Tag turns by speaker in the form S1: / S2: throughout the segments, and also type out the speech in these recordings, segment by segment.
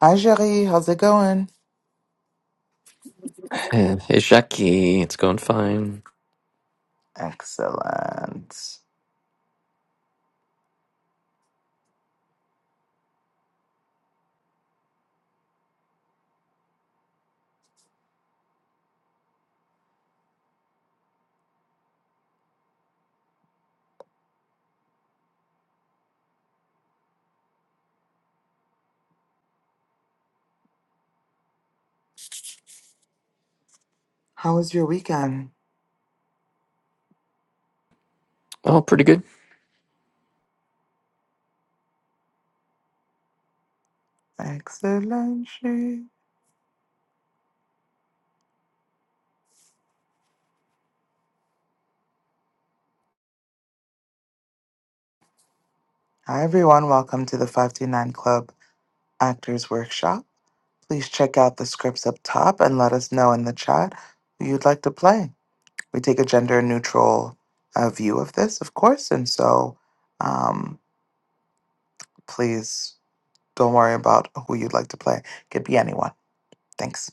S1: Hi, Jerry, How's it going?
S2: Uh, Hey, Jackie, it's going fine.
S1: Excellent. How was your weekend?
S2: Oh, pretty good.
S1: Excellent. Sherry. Hi, everyone. Welcome to the 529 Club Actors Workshop. Please check out the scripts up top and let us know in the chat who you'd like to play. We take a gender neutral uh, view of this, of course. And so um, please don't worry about who you'd like to play. Could be anyone. Thanks.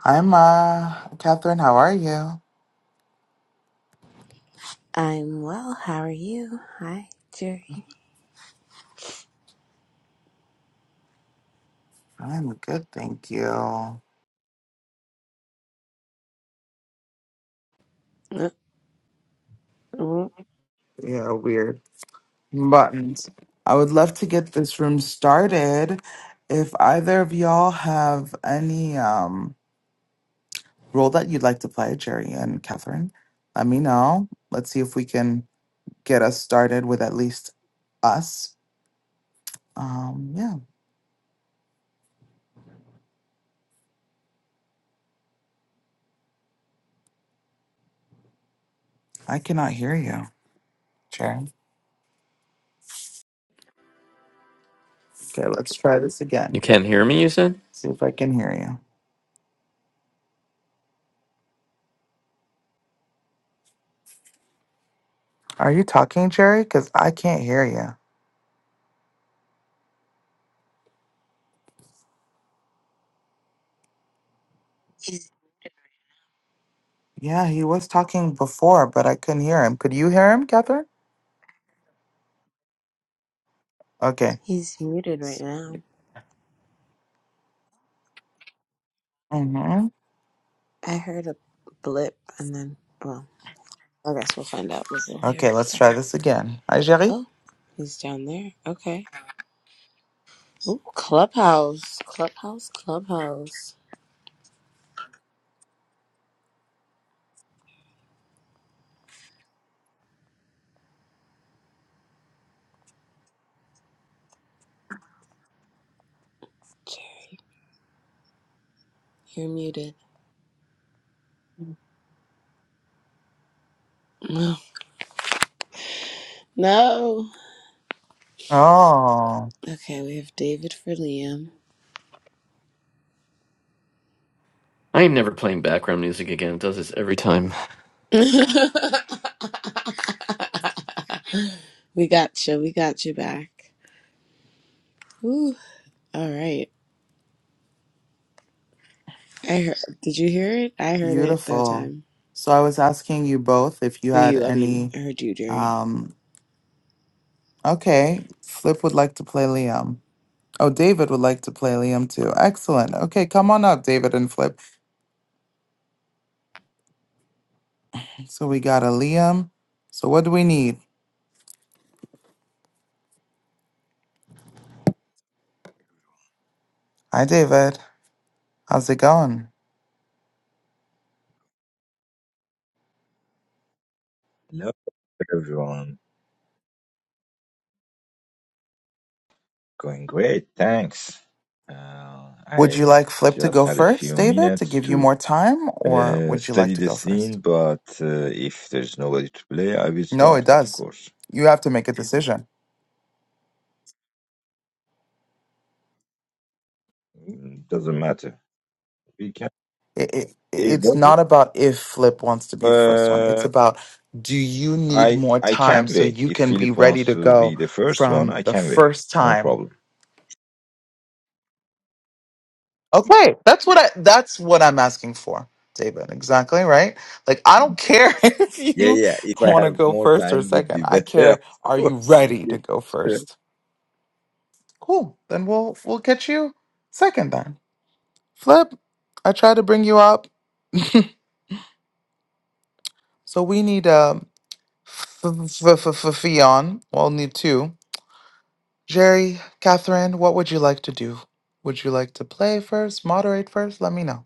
S1: Hi, Ma. Catherine, how are you?
S3: I'm well. How are you? Hi, Jerry.
S1: I'm good, thank you.
S3: Uh, oh,
S1: Yeah, weird buttons. I would love to get this room started. If either of y'all have any um role that you'd like to play, Jerry and Catherine, let me know. Let's see if we can get us started with at least us. Um, yeah, I cannot hear you, Jerry. Okay, let's try this again.
S2: You can't hear me, you said?
S1: See if I can hear you. Are you talking, Jerry? Because I can't hear you. Yeah, he was talking before, but I couldn't hear him. Could you hear him, Catherine? Okay.
S3: He's muted right now.
S1: hmm
S3: I heard a blip and then, well, I guess we'll find out. We'll still hear
S1: Okay,
S3: in a
S1: let's try
S3: second.
S1: this again. Hi, Jerry.
S3: Oh, he's down there. Okay. Oh, Clubhouse. Clubhouse. Clubhouse. Jerry, you're muted. No. No.
S1: Oh,
S3: Okay, we have David for Liam.
S2: I am never playing background music again. It does this every time.
S3: we got you. We got you back. Ooh. All right. I heard. Did you hear it? I heard it that
S1: beautiful.
S3: time.
S1: So I was asking you both if you had
S3: You, I mean,
S1: any.
S3: I heard you, Jerry.
S1: Um, okay, Flip would like to play Liam. Oh, David would like to play Liam too. Excellent. Okay, come on up, David and Flip. So we got a Liam. So what do we need? Hi, David. How's it going?
S4: Hello, everyone. Going great, thanks. Uh,
S1: Would you
S4: I
S1: like Flip to
S4: just
S1: go
S4: had a
S1: first,
S4: few
S1: David, to
S4: minutes
S1: give you
S4: to
S1: more time, or
S4: uh,
S1: would you
S4: study
S1: like to
S4: the
S1: go first?
S4: scene, but uh, if there's nobody to play, I will
S1: No, it
S4: start, of
S1: does.
S4: course.
S1: You have to make a decision.
S4: Mm, Doesn't matter. We can.
S1: it, it-
S4: It
S1: it's
S4: doesn't.
S1: not about if Flip wants to be the first one. It's
S4: Uh,
S1: about do you need
S4: I
S1: more
S4: I
S1: time
S4: can
S1: so
S4: wait.
S1: you
S4: If
S1: can be
S4: Philip
S1: ready
S4: wants
S1: to
S4: to
S1: go
S4: be the first one,
S1: from
S4: I
S1: the
S4: can wait.
S1: first
S4: No
S1: time?
S4: problem.
S1: Okay, that's what I that's what I'm asking for, David. Exactly, right? Like I don't care if
S4: Yeah,
S1: you
S4: yeah. yeah. If I
S1: want to
S4: have
S1: go
S4: more
S1: first or
S4: time, would
S1: second.
S4: be
S1: I
S4: better,
S1: care
S4: of
S1: are you
S4: course.
S1: ready
S4: Yeah,
S1: to go
S4: sure.
S1: first? Cool. Then we'll we'll get you second then. Flip, I tried to bring you up. So we need um. F- f- f- f- Fionn, well, need two. Jerry, Catherine, what would you like to do? Would you like to play first, moderate first? Let me know.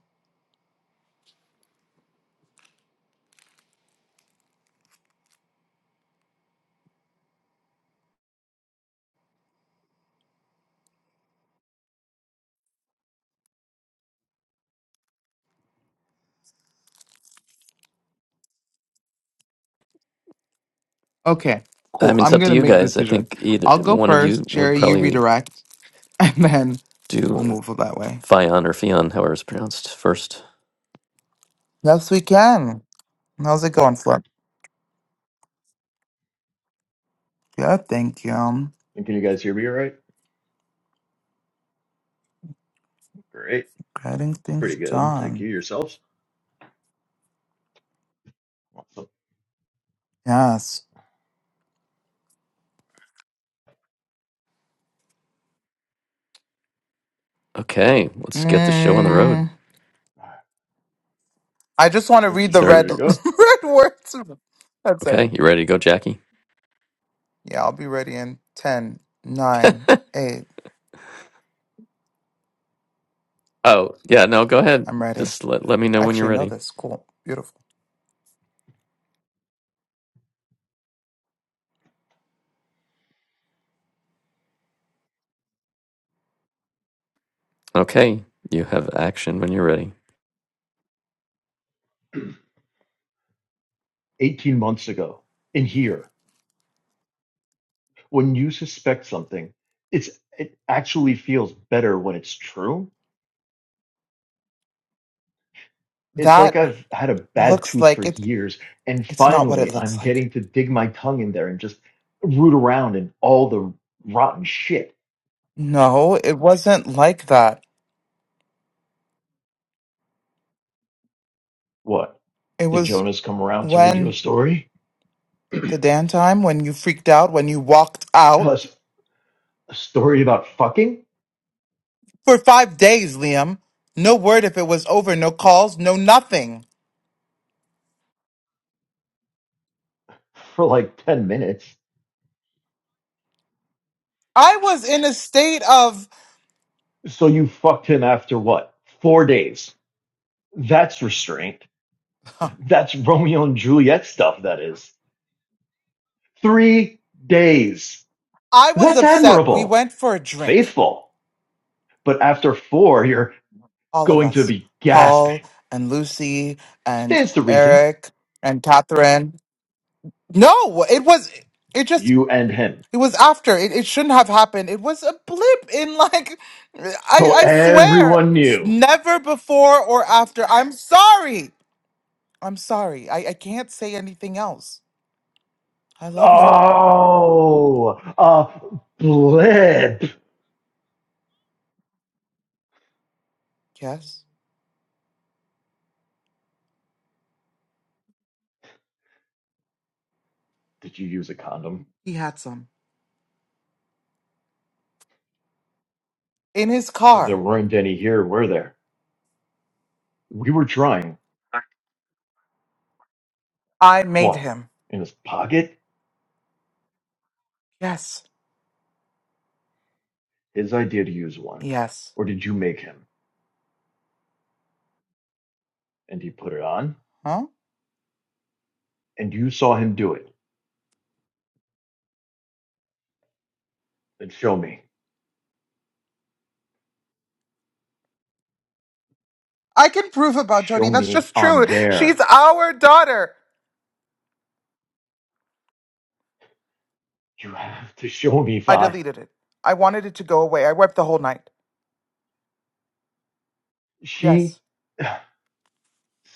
S1: Okay,
S2: I
S1: cool.
S2: mean, it's
S1: I'm
S2: up to
S1: gonna
S2: you
S1: make
S2: guys. I
S1: decisions.
S2: think either
S1: I'll go
S2: one of you
S1: first.
S2: would
S1: Jerry, you
S2: probably
S1: redirect, and then
S2: do
S1: we'll move that way.
S2: Fion or Fion, however it's pronounced, first.
S1: Yes, we can. How's it going, Flip? Good, thank you.
S5: And can you guys hear me all right? Great.
S1: Getting
S5: Pretty
S1: things
S5: good. Thank you.
S1: done.
S5: Yourselves? Awesome.
S1: Yes.
S2: Okay, let's get the show on the road.
S1: Mm,
S5: All
S1: I just want to
S5: right. So
S1: read the
S5: just
S2: Sorry.
S5: ready
S1: red
S5: to go.
S1: red words. That's it.
S2: Okay, you ready to go, Jackie?
S1: Yeah, I'll be ready in ten, nine, 8.
S2: Oh, yeah, no, go ahead.
S1: I'm
S5: Yep.
S1: ready.
S2: Just let, let me know
S1: I
S2: when you're
S1: actually know
S2: ready.
S1: this. Cool. Beautiful.
S2: Okay, you have action when you're ready.
S5: 18 months ago, in here, when you suspect something, it's it actually feels better when it's true. It's like
S1: That
S5: I've had a bad
S1: looks
S5: tooth for
S1: like it
S5: years, and
S1: it's not what
S5: finally
S1: it
S5: I'm
S1: looks like.
S5: getting to dig my tongue in there and just root around in all the rotten shit.
S1: No, it wasn't like that.
S5: What?
S1: It
S5: Did
S1: was
S5: Jonas come around to read you a
S1: when
S5: story?
S1: the Dan time when you freaked out, when you walked
S5: A,
S1: out
S5: s- a story about fucking?
S1: for 5 days, Liam. No word if it was over, no calls, no nothing.
S5: For like 10 minutes.
S1: I was in a state of
S5: So you fucked him after what? Four days. That's restraint. That's Romeo and Juliet stuff, that is. Three days.
S1: I was
S5: That's
S1: upset. We
S5: admirable.
S1: went for a drink.
S5: Faithful. But after four, you're
S1: all of
S5: going to
S1: us
S5: be gasping.
S1: paul and lucy and
S5: Stands to reason.
S1: eric and catherine no it was it just
S5: You and him.
S1: it was after it, it shouldn't have happened it was a blip in like i
S5: So
S1: i swear
S5: everyone knew.
S1: never before or after i'm sorry i'm sorry i, I can't say anything else i love you
S5: Oh, a blip.
S1: yes
S5: Did you use a condom?
S1: he had some in his
S5: Because there
S1: car
S5: weren't any here, were there? We were trying.
S1: i made
S5: What?
S1: him
S5: In his pocket?
S1: yes
S5: His idea to use one.
S1: yes
S5: Or did you make him? And he put it on?
S1: huh
S5: And you saw him do it. Then show me.
S1: I can prove about
S5: Show
S1: Jody. That's
S5: me
S1: just
S5: on
S1: true. She's
S5: there.
S1: our daughter.
S5: You have to show me,
S1: I
S5: Vi.
S1: deleted it. I wanted it to go away. I wept the whole night.
S5: She
S1: Yes.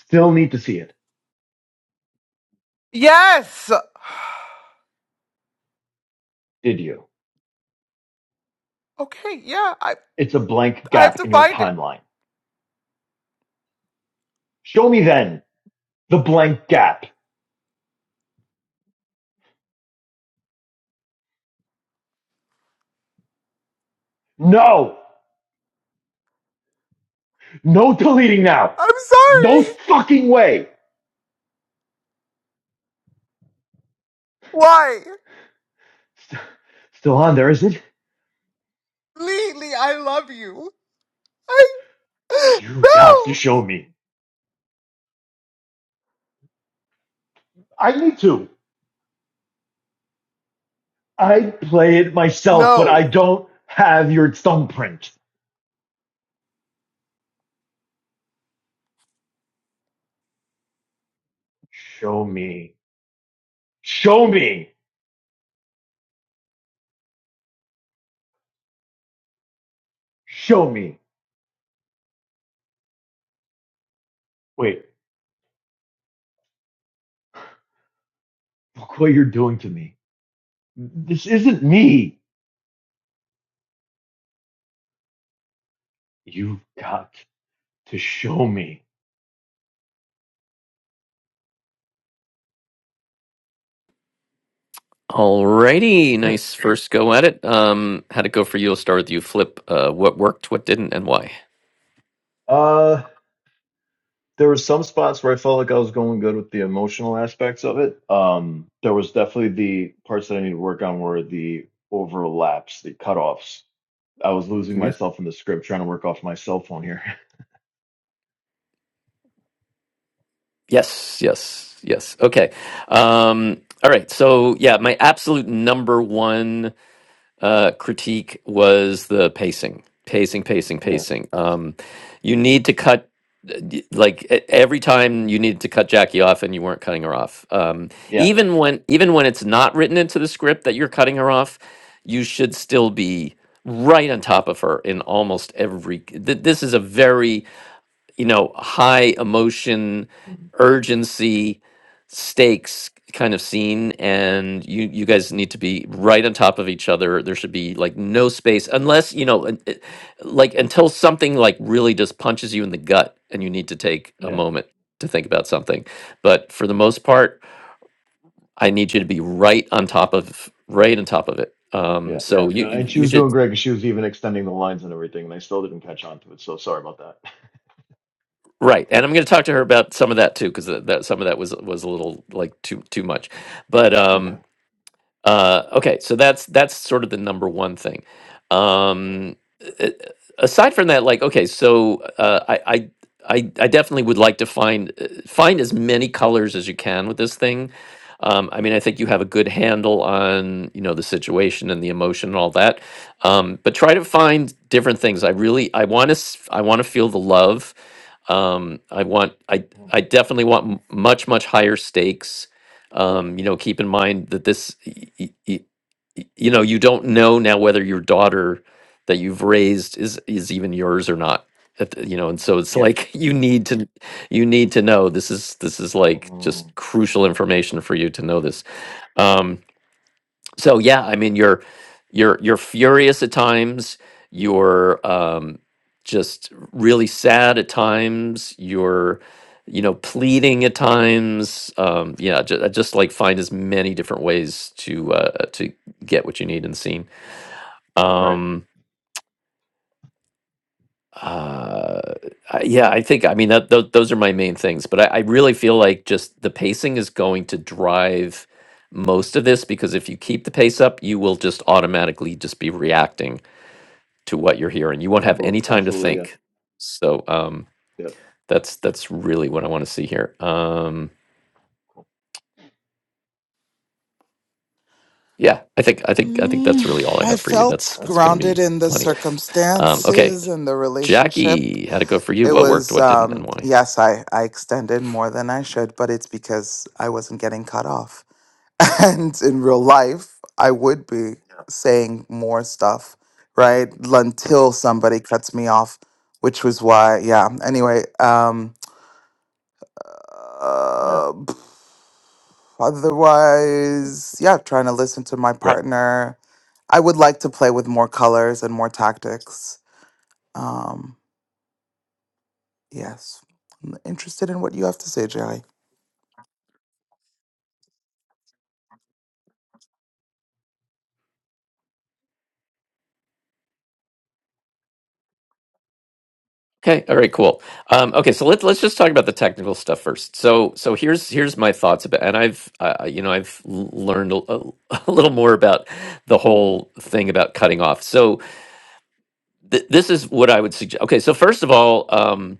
S5: still need to see it.
S1: Yes.
S5: Did you?
S1: Okay. Yeah. I
S5: It's a blank
S1: I have
S5: gap
S1: to
S5: in your
S1: find it.
S5: timeline. Show me then the blank gap. No! No deleting now!
S1: I'm
S5: No
S1: sorry.
S5: fucking way!
S1: Why?
S5: St- still on there, is it?
S1: Lee, Lee, I love you. I
S5: You got to
S1: No.
S5: show me. I need to. I play it myself, but I
S1: No.
S5: don't have your thumbprint. Show me. Show me. Show me. Wait, look what you're doing to me. This isn't me. You've got to show me.
S2: Alrighty, nice first go at it. Um, how'd it go for you? I'll start with you, Flip. Uh, what worked, what didn't, and why?
S5: Uh, there were some spots where I felt like I was going good with the emotional aspects of it. Um, there was definitely the parts that I need to work on were the overlaps, the cutoffs. I was losing
S2: hmm
S5: myself in the script trying to work off my cell phone here.
S2: Yes, yes, yes. Okay. Um, all right. So yeah, my absolute number one. uh, critique was the pacing, pacing, pacing,
S5: Yes.
S2: pacing. Um, you need to cut like e- every time you needed to cut Jackie off and you weren't cutting her off. Um,
S5: Yeah.
S2: even when even when it's not written into the script that you're cutting her off, you should still be right on top of her in almost every. Th- this is a very you know, high emotion,
S5: Mhm.
S2: urgency, stakes kind of scene and you you guys need to be right on top of each other there should be like no space unless you know un- it- like until something like really just punches you in the gut and you need to take a
S5: Yeah.
S2: moment to think about something but for the most part i need you to be right on top of right on top of it um
S5: Yeah. Yeah.
S2: so you
S5: No,
S2: you
S5: and she
S2: you
S5: was
S2: should
S5: doing great because she was even extending the lines and everything, and I still didn't catch on to it. So sorry about that.
S2: Right, and I'm going to talk to her about some of that too, because that, some of that was was a little like too too much, but
S5: Okay.
S2: um,
S5: All
S2: uh, okay, so that's that's sort of the number one thing.
S5: right.
S2: Um, a- aside from that, like, okay, so uh, I, I I I definitely would like to find uh, find as many colors as you can with this thing. Um, I mean, I think you
S5: Mm-hmm.
S2: have a good handle on you know the situation and the emotion and all that, um, but try to find different things. I really I want to I want to feel the love. Um, I want I
S5: Mm-hmm.
S2: I definitely want m- much much higher stakes um, you know keep in mind that this y- y- y- y- you know you don't know now whether your daughter that you've raised is is even yours or not At the- you know and so it's
S5: Yeah.
S2: like you need to you need to know this is this is like
S5: Um,
S2: just crucial information for you to know this Um, so yeah i mean you're you're you're furious at times you're um just really sad at times you're you know pleading at times um yeah just, just like find as many different ways to uh to get what you need in the scene
S5: right.
S2: um uh I- yeah i think i mean that tho- those are my main things but I, I really feel like just the pacing is going to drive most of this because if you keep the pace up you will just automatically just be reacting to what you're hearing. You won't have any
S5: Absolutely.
S2: time to
S5: Absolutely. Yeah.
S2: think. So um,
S5: Yep.
S2: that's that's really what I want to see here. Um, yeah, I think I think I think
S1: Mm,
S2: that's really all I
S1: I
S2: have for you. That's
S1: felt
S5: All right.
S2: that's going to
S1: grounded
S2: be
S1: in the
S2: plenty.
S5: Great.
S2: Um,
S5: Thank you.
S2: okay,
S1: circumstances and the relationship.
S2: Jackie, how'd it go for you?
S1: It
S2: What worked?
S1: was
S2: What didn't, and
S1: um
S2: why?
S1: yes, I I extended more than I should, but it's because I wasn't getting cut off. and in real life i would be Yeah. saying more stuff right until somebody cuts me off which was why yeah anyway um
S5: Yeah.
S1: uh, otherwise yeah trying to listen to my
S2: Right.
S1: partner i would like to play with more colors and more tactics um yes I'm interested in what you have to say jerry
S2: Okay. All right. Cool. Um, okay. So let's let's just talk about the technical stuff first. So so here's here's my thoughts about, and I've uh, you know I've l- learned a, a a little more about the whole thing about cutting off. So th- this is what I would suggest. Okay, so first of all, um,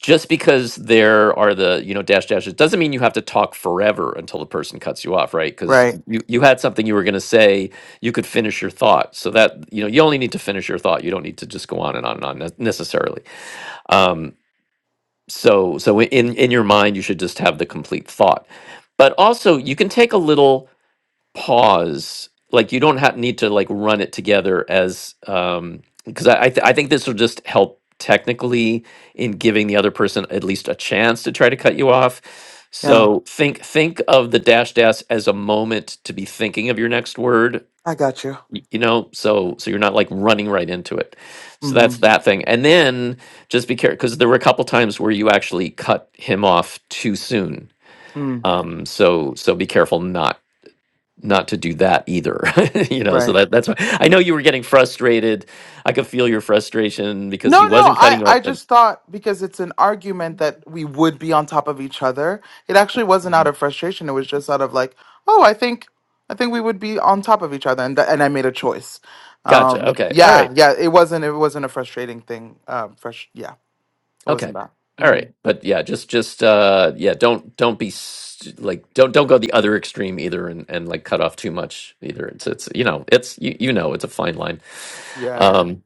S2: just because there are the you know dash dashes doesn't mean you have to talk forever until the person cuts you off right because
S1: right
S2: you, you had something you were going to say you could finish your thought so that you know you only need to finish your thought you don't need to just go on and on and on ne- necessarily um, so so in in your mind you should just have the complete thought but also you can take a little pause like you don't have need to like run it together as um because i I, th- I think this will just help technically in giving the other person at least a chance to try to cut you off
S1: yeah
S2: so think think of the dash dash as a moment to be thinking of your next word
S1: i got you
S2: y- you know so so you're not like running right into it so
S1: mm-hmm.
S2: that's that thing and then just be careful because there were a couple times where you actually cut him off too soon
S1: mm,
S2: um so so be careful not not to do that either you know so
S1: right.
S2: that that's why i know you were getting frustrated i could feel your frustration because
S1: No,
S2: he
S1: no,
S2: wasn't
S1: I,
S2: cutting you off
S1: I
S2: Uh,
S1: just thought because it's an argument that we would be on top of each other. It actually wasn't out
S5: hmm
S1: of frustration. It was just out of like, oh, I think, I think we would be on top of each other, and th- and I made a choice. Um,
S2: gotcha okay all right
S1: yeah, yeah, it wasn't, it wasn't a frustrating thing. Um, fresh, yeah, it
S2: okay
S1: wasn't that.
S2: all
S1: hmm
S2: right but yeah just just uh yeah don't don't be st- like don't don't go the other extreme either and and like cut off too much either it's it's you know it's you, you know it's a fine line
S1: Yeah,
S2: Um,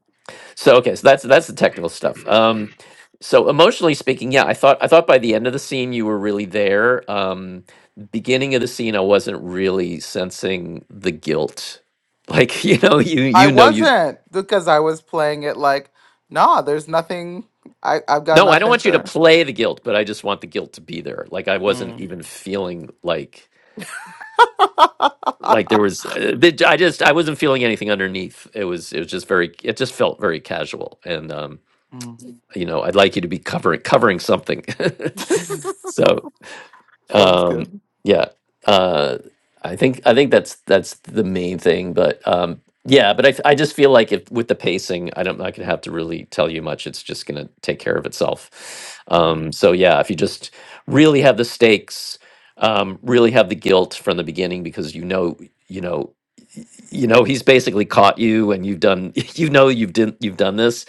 S2: So okay, so that's that's the technical stuff. Um, so emotionally speaking, yeah, I thought I thought by the end of the scene you were really there. Um, beginning of the scene, I wasn't really sensing the guilt. Like you know, you
S1: I
S2: you know you.
S1: wasn't because I was playing it like, nah, there's nothing. I, I've got
S2: No, I don't
S1: nothing
S2: want you to
S1: to.
S2: play the guilt, but I just want the guilt to be there. Like I wasn't
S1: Mm.
S2: even feeling like like there was. Uh, the- I just I wasn't feeling anything underneath. It was it was just very. It just felt very casual, and um,
S1: Mm.
S2: you know, I'd like you to be covering covering something. so
S1: Sounds
S2: um
S1: good.
S2: yeah uh i think i think that's that's the main thing but um yeah but i f- i just feel like if with the pacing i don't i could have to really tell you much it's just going to take care of itself
S1: Mm-hmm.
S2: um so yeah if you just really have the stakes um really have the guilt from the beginning because you know you know you know he's basically caught you and you've done you know you've done you've done this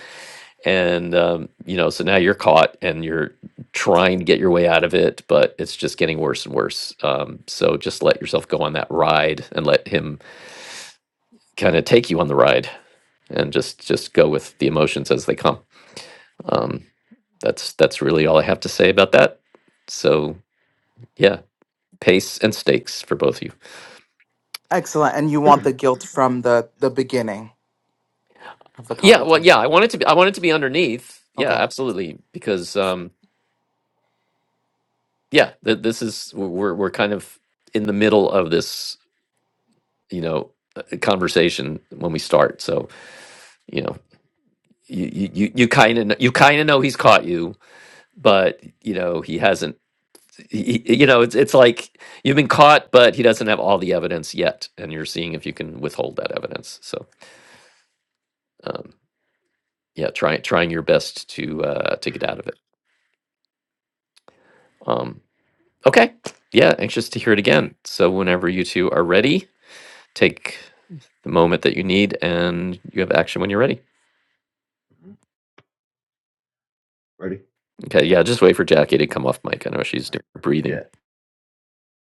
S2: and um, you know so now you're caught and you're trying to get your way out of it but it's just getting worse and worse um, so just let yourself go on that ride and let him kind of take you on the ride and just just go with the emotions as they come um, that's that's really all i have to say about that so yeah pace and stakes for both of you
S1: Excellent. And you want the guilt
S5: yeah.
S1: from the the beginning of the
S2: yeah well yeah i
S1: conversation.
S2: want it to be i want it to be underneath yeah
S1: Okay.
S2: absolutely because um yeah th- this is we're we're kind of in the middle of this you know a conversation when we start so you know you you you kind of you kind of know he's caught you but you know he hasn't he, he- you know it's it's like you've been caught but he doesn't have all the evidence yet and you're seeing if you can withhold that evidence so um yeah trying trying your best to uh to get out of it um okay yeah anxious to hear it again so whenever you two are ready take the moment that you need and you have action when you're ready
S5: hmm Ready? All
S2: Okay, yeah, just wait for Jackie to come off mic. I know she's
S5: right.
S2: doing her breathing.
S5: Yeah.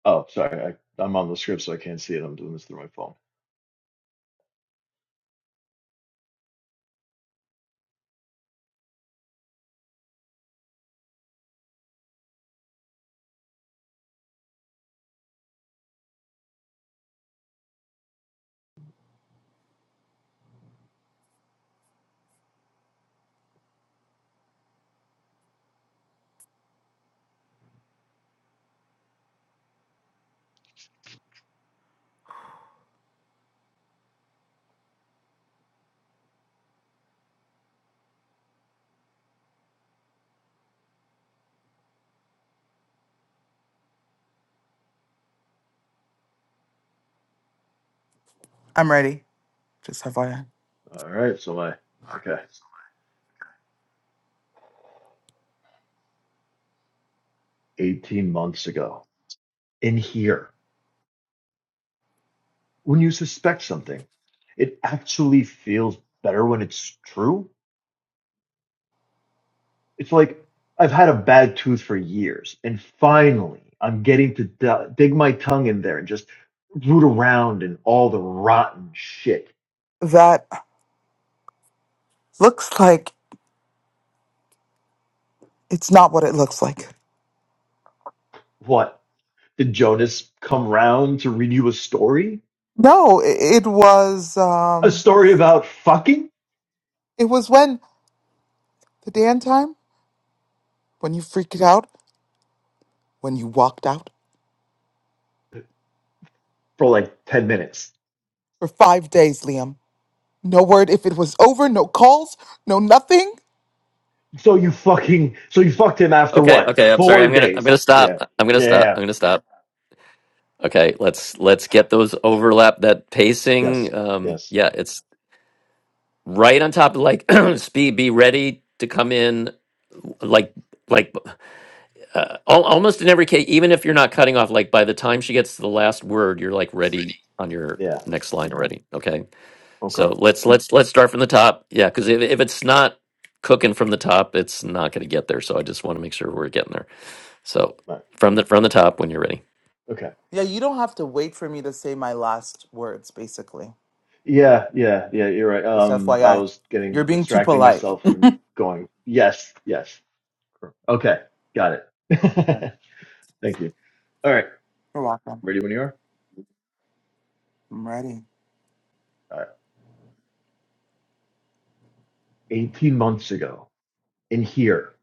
S5: Oh, sorry. I, I'm on the script, so I can't see it. I'm doing this through my phone.
S1: I'm ready. Just FYI.
S5: All right. So am I. Okay. 18 months ago in here. When you suspect something, it actually feels better when it's true. It's like I've had a bad tooth for years, and finally I'm getting to d- dig my tongue in there and just root around in all the rotten shit.
S1: That looks like it's not what it looks like.
S5: What? Did Jonas come round to read you a story?
S1: No, it, it was
S5: A
S1: um
S5: story about fucking?
S1: it was when the Dan time, when you freaked out, when you walked out
S5: For like 10 minutes.
S1: for 5 days, Liam. No word if it was over, no calls, no nothing.
S5: So you fucking, so you fucked him after
S2: Okay,
S5: what?
S2: okay, I'm sorry.
S5: Four
S2: I'm gonna I'm
S5: days.
S2: gonna stop.
S5: Yeah.
S2: I'm gonna
S5: Yeah.
S2: stop.
S5: yeah.
S2: I'm gonna stop. Okay, let's let's get those overlap that
S5: Yes.
S2: pacing. Um
S5: Yes.
S2: yeah, it's right on top of like speed, be ready to come in like like uh, al- almost in every case even if you're not cutting off like by the time she gets to the last word, you're like ready on your
S5: Yeah.
S2: next line already. Okay?
S5: Okay.
S2: So let's let's let's start from the top. Yeah, because if if it's not cooking from the top, it's not going to get there. So I just want to make sure we're getting there. So
S5: Right.
S2: from the from the top when you're ready.
S5: Okay.
S1: Yeah,
S5: Right.
S1: you don't have to wait for me to say my last words basically.
S5: Yeah. Yeah. Yeah. You're right.
S1: Just
S5: Um, I
S1: FYI.
S5: was
S1: You're
S5: getting
S1: being too
S5: distracting
S1: polite.
S5: myself and going, yes, yes. Okay. Got it.
S1: Okay.
S5: Thank you. All right.
S1: You're welcome.
S5: Ready when you are?
S1: I'm ready.
S5: All right. 18 months ago in here,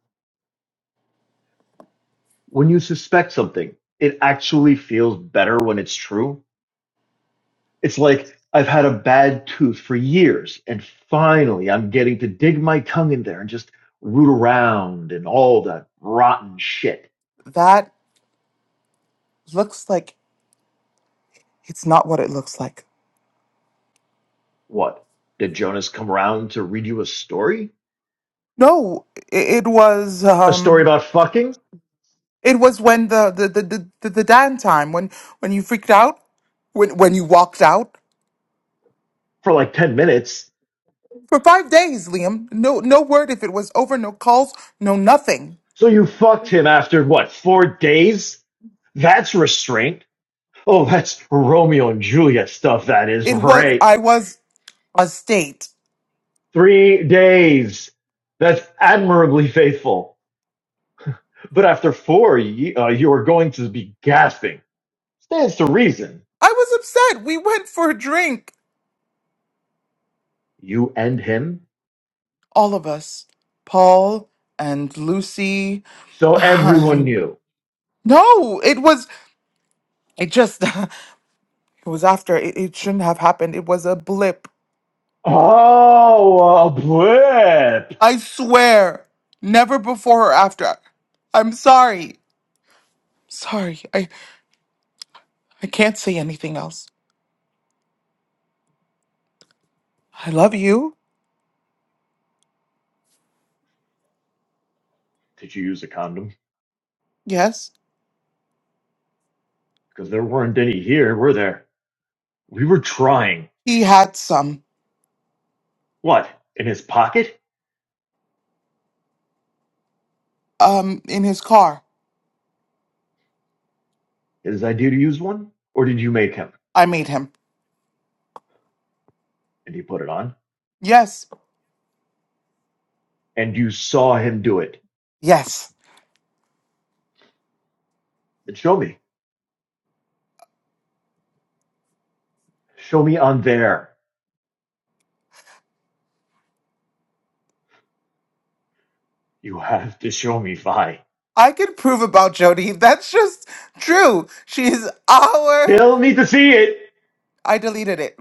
S5: when you suspect something, it actually feels better when it's true. It's like I've had a bad tooth for years, and finally I'm getting to dig my tongue in there and just root around and all that rotten shit.
S1: that looks like it's not what it looks like.
S5: What? Did Jonas come around to read you a story?
S1: No, it, it was
S5: A story
S1: um
S5: about fucking?
S1: it was when the the, the the the the Dan time when when you freaked out when when you walked out
S5: For like 10 minutes.
S1: for 5 days, Liam. No no word if it was over, no calls, no nothing.
S5: So you fucked him after what, four days? That's restraint. Oh, that's Romeo and Juliet stuff, that is,
S1: It was
S5: right?
S1: I was a state.
S5: Three days. That's admirably faithful. But after four, ye, uh, you are going to be gasping. Stands to reason.
S1: I was upset. We went for a drink
S5: You and him?
S1: all of us. Paul and Lucy
S5: So everyone
S1: and
S5: knew.
S1: no, it was I just It was after. It, it shouldn't have happened. It was a blip.
S5: Oh, a blip!
S1: I swear. Never before or after. I'm sorry. Sorry. I I can't say anything else. I love you.
S5: Did you use a condom?
S1: Yes.
S5: Because there weren't any here, were there? We were trying.
S1: He had some
S5: What? In his pocket?
S1: um in his car.
S5: His idea to use one? Or did you make him?
S1: I made him.
S5: And he put it on.
S1: Yes.
S5: And you saw him do it.
S1: Yes.
S5: Then show me. Show me on there. You have to show me, Vi.
S1: I could prove about Jody. That's just true. She's our
S5: Still need to see it.
S1: I deleted it.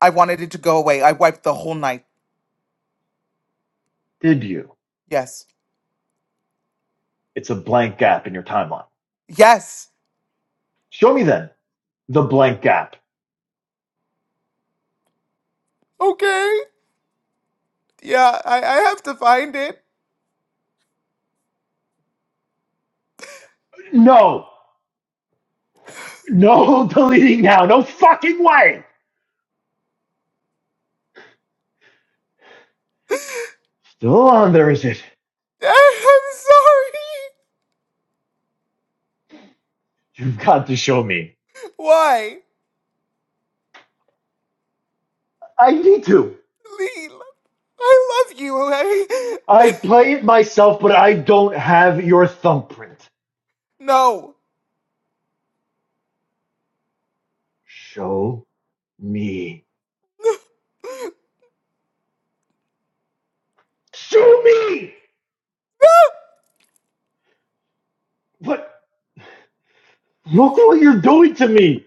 S1: I wanted it to go away. I wiped the whole night.
S5: Did you?
S1: Yes.
S5: It's a blank gap in your timeline.
S1: Yes.
S5: Show me then the blank gap.
S1: Okay. Yeah, I, I have to find it.
S5: No, no deleting now. No fucking way. Still on there, is it?
S1: I'm sorry.
S5: You've got to show me.
S1: Why?
S5: I need to.
S1: Leela, I love you, okay?
S5: I play it myself, but I don't have your thumbprint.
S1: No.
S5: Show me. Show me! But look what you're doing to me.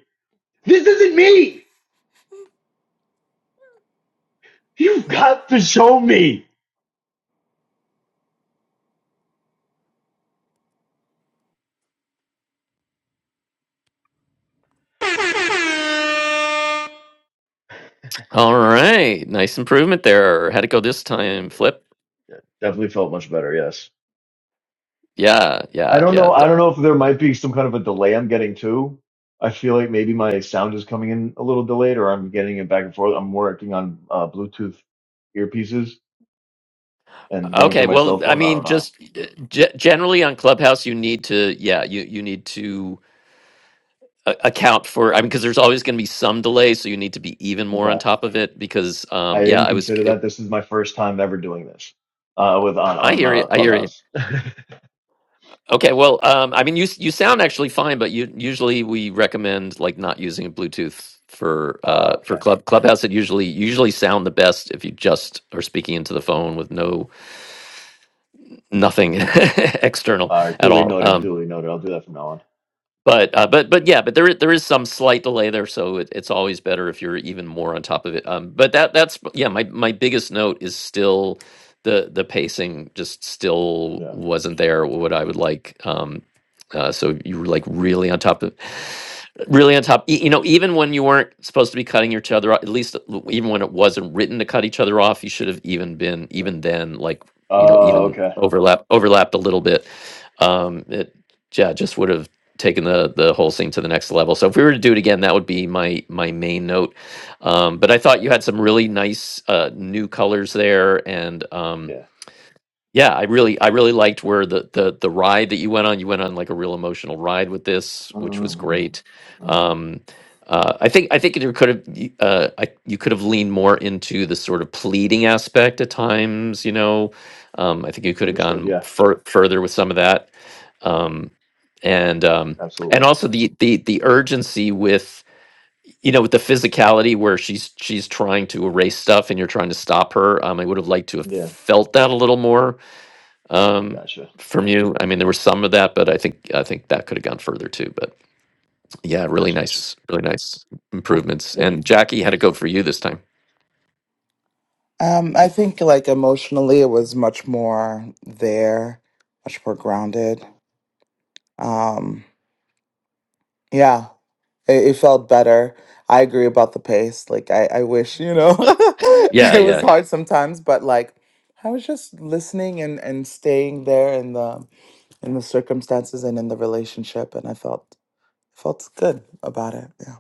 S5: This isn't me. You've got to show me.
S2: All right, nice improvement there. How'd it go this time, Flip?
S5: Yeah, Definitely felt much better, yes.
S2: Yeah,
S5: I
S2: yeah,
S5: don't
S2: yeah.
S5: know.
S2: D-
S5: I don't know if there might be some kind of a delay I'm getting too. I feel like maybe my sound is coming in a little delayed, or I'm getting it back and forth. I'm working on uh, Bluetooth earpieces and going through
S2: Okay,
S5: my
S2: well,
S5: cell
S2: I
S5: phone. I don't
S2: mean,
S5: know.
S2: just uh, ge- generally on Clubhouse, you need to, yeah, you you need to a- account for. I mean, because there's always going to be some delay, so you need to be even more on
S5: Okay,
S2: top of it. Because,
S5: I
S2: um, yeah,
S5: didn't
S2: I was.
S5: consider that. This is my first time ever doing this uh, with on
S2: I
S5: on
S2: hear you.
S5: uh,
S2: I hear you.
S5: Clubhouse.
S2: Okay, well, um, I mean, you you sound actually fine, but you usually we recommend like not using Bluetooth for
S5: Uh,
S2: uh for
S5: okay,
S2: club clubhouse. It usually you usually sound the best if you just are speaking into the phone with no nothing external
S5: all right.
S2: at
S5: Duly
S2: all.
S5: noted.
S2: Um,
S5: Duly noted. I'll do that from now on.
S2: But uh, but but yeah, but there is, there is some slight delay there, so it, it's always better if you're even more on top of it. Um, but that that's yeah, my my biggest note is still the the pacing just still
S5: Yeah,
S2: wasn't there what I would like. Um, uh, so you were like really on top of really on top. e- You know, even when you weren't supposed to be cutting each other off, at least l- even when it wasn't written to cut each other off, you should have even been
S5: yeah.
S2: even then like you know
S5: Oh,
S2: even
S5: okay.
S2: overlap overlapped a little bit. Um, it yeah just would have taking the the whole scene to the next level. So if we were to do it again, that would be my my main note. Um, but I thought you
S5: Gotcha.
S2: had some really nice uh, new colors there, and um,
S5: Yeah.
S2: yeah, I really I really liked where the the the ride that you went on. You went on like a real emotional ride with this, which was
S5: hmm
S2: great.
S5: hmm
S2: Um, uh, I think I think you could have uh, I, you could have leaned more into the sort of pleading aspect at times. You know, um, I think you could have
S5: Understood.
S2: gone
S5: Yeah.
S2: fur- further with some of that. Um, and um and
S5: Absolutely.
S2: also the the the urgency with you know with the physicality where she's she's trying to erase stuff and you're trying to stop her um i would have liked to have
S5: Yeah.
S2: felt that a little more um
S5: Gotcha.
S2: from you i mean there was some of that but i think i think that could have gone further too but yeah really
S5: Gotcha. Gotcha.
S2: nice really nice
S5: Cool.
S2: improvements
S5: Thank you.
S2: and jackie had to go for you this time
S1: Um, I think like emotionally, it was much more there, much more grounded. Um, yeah. it, it felt better. I agree about the pace. Like I, I wish, you know,
S2: yeah
S1: it
S2: yeah.
S1: was hard sometimes, but like I was just listening and, and staying there in the in the circumstances and in the relationship and I felt felt good about it. Yeah.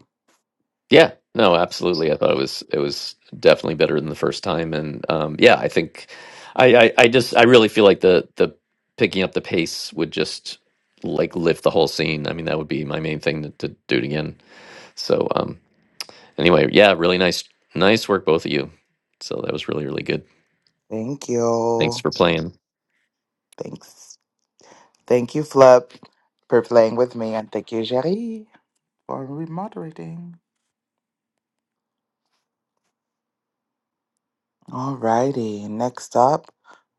S2: Yeah, no, absolutely. I thought it was it was definitely better than the first time, and um, yeah, I think I, I I just I really feel like the the picking up the pace would just like lift the whole scene. I mean, that would be my main thing to, to do it again. So um, anyway, yeah, really nice nice work both of you. So that was really really good.
S1: Thank
S2: Thanks
S1: you.
S2: for playing,
S1: Thanks. Thank you, Flip, for playing with me and thank you, Jerry, for remoderating. Alrighty. Next up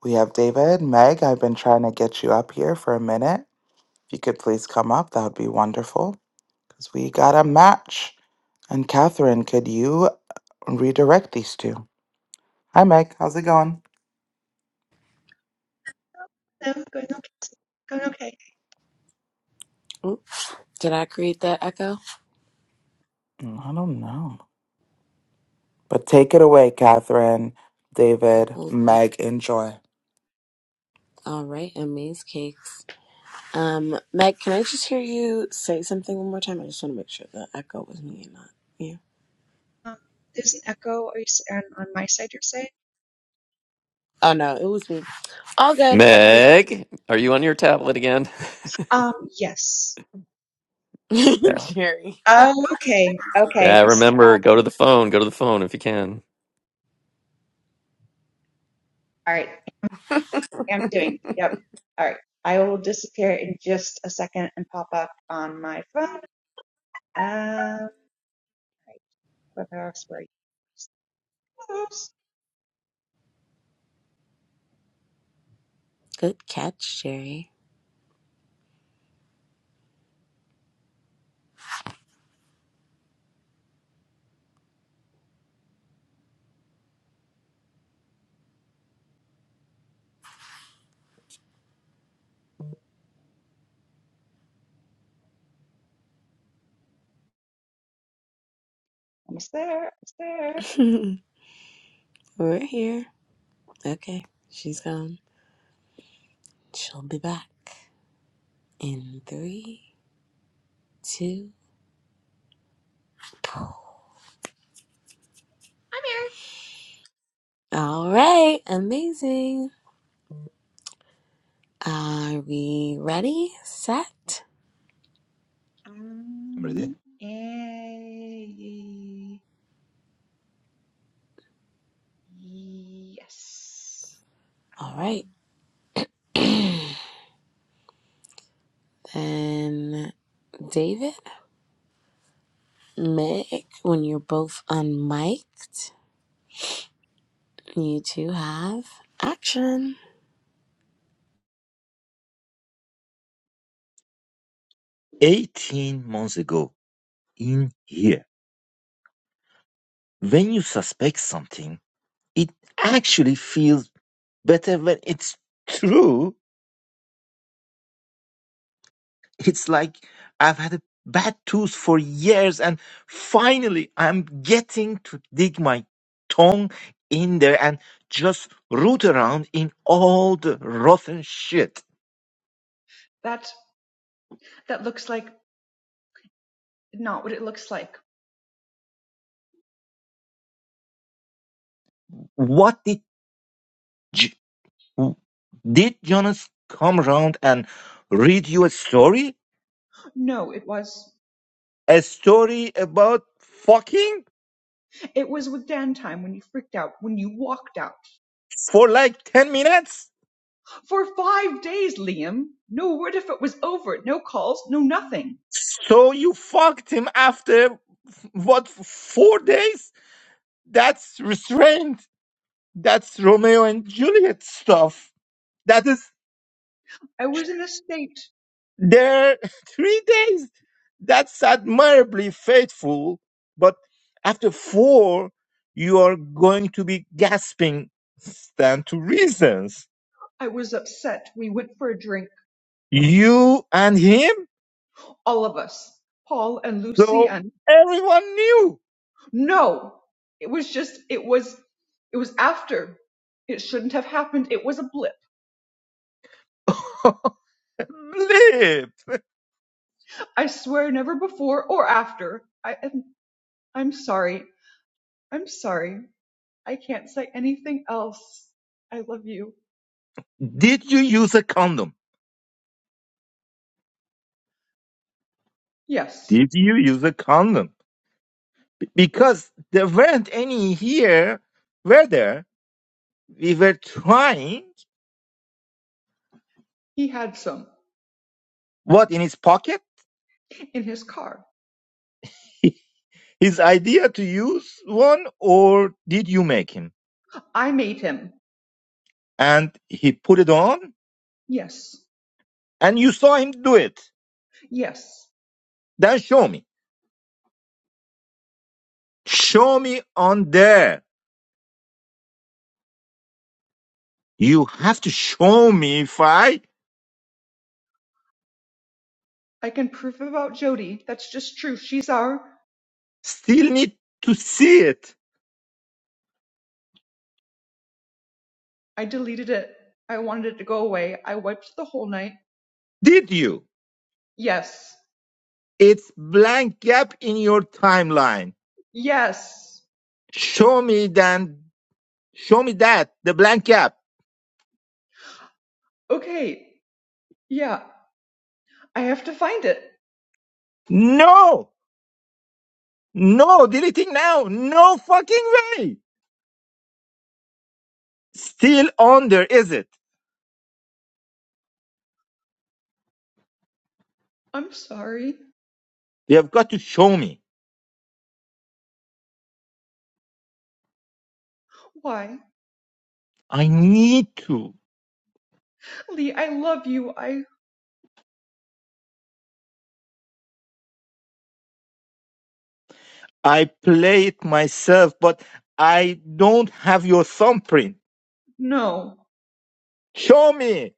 S1: we have David. Meg, I've been trying to get you up here for a minute. If you could please come up, that would be wonderful because we got a match. And Catherine, could you redirect these two? Hi, Meg. How's it going?
S6: No, going okay. Going okay.
S3: Oh, did I create that echo?
S1: Mm, I don't know. But take it away, Catherine, David,
S3: Oh,
S1: Meg, enjoy.
S3: All right, amaze cakes. Um, Meg, can I just hear you say something one more time? I just want to make sure the echo was me and not you.
S6: Um, there's an echo. Are you s- on, on my side? You're saying?
S3: Oh no, it was me. All good,
S2: Meg. Are you on your tablet again?
S6: Um, yes.
S2: Yeah,
S3: Jerry.
S6: Oh, okay. Okay.
S2: yeah.
S6: It's-
S2: Remember, go to the phone. Go to the phone if you can.
S6: All right. I'm doing. Yep. All right. I will disappear in just a second and pop up on my phone. Um, where else were you?
S3: Good catch, Jerry.
S6: Almost there. Almost there. I'm
S3: We're here. Okay, she's gone. She'll be back in three, two.
S6: here.
S3: All right, amazing. Are we ready? Set?
S4: I'm
S6: Um,
S4: ready.
S6: eh, yes.
S3: All right,
S6: Um,
S3: then David, Meg, when you're both unmiked, you two have action.
S4: 18 months ago, in here. When you suspect something, it actually feels better when it's true. It's like I've had a bad tooth for years and finally I'm getting to dig my tongue in there and just root around in all the rotten shit.
S6: that that looks like. Not what it looks like.
S4: What did J- did Jonas come around and read you a story?
S6: No, it was.
S4: A story about fucking
S6: It was with Dan time when you freaked out, when you walked out.
S4: for like 10 minutes?
S6: For five days, Liam. No word if it was over. No calls, no nothing.
S4: So you fucked him after what four days? That's restraint. That's Romeo and Juliet stuff. That is
S6: I was in a state.
S4: their three days. That's admirably faithful. But after four, you are going to be gasping. Stand to reasons.
S6: I was upset. We went for a drink.
S4: You and him.
S6: All of us. Paul and Lucy
S4: So
S6: and.
S4: everyone knew.
S6: No! It was just, it was, it was after. It shouldn't have happened. It was a blip.
S4: Live.
S6: I swear never before or after. I, I'm, I'm sorry. I'm sorry. I can't say anything else. I love you.
S4: Did you use a condom?
S6: Yes,
S4: Did you use a condom? because there weren't any here, were there? We were trying
S6: he had some
S4: what in his pocket,
S6: in his car.
S4: his idea to use one, or did you make him?
S6: I made him.
S4: And he put it on,
S6: Yes,
S4: and you saw him do it.
S6: yes.
S4: Then show me. Show me on there. You have to show me if I
S6: I can prove about Jody. That's just true. She's our.
S4: still need to
S6: I deleted it. I wanted it to go away. I wiped the whole night.
S4: did you.
S6: Yes,
S4: It's blank gap in your timeline.
S6: yes.
S4: Show me then. Show me that the blank gap.
S6: Okay, yeah. I have to find it.
S4: No, No, deleting now. No fucking way. Still on there, is it?
S6: I'm sorry.
S4: You have got to show me.
S6: Why?
S4: I need to.
S6: Lee, I love you. I.
S4: I play it myself, but I don't have your thumbprint.
S6: No.
S4: Show me.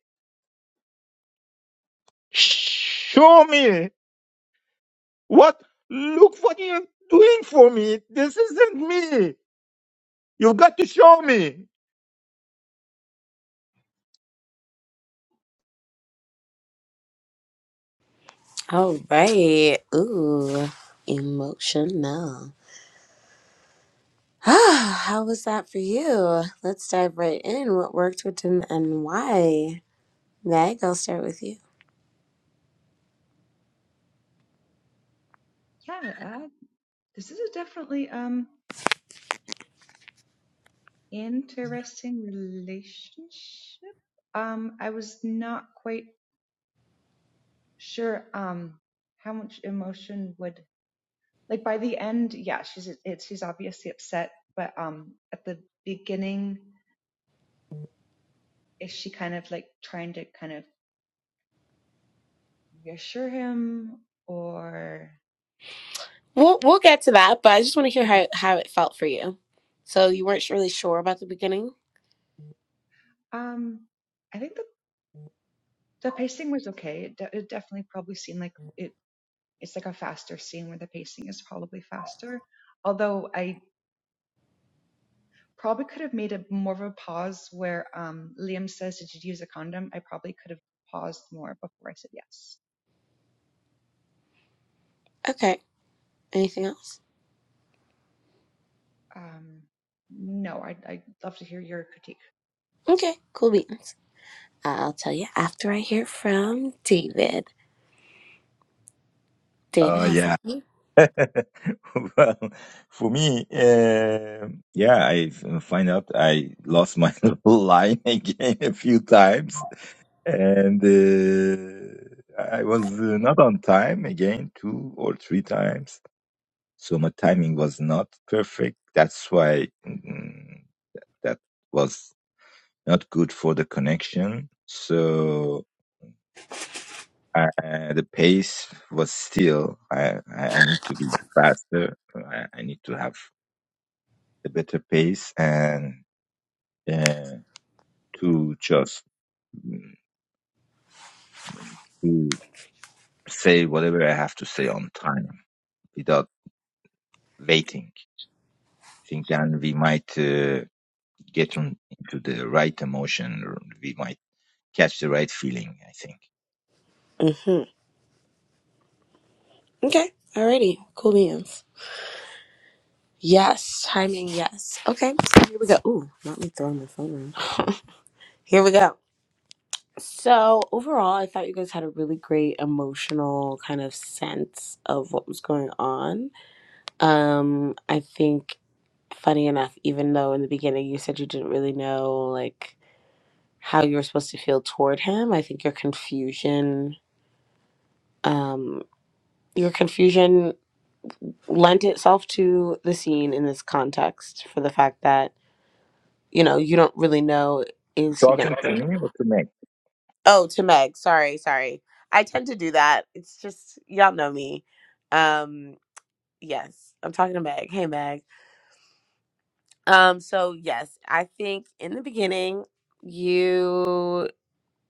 S4: Show me. What? Look what you're doing for me. This isn't me. You've got to show me.
S3: All right. Ooh, emotional. Ah, How was that for you? Let's dive right in. What worked, what didn't, and why? Meg, I'll start with you.
S6: Yeah, uh, this is a definitely. Um. Interesting relationship. Um, I was not quite sure um how much emotion would like by the end, yeah, she's it's she's obviously upset, but um at the beginning is she kind of like trying to kind of reassure him or
S3: We'll we'll get to that, but I just want to hear
S6: okay.
S3: how how it felt for you. So you weren't really sure about the beginning.
S6: um I think the the pacing was okay. It, de- it definitely probably seemed like it it's like a faster scene where the pacing is probably faster. Although I Probably could have made a more of a pause where um, Liam says, "Did you use a condom?" I probably could have paused more before I said yes.
S3: Okay. Anything else?
S6: Um, no, I'd, I'd love to hear your critique.
S3: Okay. Cool beans. I'll tell you after I hear from David. David
S4: Oh,
S3: has
S4: yeah.
S3: something.
S4: well, for me, uh, yeah, I f- uh, find out I lost my line again a few times, and uh, I was uh, not on time again two or three times. So my timing was not perfect. That's why mm, that was not good for the connection. So uh, uh, the pace was still. I I I need to be faster. I, I need to have a better pace and uh, to just mm, to say whatever I have to say on time without waiting. I think then we might uh, get on into the right emotion. Or we might catch the right feeling. I think
S3: Mm-hmm. Okay. Alrighty. Cool beans. Yes. Timing. Yes. Okay. So here we go. Ooh, not me throwing my phone around. here we go. So overall, I thought you guys had a really great emotional kind of sense of what was going on. Um, I think funny enough, even though in the beginning you said you didn't really know like how you were supposed to feel toward him, I think your confusion. Um. your confusion lent itself to the scene in this context for the fact that you know you don't really know is he gonna
S4: talking to
S3: Meg.
S4: me or to me.
S3: oh to meg sorry sorry i tend to do that it's just y'all know me um yes i'm talking to meg hey meg um so yes i think in the beginning you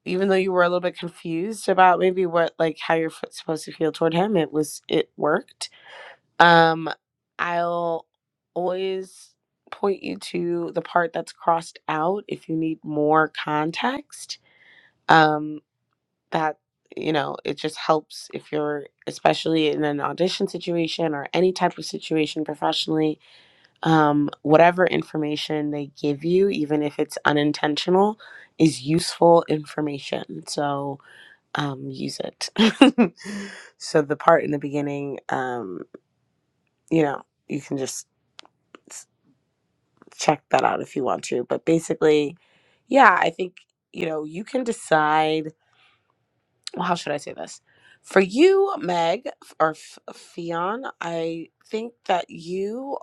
S3: even though you were a little bit confused about maybe what like how you're f- supposed to feel toward him it was it worked Um, I'll always point you to the part that's crossed out if you need more context. Um, that you know, it just helps if you're, especially in an audition situation or any type of situation professionally. Um, whatever information they give you, even if it's unintentional, is useful information. So um, use it. so the part in the beginning, um, you know, you can just check that out if you want to. But basically, yeah, I think, you know, you can decide. Well, how should I say this? For you, Meg or F- Fionn, I think that you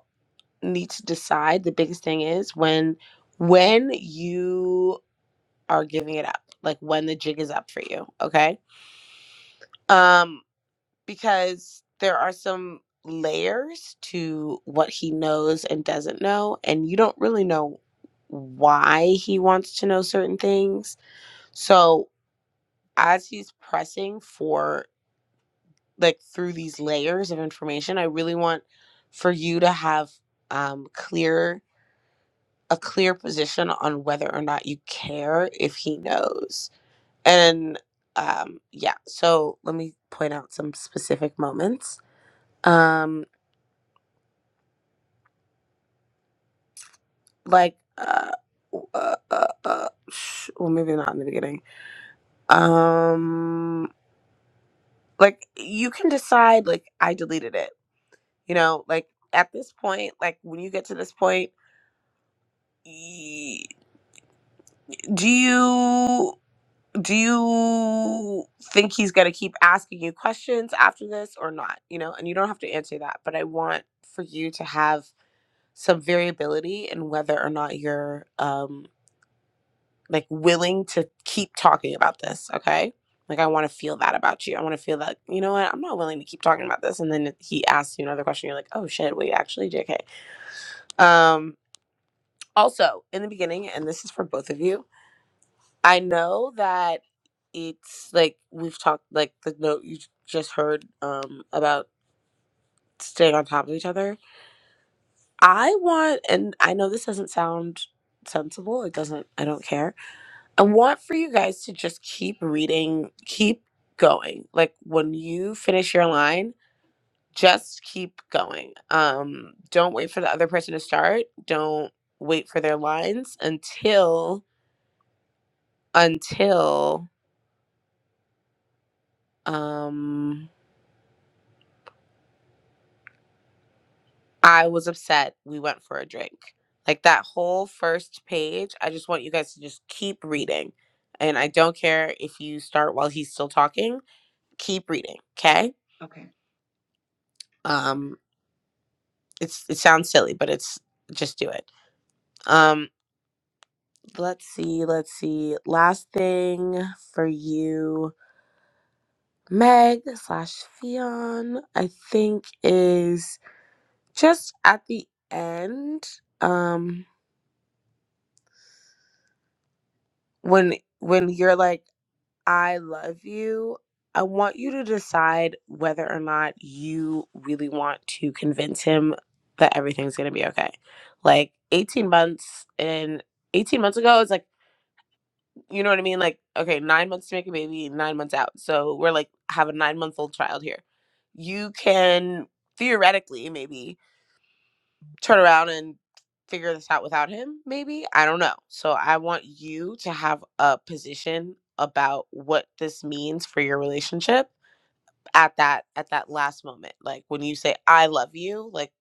S3: need to decide. The biggest thing is when when you are giving it up, like when the jig is up for you. Okay. Um, because there are some layers to what he knows and doesn't know, and you don't really know why he wants to know certain things. So, as he's pressing for like through these layers of information, I really want for you to have um clear a clear position on whether or not you care if he knows. And um yeah, so let me point out some specific moments. Um like uh, uh, uh, uh sh- well maybe not in the beginning um like you can decide like i deleted it you know like at this point like when you get to this point y- do you do you think he's going to keep asking you questions after this or not you know and you don't have to answer that but i want for you to have some variability in whether or not you're um like willing to keep talking about this okay like i want to feel that about you i want to feel that you know what i'm not willing to keep talking about this and then he asks you another question you're like oh shit wait actually jk um also in the beginning and this is for both of you i know that it's like we've talked like the note you just heard um about staying on top of each other i want and i know this doesn't sound sensible it doesn't i don't care I want for you guys to just keep reading, keep going. Like when you finish your line, just keep going. Um, don't wait for the other person to start. Don't wait for their lines until until um I was upset we went for a drink. Like that whole first page, I just want you guys to just keep reading. And I don't care if you start while he's still talking, keep reading, okay?
S6: Okay.
S3: Um it's it sounds silly, but it's just do it. Um, let's see, let's see. Last thing for you, Meg slash Fion, I think is just at the end. Um, when when you're like, I love you. I want you to decide whether or not you really want to convince him that everything's gonna be okay. Like 18 months and 18 months ago, it's like you know what I mean? Like, okay, nine months to make a baby, nine months out. So we're like have a nine month old child here. You can theoretically maybe turn around and figure this out without him, maybe. I don't know. So I want you to have a position about what this means for your relationship at that at that last moment. Like when you say I love you, like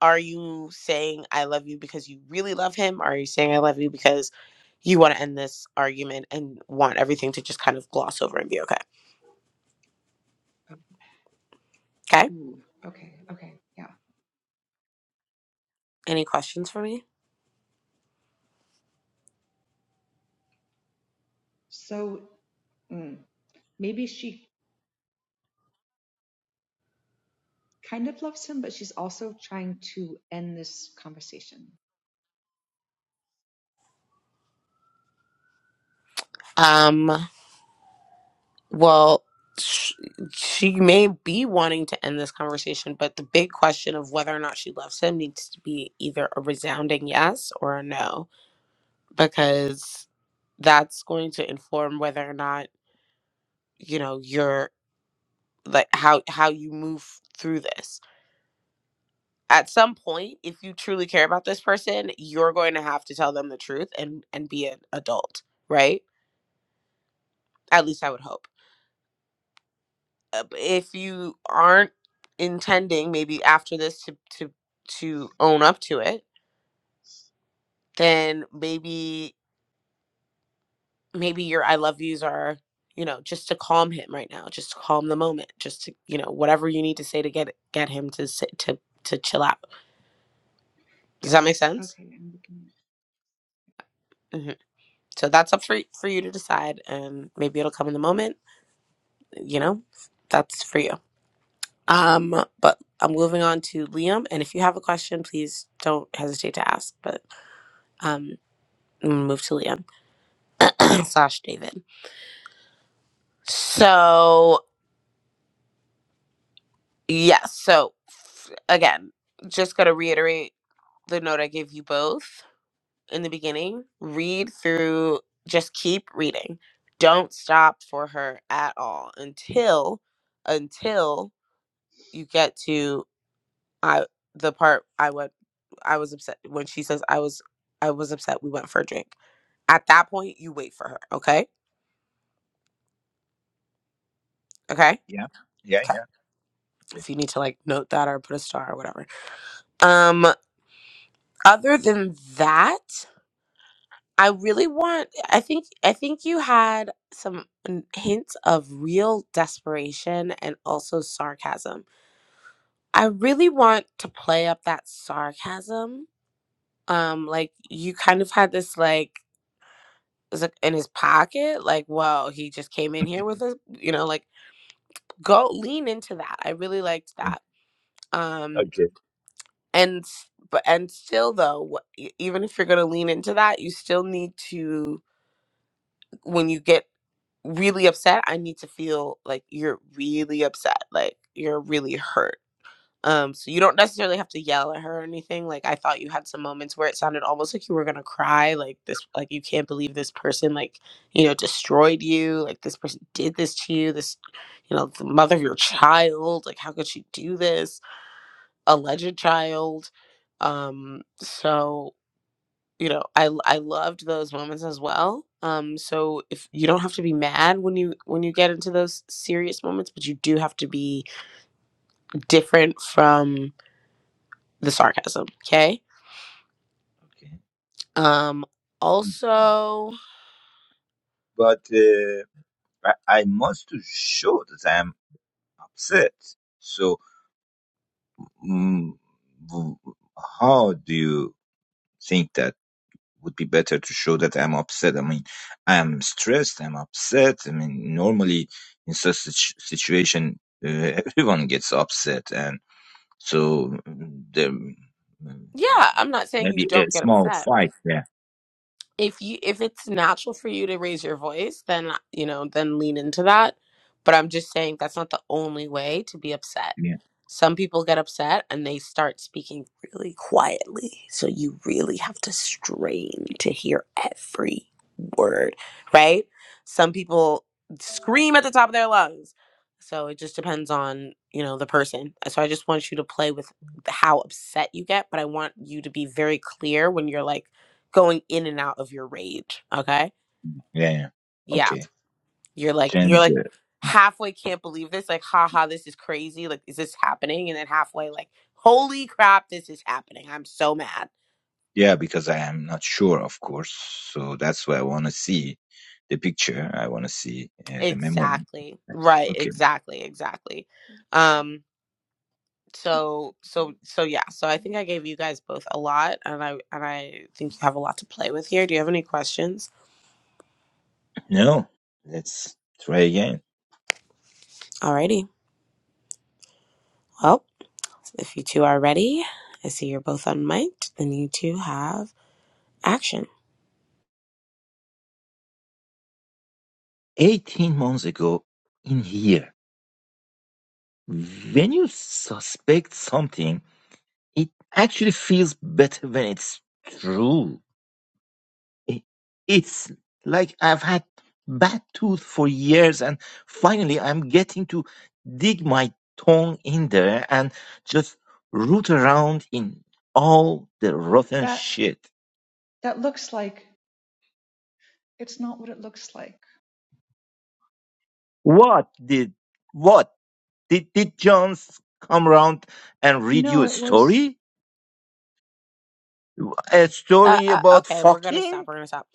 S3: Are you saying I love you because you really love him? Are you saying I love you because you want to end this argument and want everything to just kind of gloss over and be okay?
S6: Oh,
S3: Okay.
S6: Ooh. Okay. Okay. Yeah.
S3: Any questions for me?
S6: So mm, maybe she kind of loves him, but she's also trying to end this conversation.
S3: Um, well, sh- she may be wanting to end this conversation, but the big question of whether or not she loves him needs to be either a resounding yes or a no, because that's going to inform whether or not, you know, you're like how how you move through this. at some point if you truly care about this person you're going to have to tell them the truth and and be an adult right at least i would hope Uh, b- if you aren't intending maybe after this to to to own up to it then maybe maybe your i love yous are you know just to calm him right now just to calm the moment just to you know whatever you need to say to get get him to sit to to chill out does that make
S6: Yes.
S3: sense
S6: Okay, I'm looking
S3: hmm so that's up for, y- for you to decide and maybe it'll come in the moment you know, that's for you. Um, but I'm moving on to Liam, and if you have a question, please don't hesitate to ask. But um, I'm gonna move to Liam slash David. So yes, so f- again, just gonna reiterate the note I gave you both in the beginning. Read through, just keep reading. Don't stop for her at all until until you get to I the part I went I was upset when she says I was I was upset we went for a drink. At that point you wait for her, okay? Okay?
S4: Yeah, yeah,
S3: Okay.
S4: yeah. Okay,
S3: If you need to like note that or put a star or whatever. Um other than that, I really want I think I think you had some n- hints of real desperation and also sarcasm. I really want to play up that sarcasm. Um like you kind of had this like is it in his pocket like whoa he just came in here with us you know like go lean into that i really liked that
S4: yeah.
S3: um
S4: okay,
S3: and s- but and still though wh- e- even if you're gonna lean into that you still need to when you get really upset i need to feel like you're really upset like you're really hurt Um, so you don't necessarily have to yell at her or anything. Like I thought you had some moments where it sounded almost like you were gonna cry, like this like you can't believe this person like, you know, destroyed you, like this person did this to you, this you know, the mother of your child, like how could she do this? Alleged child. Um, so you know, I l- I loved those moments as well. Um, so if you don't have to be mad when you when you get into those serious moments, but you do have to be different from the sarcasm, okay?
S4: okay.
S3: Um, also,
S4: But uh, I, I must to show that I am upset. So mm, w- how do you? think that would be better to show that I'm upset. I mean, I'm stressed. I'm upset. I mean, normally in such situ- situation, uh, everyone gets upset, and so mm, there mm,
S3: yeah, I'm not saying you
S4: maybe a
S3: don't get
S4: small
S3: upset.
S4: fight. Yeah,
S3: if you if it's natural for you to raise your voice then you know then lean into that but i'm just saying that's not the only way to be upset
S4: yeah,
S3: some people get upset and they start speaking really quietly so you really have to strain to hear every word right some people scream at the top of their lungs so it just depends on you know the person so i just want you to play with how upset you get but i want you to be very clear when you're like going in and out of your rage. Okay.
S4: yeah. yeah.
S3: Yeah.
S4: Okay,
S3: You're like,
S4: change.
S3: you're like
S4: the- hmm.
S3: halfway can't believe this. Like, haha, this is crazy. Like, is this happening? And then halfway, like, holy crap, this is happening. I'm so mad.
S4: Yeah, because I am not sure, of course. So that's why I want to see the picture. I want to see uh, the memory.
S3: Exactly. Right.
S4: Okay,
S3: Exactly. Exactly. Um, so so so yeah so i think i gave you guys both a lot and i and i think you have a lot to play with here do you have any questions
S4: no, let's try again.
S3: alrighty well if you two are ready i see you're both on mic then you two have action
S4: 18 months ago in here. When you suspect something, it actually feels better when it's true. I- It's like I've had bad tooth for years and finally I'm getting to dig my tongue in there and just root around in all the
S6: at
S4: rotten
S6: that.
S4: shit.
S6: That looks like it's not what it looks like.
S4: What did, what did, did Jones come around and read you
S6: No,
S4: a
S6: it was
S4: story? A
S3: Uh,
S4: story
S3: uh,
S4: about
S3: okay, we're gonna
S4: fucking?
S3: stop. We're gonna stop.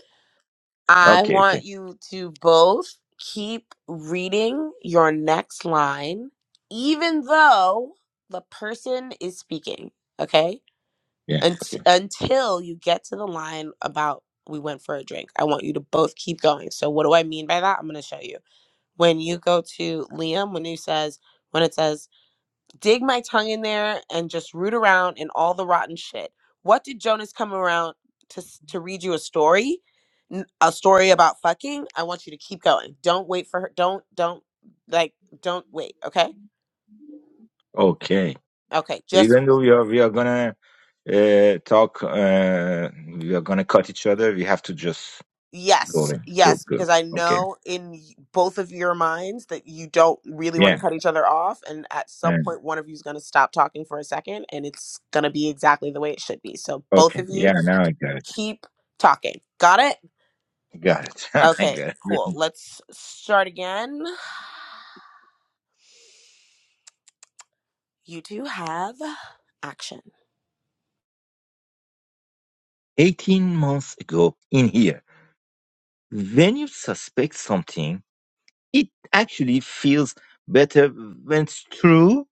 S3: I
S4: Okay, okay.
S3: want you to both keep reading your next line, even though the person is speaking. Okay,
S4: Yeah,
S3: Unt-
S4: okay.
S3: until you get to the line about we went for a drink. I want you to both keep going. So, what do I mean by that? I'm gonna show you. When you go to Liam, when he says, when it says dig my tongue in there and just root around in all the rotten shit. What did Jonas come around to s- to read you a story? N- A story about fucking? I want you to keep going. Don't wait for her. Don't don't like don't wait, okay?
S4: Okay.
S3: Okay,
S4: So
S3: just
S4: even though we are we are gonna uh, talk uh, we are gonna cut each other, we have to just go
S3: yes.
S4: in. Go
S3: Yes,
S4: go.
S3: because I
S4: Okay.
S3: know in y- both of your minds that you don't really want to
S4: Yeah.
S3: cut each other off and at some
S4: And
S3: point one of you is going to stop talking for a second and it's going to be exactly the way it should be. So both
S4: okay.
S3: of you
S4: Yeah, now I got it.
S3: keep talking. Got it?
S4: Got it. I
S3: Okay,
S4: got it.
S3: cool. Let's start again. You two have action.
S4: Eighteen months ago in here, when you suspect something, it actually feels better when it's true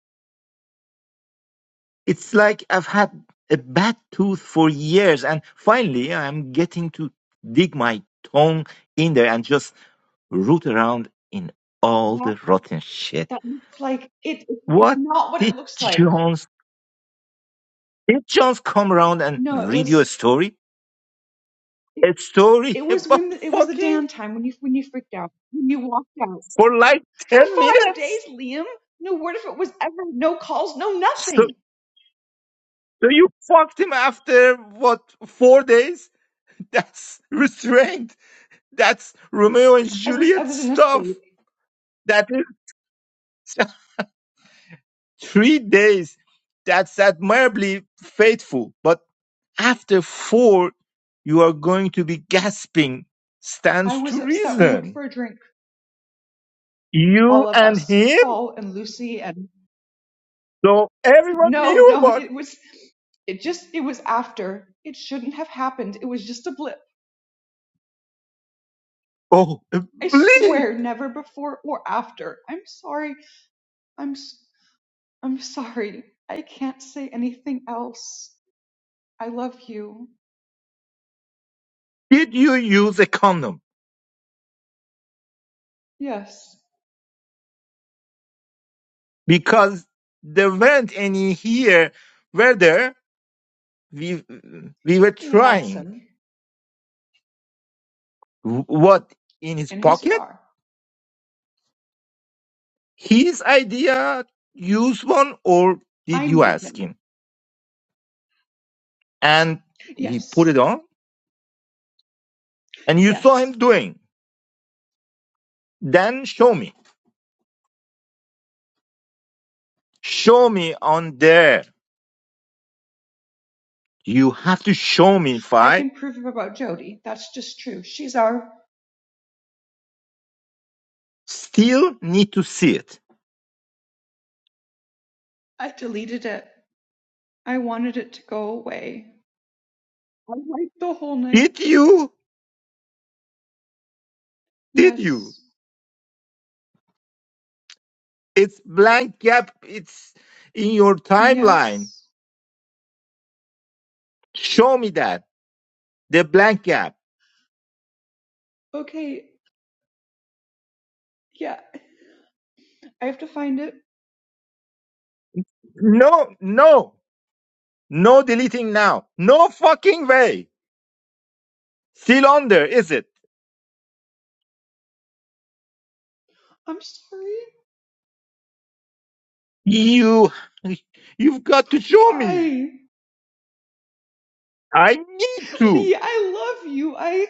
S4: It's like I've had a bad tooth for years, and finally I'm getting to dig my tongue in there and just root around in all
S6: that.
S4: the rotten shit.
S6: That looks like it. it- It's
S4: What
S6: not what it
S4: did
S6: looks like.
S4: Jones? Did Jones come around and
S6: No, it
S4: read you a
S6: was.
S4: story?
S6: It,
S4: A story
S6: it was when
S4: about
S6: the, it was the
S4: fucking
S6: downtime when you when you freaked out when you walked out
S4: for like
S6: for
S4: ten
S6: five
S4: minutes.
S6: days, Liam. No word if it was ever. No calls. No
S4: So,
S6: nothing.
S4: so you fucked him after what four days? That's restraint. That's Romeo and
S6: I was I
S4: Juliet
S6: was in a
S4: stuff.
S6: state.
S4: That is. Three days, that's admirably faithful. But after four, you are going to be gasping.
S6: I
S4: Stands
S6: was
S4: to
S6: upset. We went
S4: reason.
S6: for a drink,
S4: You
S6: all of
S4: and
S6: us,
S4: him?
S6: Paul and Lucy, and.
S4: So everyone
S6: No,
S4: knew
S6: no,
S4: about it.
S6: it was it just it was after. It shouldn't have happened. It was just a blip.
S4: Oh,
S6: I
S4: bleep.
S6: swear never before or after. I'm sorry. I'm s- I'm sorry. I can't say anything else. I love you.
S4: Did you use a condom?
S6: Yes.
S4: Because there weren't any here. Whether We, we were
S6: He had
S4: trying.
S6: some
S4: What, in his
S6: in his
S4: pocket?
S6: car.
S4: His idea? Use one or did
S6: I
S4: you
S6: made
S4: ask
S6: him.
S4: him? and he put
S6: Yes.
S4: it on and you saw him
S6: Yes.
S4: doing then show me show me on there you have to show me if
S6: I
S4: i
S6: can prove about Jody. That's just true. She's our
S4: still need to see it
S6: I deleted it. I wanted it to go away. I wiped the whole night.
S4: did you did you
S6: Yes.
S4: it's blank gap it's in your timeline
S6: Yes.
S4: show me that the blank gap
S6: Okay. Yeah. I have to find it.
S4: no no no deleting now no fucking way still on there is it
S6: I'm sorry.
S4: you you've got to show me
S6: Why?
S4: i need to
S6: Lee, I love you. I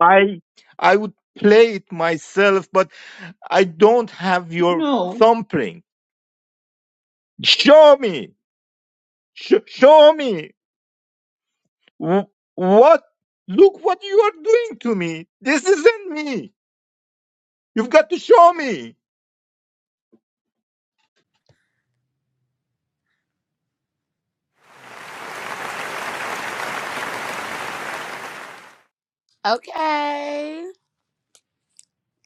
S4: I I would play it myself, but I don't have your
S6: no.
S4: thumbprint. Show me, Sh- show me Wh- what. Look what you are doing to me. This isn't me. You've got to show me.
S3: Okay.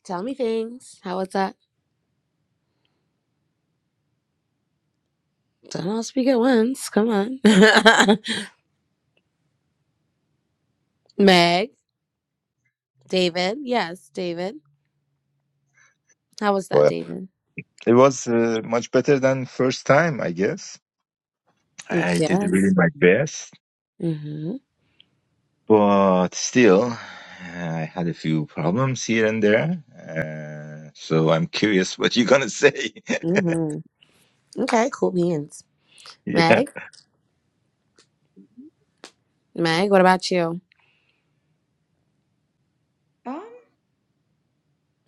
S3: Tell me things. How was that? Don't all speak at once. Come on. Meg, David. Yes, David. How was that,
S4: Well,
S3: David?
S4: it was uh, much better than first time, I guess. I did really
S3: Yes.
S4: my best,
S3: Mm-hmm.
S4: but still, I had a few problems here and there. Uh, so I'm curious what you're gonna say.
S3: Mm-hmm. Okay, cool beans.
S4: yeah.
S3: Meg, Meg, what about you?
S6: Um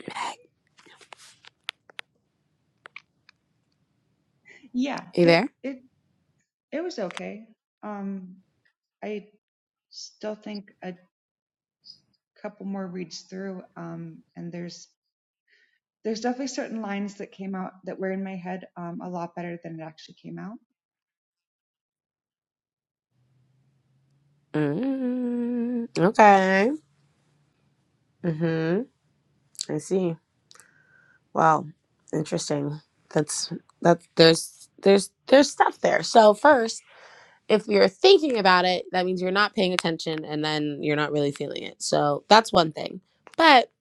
S3: Meg,
S6: yeah,
S3: you there?
S6: it it it was okay. Um I still think a couple more reads through um and there's there's definitely certain lines that came out that were in my head um, a lot better than it actually came out.
S3: mm Okay. Mm-hmm. I see. Wow, interesting. That's that. There's there's there's stuff there. So first, if you're thinking about it, that means you're not paying attention, and then you're not really feeling it. So that's one thing. But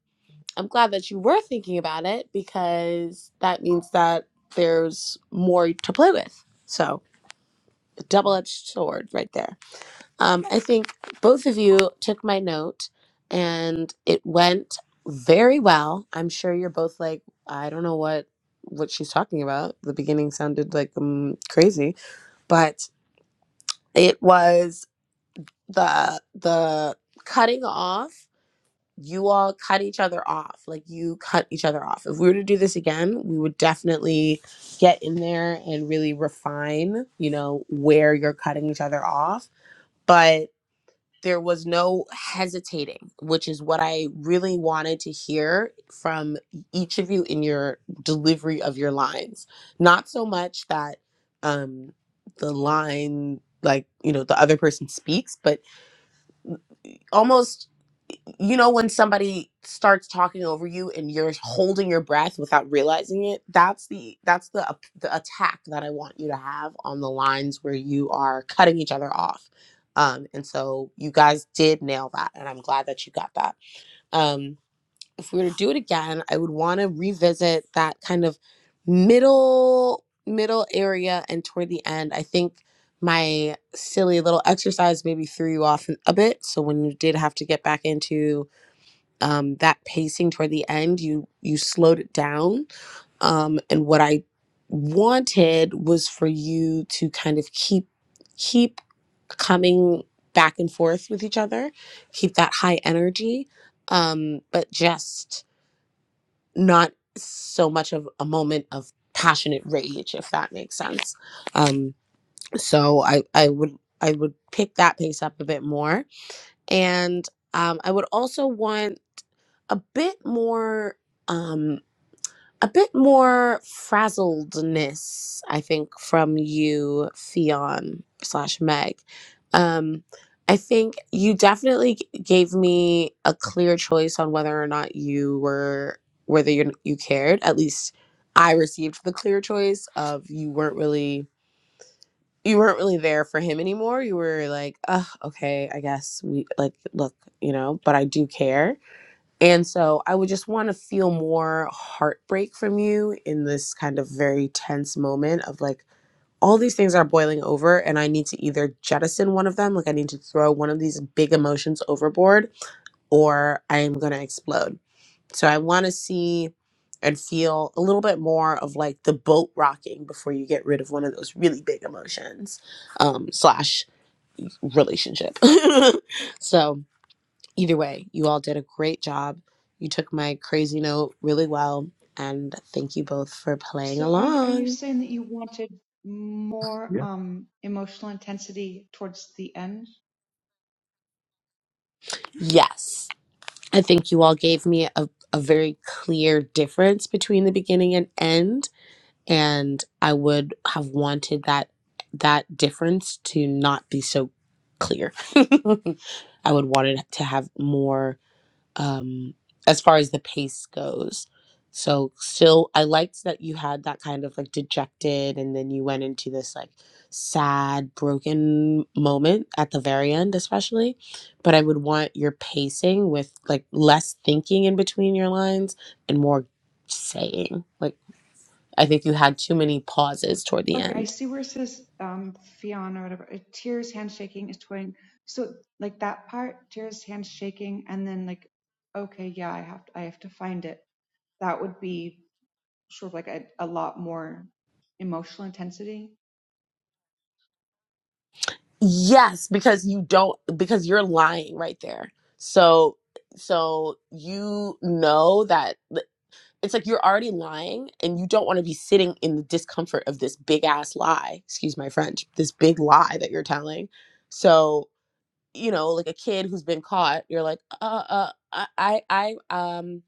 S3: I'm glad that you were thinking about it because that means that there's more to play with. So a double-edged sword right there. Um, I think both of you took my note and it went very well. I'm sure you're both like, I don't know what what she's talking about. The beginning sounded like um crazy, but it was the the cutting off. You all cut each other off. Like you cut each other off. If we were to do this again, we would definitely get in there and really refine, you know, where you're cutting each other off. but there was no hesitating, which is what I really wanted to hear from e-, each of you in your delivery of your lines. Not so much that um, the line, like, you know, the other person speaks, but almost you know when somebody starts talking over you and you're holding your breath without realizing it that's the that's the ap- the attack that i want you to have on the lines where you are cutting each other off um and so you guys did nail that and i'm glad that you got that Um, if we were to do it again, I would want to revisit that kind of middle middle area and toward the end. I think my silly little exercise maybe threw you off a bit. So when you did have to get back into um, that pacing toward the end, you you slowed it down. Um, and what I wanted was for you to kind of keep keep coming back and forth with each other, keep that high energy, um, but just not so much of a moment of passionate rage if that makes sense um so i i would i would pick that pace up a bit more and um i would also want a bit more Um, a bit more frazzledness, I think, from you, Fion slash Meg. Um, I think you definitely g- gave me a clear choice on whether or not you were whether you you cared. At least I received the clear choice of you weren't really you weren't really there for him anymore. You were like, Ugh, okay, I guess we like look, you know, but I do care and so I would just want to feel more heartbreak from you in this kind of very tense moment of like, all these things are boiling over, and I need to either jettison one of them, like I need to throw one of these big emotions overboard, or I am going to explode. So I want to see and feel a little bit more of like the boat rocking before you get rid of one of those really big emotions um, slash relationship. so Either way, you all did a great job. You took my crazy note really well. And thank you both for playing
S6: So are you, are you
S3: along.
S6: saying that you wanted more um, emotional intensity towards the end?
S3: Yes. I think you all gave me a, a very clear difference between the beginning and end. And I would have wanted that that difference to not be so clear. I would wanted to have more um, as far as the pace goes. So still, I liked that you had that kind of like dejected, and then you went into this like sad, broken moment at the very end, especially. But I would want your pacing with like less thinking in between your lines and more saying. Like, I think you had too many pauses toward the
S6: Okay, I
S3: end.
S6: see where it says um Fiona or whatever. uh, Tears handshaking is toying. So like that part, tears handshaking, and then like, okay, yeah, I have to, I have to find it. That would be sort of like a, a lot more emotional intensity.
S3: Yes, because you don't because you're lying right there. So so you know that it's like you're already lying and you don't want to be sitting in the discomfort of this big ass lie excuse my french this big lie that you're telling so you know like a kid who's been caught you're like uh uh i i I, um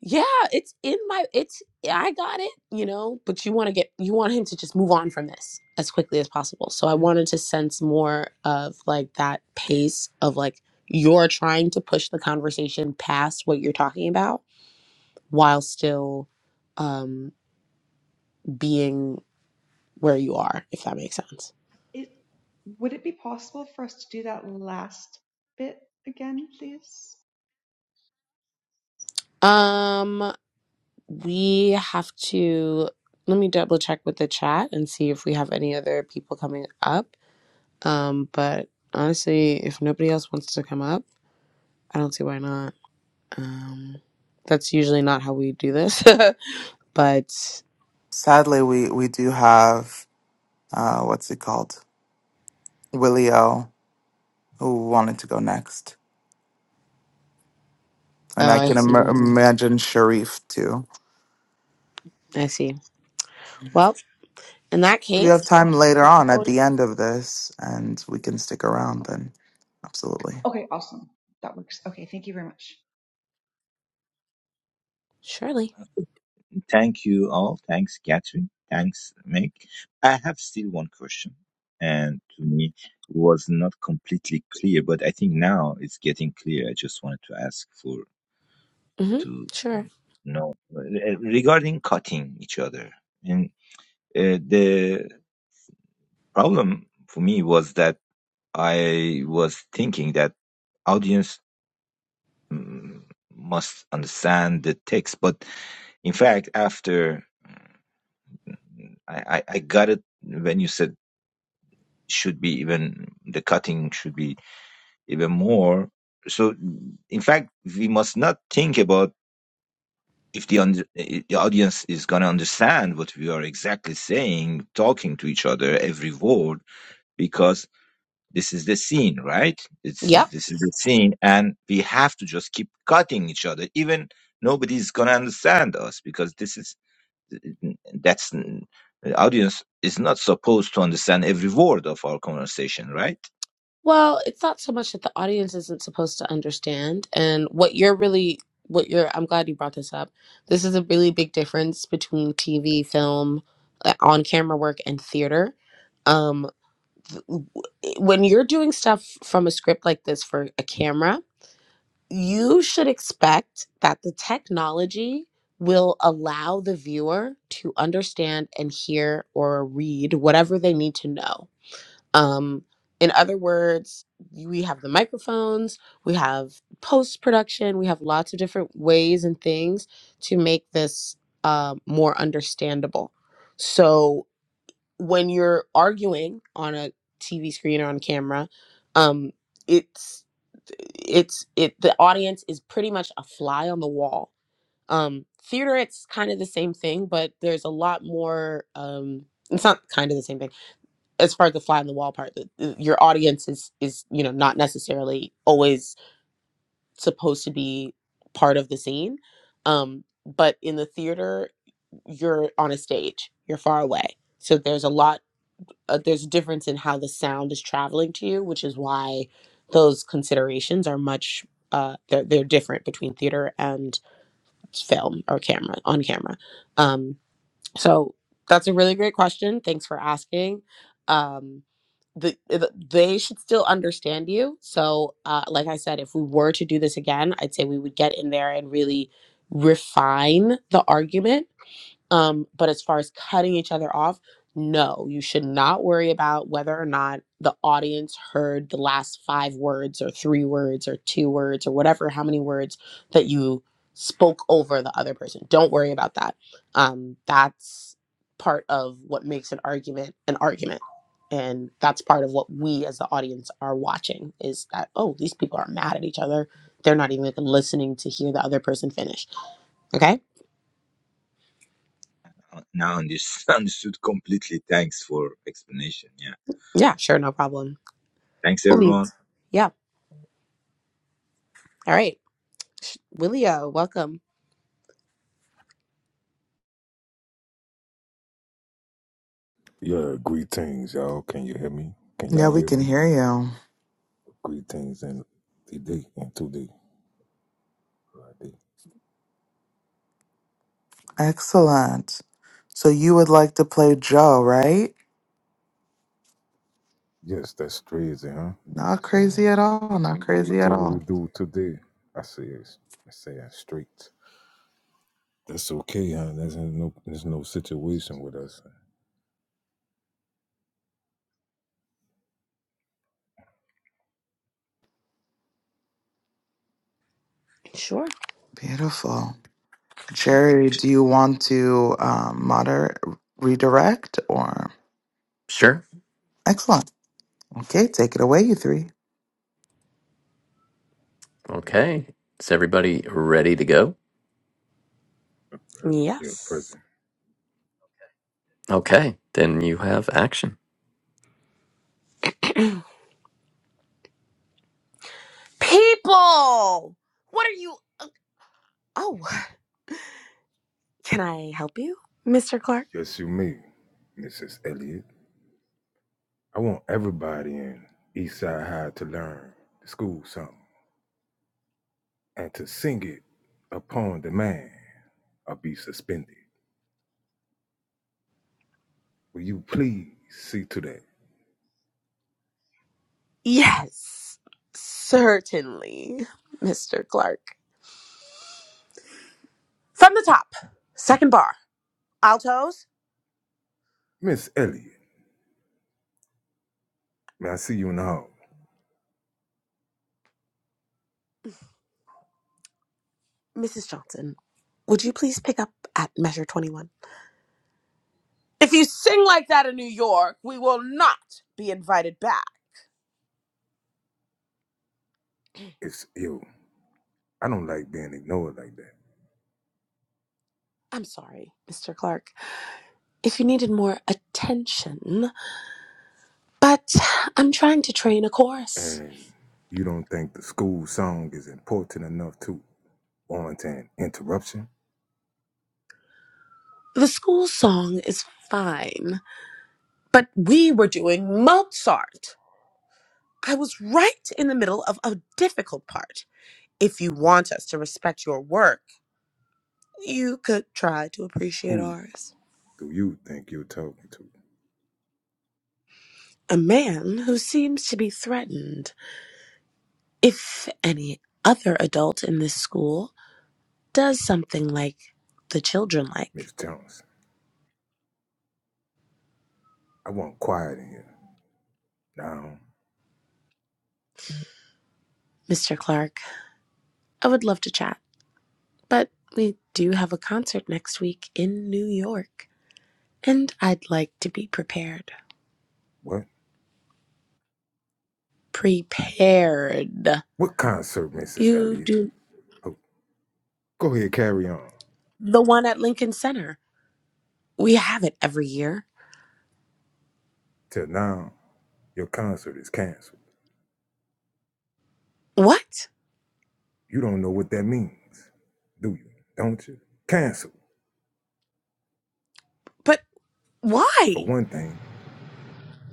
S3: yeah it's in my it's i got it you know but you want to get you want him to just move on from this as quickly as possible so i wanted to sense more of like that pace of like you're trying to push the conversation past what you're talking about while still um being where you are if that makes
S6: Okay.
S3: sense
S6: It would it be possible for us to do that last bit again, please?
S3: um we have to let me double check with the chat and see if we have any other people coming up um but honestly if nobody else wants to come up i don't see why not um that's usually not how we do this but
S1: Sadly, we, we do have, uh, what's it called? Willie O, who wanted to go next. And
S3: oh
S1: I
S3: i
S1: can Im-
S3: see
S1: imagine Sharif too.
S3: i see well in that
S1: We have
S3: case
S1: time later
S3: we can
S1: on at the
S3: always
S1: end of this, and we can stick around then. Absolutely.
S6: Okay, awesome. That works. Okay, thank you very much.
S3: surely
S4: Thank you all. Thanks, Catherine. Thanks, Meg. I have still one question, and to me it was not completely clear, but I think now it's getting clear. I just wanted to ask for
S3: mm-hmm
S4: to
S3: sure
S4: know uh, regarding cutting each other. And uh, the problem for me was that I was thinking that audience mm, must understand the text, but in fact, after I, I, I got it when you said should be even the cutting should be even more so in fact we must not think about if the, und- the audience is going to understand what we are exactly saying talking to each other every word because this is the scene right this
S3: yep
S4: is this is the scene and we have to just keep cutting each other even nobody's going to understand us because this is that's the audience is not supposed to understand every word of our conversation right
S3: Well, it's not so much that the audience isn't supposed to understand. And what you're really, what you're, I'm glad you brought this up. This is a really big difference between TV, film, uh, on camera work, and theater. Um, th- w- when you're doing stuff from a script like this for a camera, you should expect that the technology will allow the viewer to understand and hear or read whatever they need to know um, in other words, we have the microphones, we have post production, we have lots of different ways and things to make this uh, more understandable. So when you're arguing on a TV screen or on camera, um, it's it's it the audience is pretty much a fly on the wall. Um, theater, it's kind of the same thing, but there's a lot more. Um, it's not kind of the same thing as far as the fly on the wall part, the, your audience is is you know not necessarily always supposed to be part of the scene, um, but in the theater you're on a stage, you're far away, so there's a lot. Uh, there's a difference in how the sound is traveling to you, which is why those considerations are much uh, they're they're different between theater and film or camera on camera. Um, so that's a really great question. Thanks for asking. Um, the, the they should still understand you. So, uh, like I said, if we were to do this again, I'd say we would get in there and really refine the argument um, but as far as cutting each other off, no, you should not worry about whether or not the audience heard the last five words or three words or two words or whatever, how many words that you spoke over the other person. Don't worry about that. Um, that's part of what makes an argument an argument. And that's part of what we as the audience are watching is that, oh, these people are mad at each other. They're not even listening to hear the other person finish. Okay.
S4: Uh, now understood completely thanks for explanation yeah
S3: Yeah, sure. No problem.
S4: thanks
S3: Cool
S4: everyone
S3: beans. Yeah. All right. Willio, welcome.
S7: Yeah, greetings, y'all. Can you hear me? Can
S1: Yeah,
S7: y'all
S1: we
S7: hear
S1: can
S7: me?
S1: hear you.
S7: Greetings and DD and 2D. Right there.
S1: Excellent. So you would like to play Joe, right?
S7: Yes, that's crazy, huh?
S1: Not
S7: It's, um,
S1: crazy at all. Not crazy at
S7: whatever we
S1: all.
S7: do today, I say it's, I say it straight. That's okay, huh? There's no, there's no situation with us.
S3: Sure.
S1: Beautiful. Jerry, do you want to um, moder redirect or?
S2: Sure.
S1: Excellent. Okay, take it away, you three.
S2: Okay. Is everybody ready to go?
S7: You're
S3: Yes.
S7: present.
S2: Okay, then you have action.
S3: People! What are you? Oh, Can I help you, Mr. Clark?
S7: Just you, me, Mrs. Elliot. I want everybody in Eastside High to learn, to school something, and to sing it upon demand or be suspended. Will you please see to that?
S3: yes. Certainly, Mr. Clark. From the top, second bar, altos.
S7: Miss Elliot, man, I see you in the hall.
S3: Mrs. Johnson, would you please pick up at measure 21? If you sing like that in New York, we will not be invited back.
S7: It's you. I don't like being ignored like that.
S3: I'm sorry, Mr. Clark. If you needed more attention, But I'm trying to train a chorus.
S7: And you don't think the school song is important enough to warrant an interruption?
S3: The school song is fine, but we were doing Mozart. I was right in the middle of a difficult part. If you want us to respect your work, you could try to appreciate
S7: Who
S3: ours.
S7: do you think you're talking to,
S3: A man who seems to be threatened if any other adult in this school does something like the children
S7: Miss
S3: like.
S7: Johnson? I want quiet in here. Now,
S3: Mr. Clark, I would love to chat. But we do have a concert next week in New York, and I'd like to be prepared.
S7: what?
S3: Prepared.
S7: What concert, Mrs.
S3: You
S7: Elliot?
S3: do
S7: Oh. Go ahead, carry on.
S3: the one at Lincoln Center. We have it every year.
S7: Till now, your concert is canceled.
S3: What?
S7: You don't know what that means, do you? Don't you? Cancel.
S3: But
S7: For
S3: why?
S7: one thing,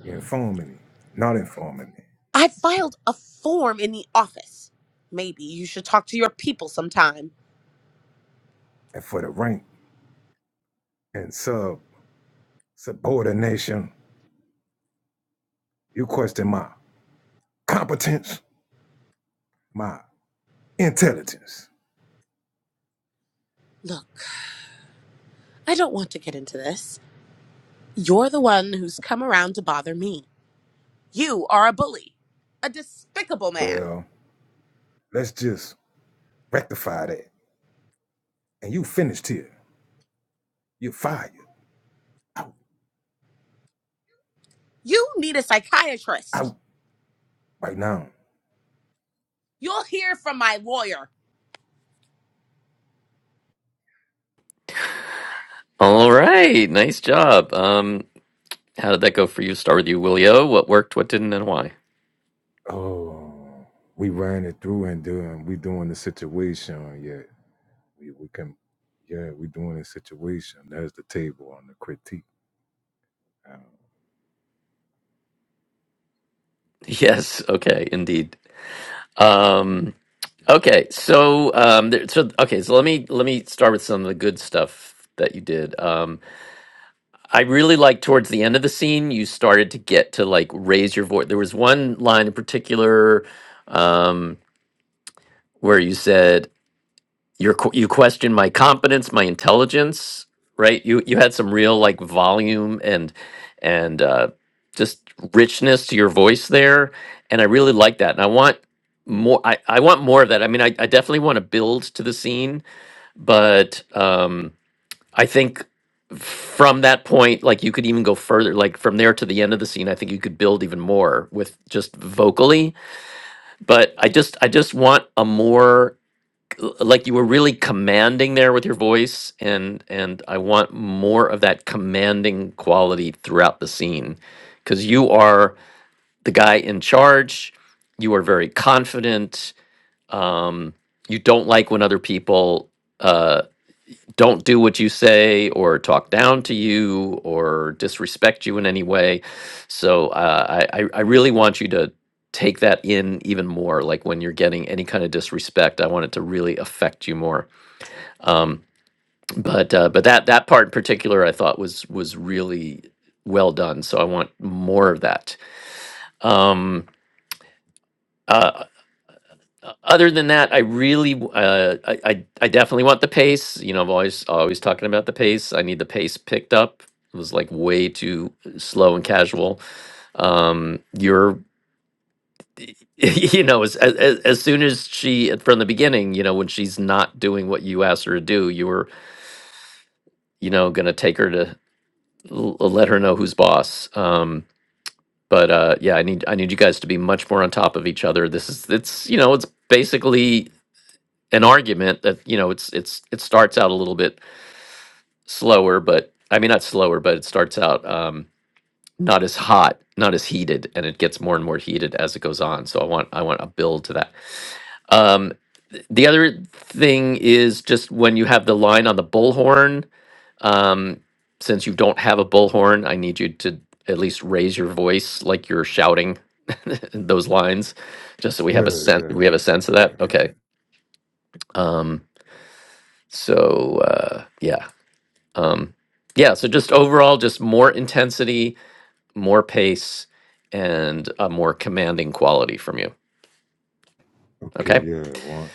S7: you're informing me, not informing me.
S3: I filed a form in the office. Maybe you should talk to your people sometime.
S7: And for the rank and sub subordination, you question my competence, my intelligence.
S3: Look, I don't want to get into this. You're the one who's come around to bother me. You are a bully, a despicable man.
S7: Well, let's just rectify that. And you finished here. You're fired. Out,
S3: You need a psychiatrist.
S7: out, right now.
S3: You'll hear from my lawyer.
S2: All right, nice job. Um, how did that go for you? Start with you, Willio. What worked, what didn't, and why?
S7: Oh, we ran it through and doing, we doing the situation yet. We, we can, yeah, we doing a situation. There's the table on the critique. Um,
S2: Yes. Okay. Indeed. Um, okay. So, um, there, so okay. So let me let me start with some of the good stuff that you did. Um, I really like towards the end of the scene, you started to get to like raise your voice. There was one line in particular um, where you said. Your qu- you questioned my competence, my intelligence, right? You you had some real like volume and and uh, just richness to your voice there, and I really like that. And I want more. I, I want more of that. I mean, I, I definitely want to build to the scene, but um, I think from that point, like you could even go further. Like from there to the end of the scene, I think you could build even more with just vocally. But I just I just want a more l- like you were really commanding there with your voice and and I want more of that commanding quality throughout the scene cuz you are the guy in charge you are very confident um you don't like when other people uh don't do what you say or talk down to you or disrespect you in any way so uh, I I I really want you to take that in even more like when you're getting any kind of disrespect i want it to really affect you more um, but uh, but that that part in particular, I thought was was really well done. So I want more of that. Um, uh, o- other than that, I really w- uh, I, I I definitely want the pace. You know, I'm always always talking about the pace. I need the pace picked up. It was like way too slow and casual. Um, you're you know as, as as soon as she from the beginning you know when she's not doing what you asked her to do you were you know going to take her to l- let her know who's boss. Um, but uh, yeah, I need I need you guys to be much more on top of each other. This is it's you know it's basically an argument that you know it's it's it starts out a little bit slower, but I mean not slower, but it starts out um, not as hot, not as heated, and it gets more and more heated as it goes on. So I want I want a build to that. Um, the other thing is just when you have the line on the bullhorn Um, since you don't have a bullhorn, I need you to at least raise your voice like you're shouting those lines, just so we have a
S7: yeah,
S2: sense.
S7: yeah,
S2: We have a sense of
S7: yeah,
S2: that.
S7: man.
S2: Okay. Um, so uh, yeah, um, yeah. So just overall, just more intensity, more pace, and a more commanding quality from you.
S7: Okay,
S2: Okay.
S7: yeah, one.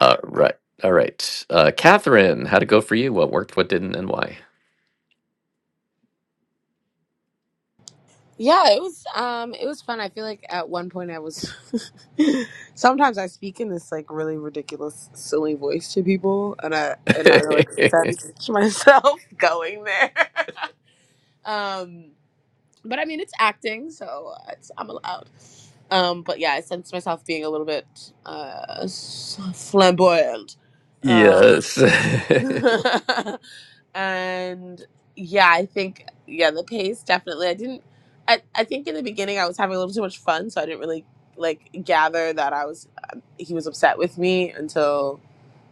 S2: Uh, right. All right. Uh, Catherine, how'd it go for you? What worked? What didn't? And why?
S3: Yeah, it was um it was fun. I feel like at one point I was sometimes I speak in this like really ridiculous silly voice to people and I and I like sense myself going there. um but I mean it's acting, so it's, I'm allowed. Um but yeah, I sense myself being a little bit uh s- flamboyant. Um
S2: yes.
S3: and yeah i think yeah the pace definitely i didn't I, I think in the beginning i was having a little too much fun so i didn't really like gather that i was um, he was upset with me until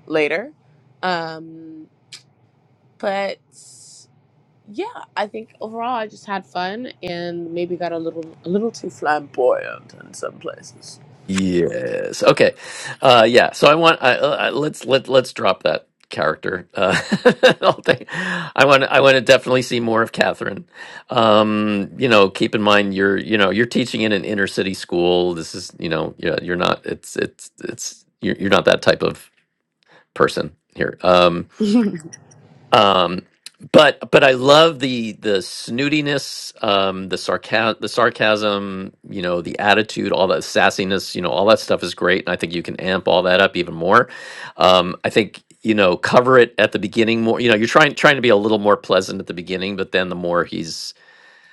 S3: later um but yeah i think overall i just had fun and maybe got a little a little too flamboyant in some places
S2: Yes. Okay. Uh, yeah. So I want. I, uh, let's let let's drop that character. Uh, whole thing. I want. I want to definitely see more of Catherine. Um, you know, keep in mind you're. You know, you're teaching in an inner city school. This is. You know, you're, you're not. It's. It's. It's. You're, you're not that type of person here. Um, um, but but I love the the snootiness, um, the sarcasm, the sarcasm, you know, the attitude, all that sassiness, you know, all that stuff is great, and I think you can amp all that up even more. Um, I think you know, cover it at the beginning more. You know, you're trying trying to be a little more pleasant at the beginning, but then the more he's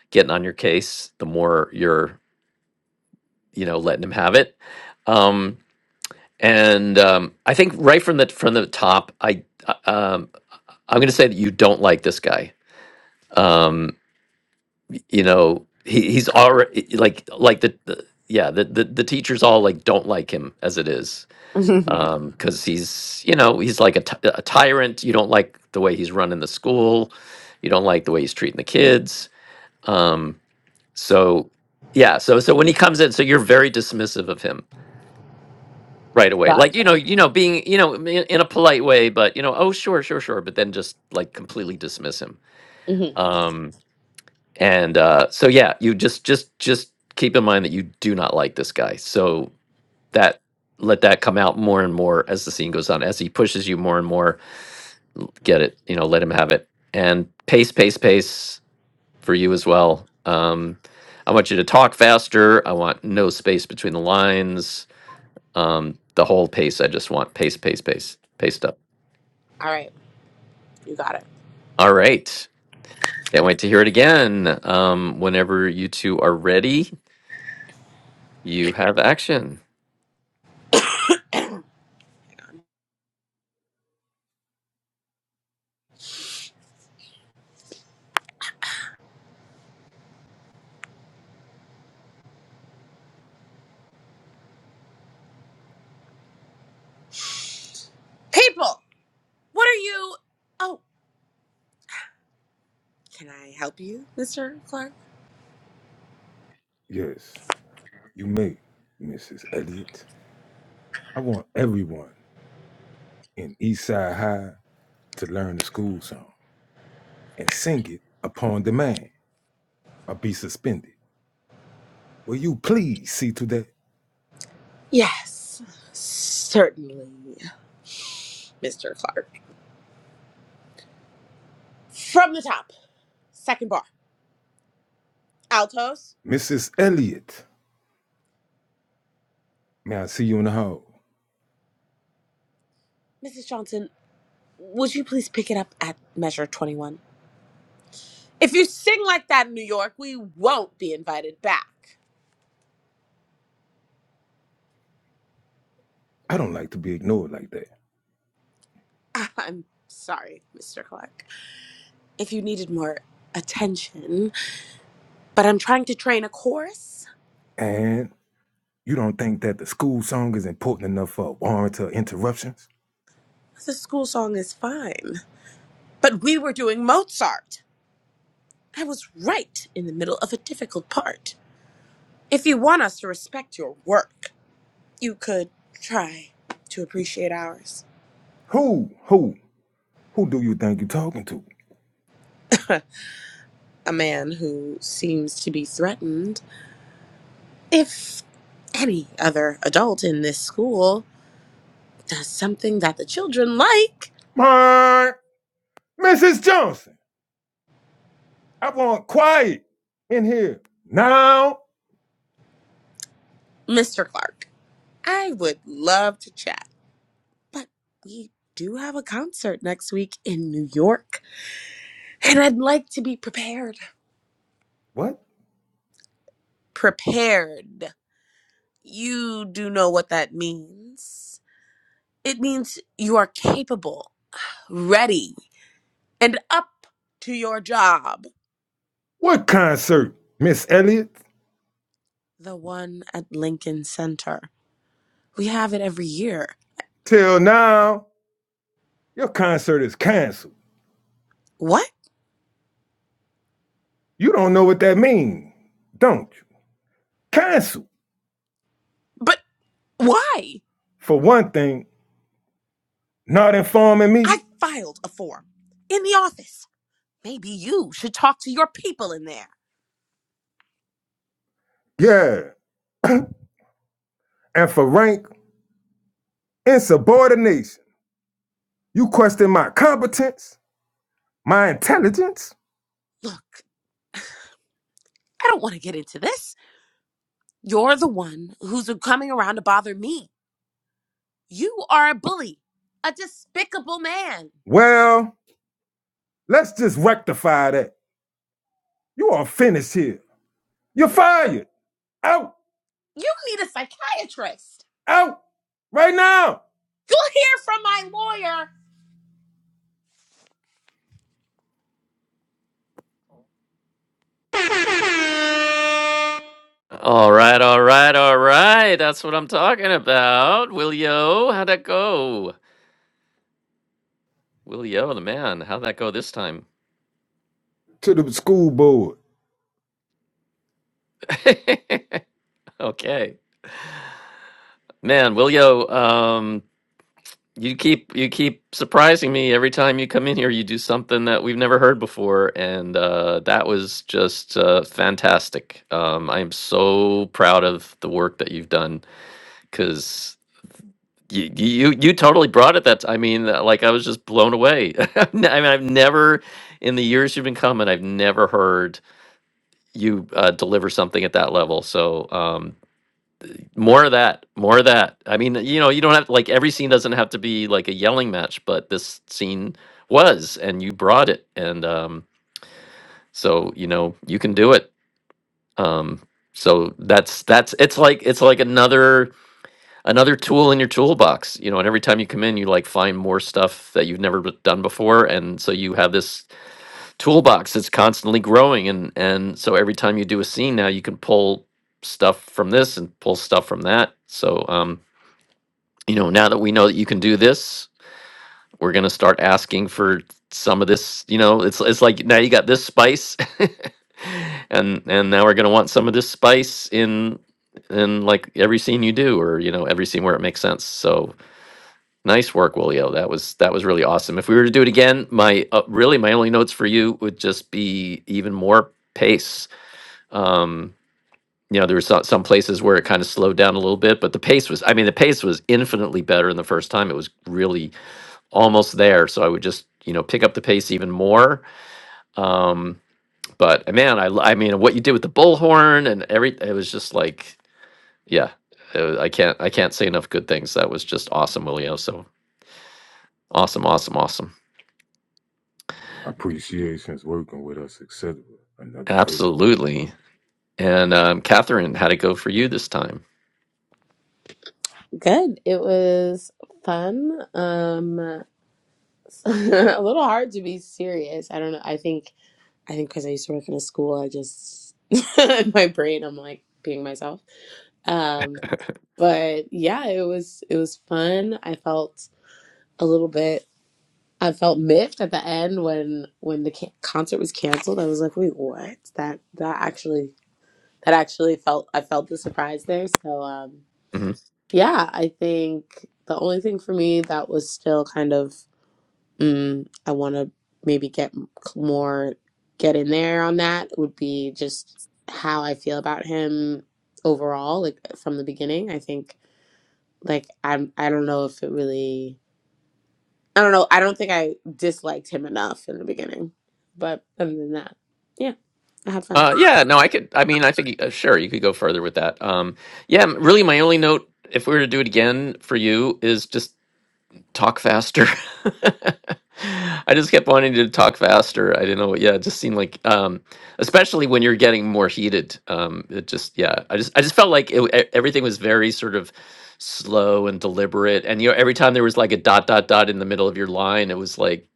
S2: getting on your case, the more you're you know letting him have it. Um, and um, I think right from the from the top, I uh, um, I'm going to say that you don't like this guy. Um, you know he, he's already like like the, the yeah the, the the teachers all like don't like him as it is um because he's you know he's like a ty- a tyrant you don't like the way he's running the school you don't like the way he's treating the kids um so yeah so so when he comes in so you're very dismissive of him right away
S3: got
S2: like you know you know being you know in, in a polite way but you know oh sure sure sure but then just like completely dismiss him
S3: Mhm.
S2: Um, and uh, so yeah you just just just keep in mind that you do not like this guy so that let that come out more and more as the scene goes on as he pushes you more and more get it you know let him have it and pace pace pace for you as well um, i want you to talk faster i want no space between the lines um, the whole pace i just want pace pace pace pace up
S3: All right, you got it.
S2: all right can't wait to hear it again um, whenever you two are ready you have action
S3: People, what are you? Oh, can I help you, Mr. Clark?
S7: Yes, you may, Mrs. Elliot. I want everyone in Eastside High to learn the school song and sing it upon demand or be suspended. Will you please see to that?
S3: Yes, certainly, Mr. Clark. From the top, second bar, altos.
S7: Mrs. Elliot, may I see you in the hall?
S3: Mrs. Johnson, would you please pick it up at measure 21? If you sing like that in New York, we won't be invited back.
S7: I don't like to be ignored like that.
S3: I'm sorry, Mr. Clark. If you needed more attention, but I'm trying to train a chorus,
S7: And. You don't think that the school song is important enough for warranted interruptions?
S3: the school song is fine. But we were doing Mozart. I was right in the middle of a difficult part. If you want us to respect your work, you could try to appreciate ours.
S7: Who, who, who do you think you're talking to?
S3: A man who seems to be threatened, if any other adult in this school does something that the children like,
S7: My Mrs. Johnson. I want quiet in here. Now.
S3: Mr. Clark, I would love to chat. But we do have a concert next week in New York, and I'd like to be prepared.
S7: What?
S3: Prepared. you do know what that means. It means you are capable, ready, and up to your job.
S7: What concert, Miss Elliott?
S3: The one at Lincoln Center. We have it every year.
S7: Till now, your concert is canceled.
S3: What?
S7: You don't know what that means, don't you? Canceled.
S3: But why?
S7: For one thing, not informing
S3: I
S7: me.
S3: filed a form in the office. Maybe you should talk to your people in there.
S7: Yeah. And for rank, insubordination. You question my competence? My intelligence?
S3: Look, I don't want to get into this. You're the one who's coming around to bother me. You are a bully, a despicable man.
S7: Well, let's just rectify that. You are finished here. You're fired. Out,
S3: You need a psychiatrist.
S7: out, right now.
S3: You'll hear from my
S2: All right, all right, all right. That's what I'm talking about. Willio, how'd that go? Willio, the man, how'd that go this time?
S7: To the school board.
S2: okay, man, Willio, um, you keep you keep surprising me every time you come in here. You do something that we've never heard before, and uh, that was just uh, fantastic. Um, I am so proud of the work that you've done because. You, you you totally brought it. That's I mean, uh, like I was just blown away. I mean, I've never in the years you've been coming, I've never heard you uh, deliver something at that level. So um, more of that, more of that. I mean, you know, you don't have like every scene doesn't have to be like a yelling match, but this scene was, and you brought it, and um, so you know you can do it. Um, so that's that's it's like it's like another another tool in your toolbox you know and every time you come in you like find more stuff that you've never b- done before and so you have this toolbox that's constantly growing and and so every time you do a scene now you can pull stuff from this and pull stuff from that so um you know now that we know that you can do this we're going to start asking for some of this you know it's it's like now you got this spice and and now we're going to want some of this spice in in like every scene you do or you know every scene where it makes sense so Nice work, Willio. That was that was really awesome. If we were to do it again, my uh, really my only notes for you would just be even more pace. Um, you know, there were some, some places where it kind of slowed down a little bit, but the pace was I mean, the pace was infinitely better in the first time. It was really almost there, so I would just, you know, pick up the pace even more. Um, but uh, man, I l- I mean, what you did with the bullhorn and every it was just like, yeah, uh, I can't I can't say enough good things. That was just awesome, Willio. So, awesome, awesome, awesome.
S7: Appreciations working with us, etc. Another day.
S2: Absolutely. And um, Catherine, how'd it go for you this time?
S3: lawyer. Good. It was fun. Um, a little hard to be serious. I don't know. I think I think because I used to work in a school, I just in my brain, I'm like being myself. Um, but yeah, it was it was fun. I felt a little bit. I felt miffed at the end when when the ca- concert was canceled. I was like, wait, what? That that actually that actually felt. I felt the surprise there. So um.
S2: hmm
S3: Yeah, I think the only thing for me that was still kind of, mm, I want to maybe get m- more, get in there on that would be just how I feel about him overall, like from the beginning. I think, like, I'm, I don't know if it really, I don't know. I don't think I disliked him enough in the beginning. But other than that, yeah, I had fun.
S2: Uh, yeah, no, I could. I mean, I think uh, sure you could go further with that. Um, yeah, m- really, my only note, if we were to do it again for you, is just talk faster. I just kept wanting to talk faster. I didn't know. Yeah, it just seemed like, um, especially when you're getting more heated. Um, it just, yeah, I just, I just felt like it, w- e- everything was very sort of slow and deliberate. And you know, every time there was like a dot, dot, dot in the middle of your line, it was like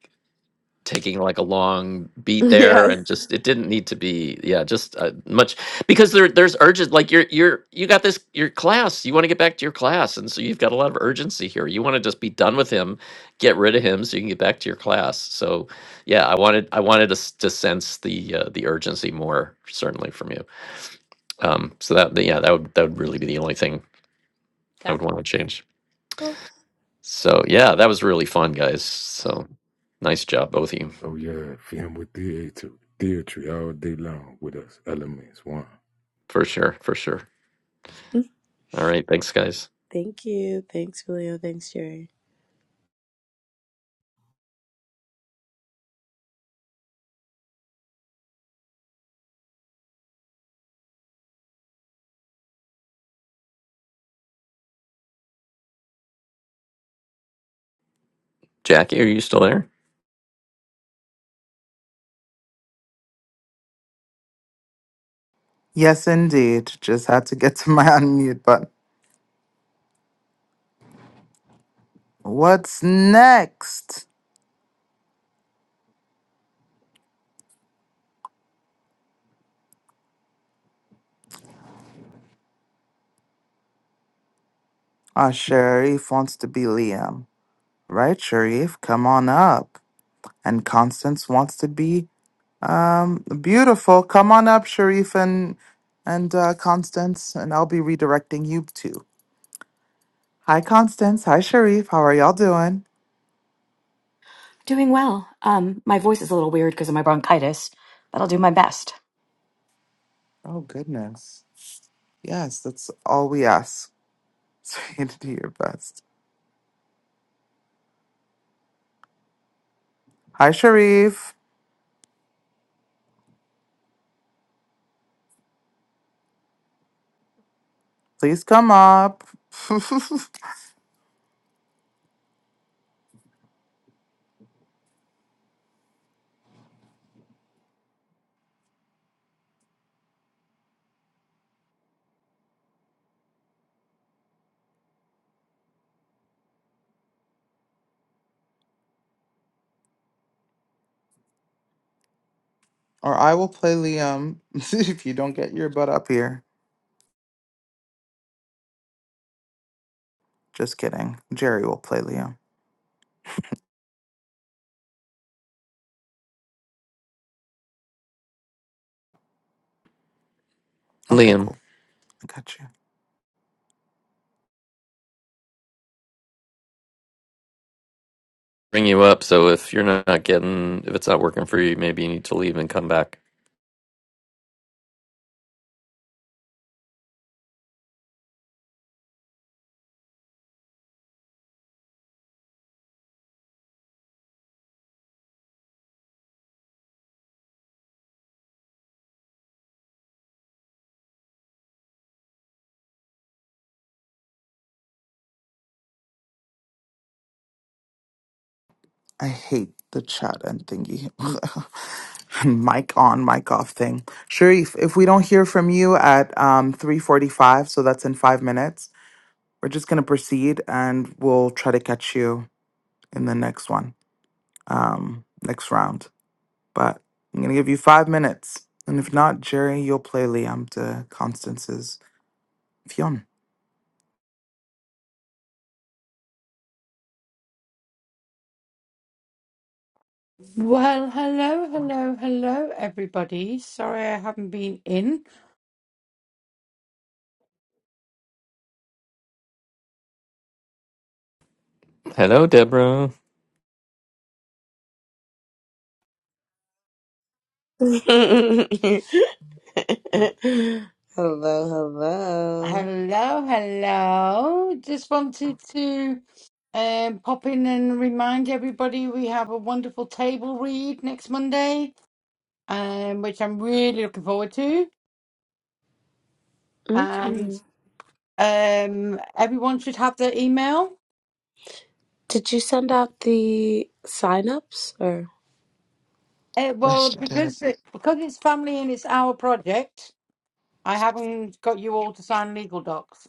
S2: taking like a long beat there
S3: yes.
S2: and just it didn't need to be yeah just uh, much because there there's urgent like you're you're you got this your class you want to get back to your class and so you've got a lot of urgency here you want to just be done with him get rid of him so you can get back to your class so yeah i wanted i wanted to, s- to sense the uh, the urgency more certainly from you um so that that- yeah that would that would really be the only thing i would want
S3: Gotcha.
S2: to change
S3: Cool.
S2: so yeah that was really fun guys so nice job both of you
S7: Oh yeah, film with theater, theatre all day long with us. Elements one.
S2: for sure for sure All right, thanks, guys.
S3: Thank you. Thanks, Julio. Thanks, Jerry.
S2: Jackie, are you still there?
S1: Yes, indeed. Just had to get to my unmute button. What's next? Ah, Sharif wants to be Liam, right? Sharif, come on up. And Constance wants to be Um, beautiful. Come on up, Sharif and and uh, Constance, and I'll be redirecting you two. Hi, Constance. Hi, Sharif. How are y'all doing?
S8: Doing well. Um, my voice is a little weird because of my bronchitis, but I'll do my best.
S1: Oh goodness. Yes, that's all we ask. So you to do your best. Hi, Sharif. Please come up, or I will play Liam if you don't get your butt up here. Just kidding. Jerry will play Liam. Okay,
S2: Liam,
S1: cool. I got you.
S2: bring you up. So if you're not getting, if it's not working for you, maybe you need to leave and come back.
S1: I hate the chat and thingy. mic on, mic off thing. Sharif, if we don't hear from you at um 345, so that's in five minutes, we're just gonna proceed and we'll try to catch you in the next one. Um next round. But I'm gonna give you five minutes. And if not, Jerry, you'll play Liam to Constance's Fionn.
S9: Well, hello, hello, hello, everybody. Sorry I haven't been in.
S2: Hello, Deborah.
S3: hello, hello.
S9: Hello, hello. Just wanted to um, pop in and remind everybody we have a wonderful table read next Monday, um, which I'm really looking forward to.
S3: hmm
S9: And um, everyone should have their email.
S3: Did you send out the sign-ups or
S9: Uh, well,
S1: Rest of day.
S9: because it, because it's family and it's our project, I haven't got you all to sign legal docs.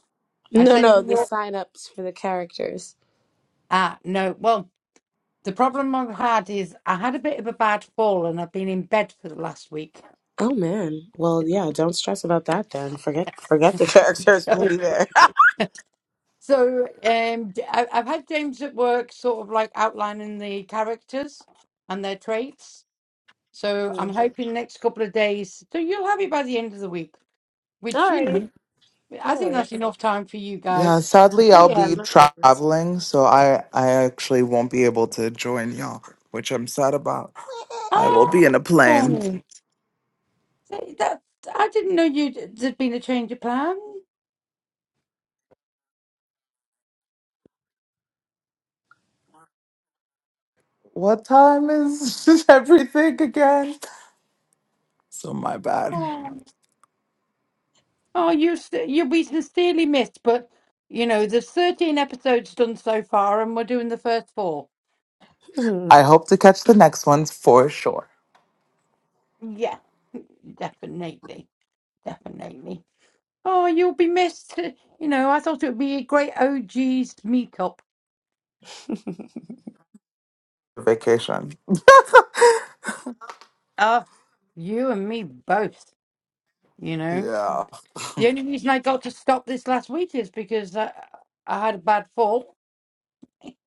S9: I
S3: no,
S9: sent
S3: no, the
S9: you.
S3: sign-ups for the characters?
S9: Ah, no. Well, The problem I've had is I had a bit of a bad fall and I've been in bed for the last week.
S3: Oh man. Well, yeah. Don't stress about that then. Forget, forget the characters. We'll
S9: So,
S3: be there.
S9: so um, J- I- I've had James at work sort of like outlining the characters and their traits. So I'm
S3: Hmm.
S9: hoping next couple of days. So you'll have it by the end of the week, which, you
S3: Alrighty.
S9: know, I
S3: No
S9: think
S3: worries.
S9: that's enough time for you
S1: Yeah,
S9: guys.
S1: sadly,
S3: Oh
S1: I'll
S3: yeah,
S1: be
S3: no worries.
S1: traveling, so I I actually won't be able to join y'all, which I'm sad about. I will
S9: Oh,
S1: be in a plane.
S9: that, I didn't know you'd, there'd been a change of plan.
S1: What time is everything again? So my bad.
S9: Oh. Oh, you st- you will be sincerely missed, but you know, there's 13 episodes done so far, and we're doing the first four.
S3: Hmm.
S1: I hope to catch the next ones for sure.
S9: Yeah, definitely, definitely. Oh, you'll be missed. You know, I thought it would be a great OG's meetup.
S1: Vacation.
S9: Ah, you and me both. You know,
S1: Yeah.
S9: the only reason I got to stop this last week is because I I had a bad fall,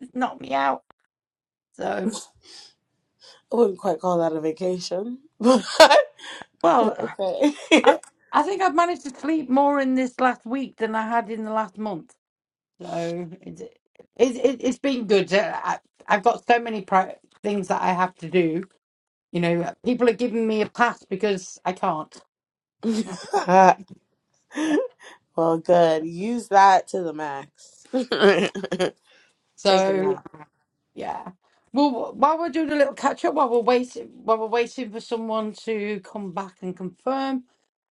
S9: it knocked me out. So,
S3: I wouldn't quite call that a vacation, but
S9: well,
S3: okay.
S9: I I think I've managed to sleep more in this last week than I had in the last month. So it's it, it, it's been good. Uh, I, I've got so many pri things that I have to do. You know, people are giving me a pass because I can't.
S3: well, good. Use that to the max. Take a
S9: So
S3: nap.
S9: yeah. Well, while we're doing a little catch up, while we're waiting, while we're waiting for someone to come back and confirm,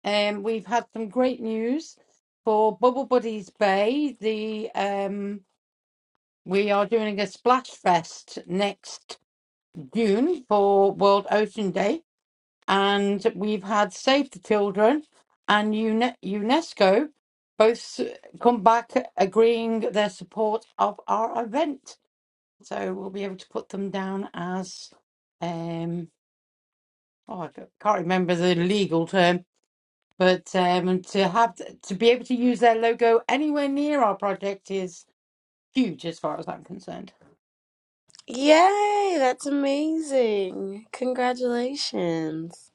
S9: um, we've had some great news for Bubble Buddies Bay. The um, we are doing a splash fest next June for World Ocean Day and we've had Save the Children and UNE- UNESCO both s- come back agreeing their support of our event. So we'll be able to put them down as, um, oh, I ca- can't remember the legal term, but um, to have th- to be able to use their logo anywhere near our project is huge as far as I'm concerned.
S3: Yay, that's amazing. Congratulations.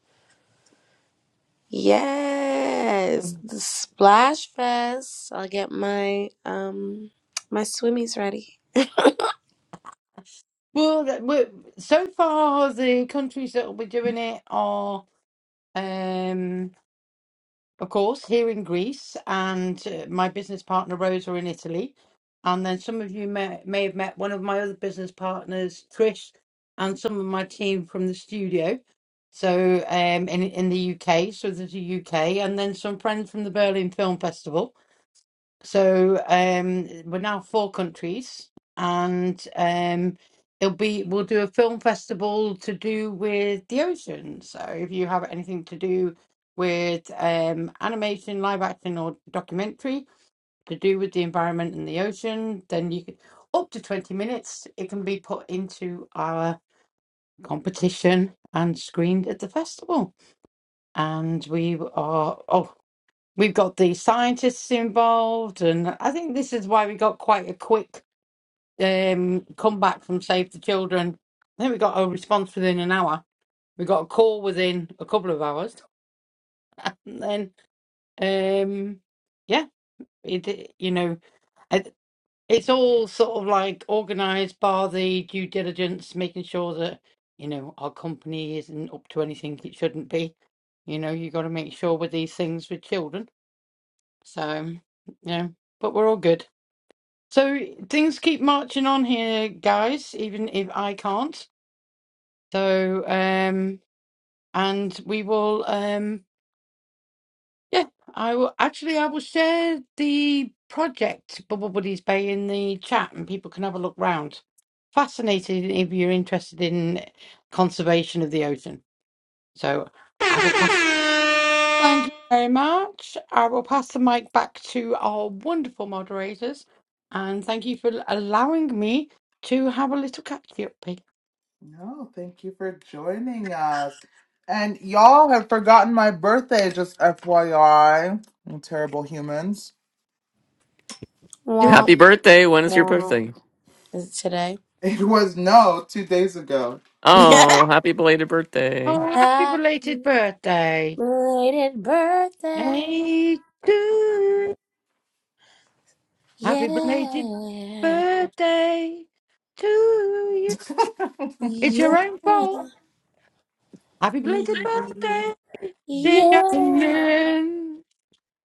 S9: Um,
S3: Yes, the Splash Fest. I'll get my um my swimmies ready.
S9: Well, that- well, so far the countries that will be doing it are, um, of course, here in Greece, and uh, my business partner Rosa in Italy, and then some of you may may have met one of my other business partners, Trish, and some of my team from the studio. So, um, in in the UK, so there's a UK, and then some friends from the Berlin Film Festival. So um, we're now four countries, and um, it'll be we'll do a film festival to do with the ocean. So if you have anything to do with um, animation, live action, or documentary to do with the environment and the ocean, then you can up to twenty minutes. It can be put into our competition and screened at the festival. And we are oh We've got the scientists involved, and I think this is why we got quite a quick um, comeback from Save the Children. I think we got a response within an hour. We got a call within a couple of hours, and then um, yeah, it you know it, it's all sort of like organised by the due diligence, making sure that you know our company isn't up to anything it shouldn't be. You know, you got to make sure with these things with children. So yeah, but we're all good. So things keep marching on here, guys, even if I can't. So, um, and we will, um, yeah, I will actually, I will share the project Bubble Buddies Bay in the chat and people can have a look round. Fascinating if you're interested in conservation of the ocean. So I will pass. Thank you very much. I will pass the mic back to our wonderful moderators, and thank you for allowing me to have a little catch up.
S1: No, thank you for joining us. And y'all have forgotten my birthday, just FYI. You terrible humans.
S3: Womp
S2: Happy birthday. When is your
S3: womp.
S2: birthday?
S3: Is it today?
S1: It was no two days ago.
S2: Oh, happy belated birthday.
S9: Oh, happy belated
S3: Happy
S9: birthday!
S3: belated birthday.
S9: Hey, to happy belated
S3: Yeah.
S9: birthday to you. It's
S3: Yeah.
S9: your own fault. Happy belated birthday, dear
S3: Yeah.
S9: Jacqueline.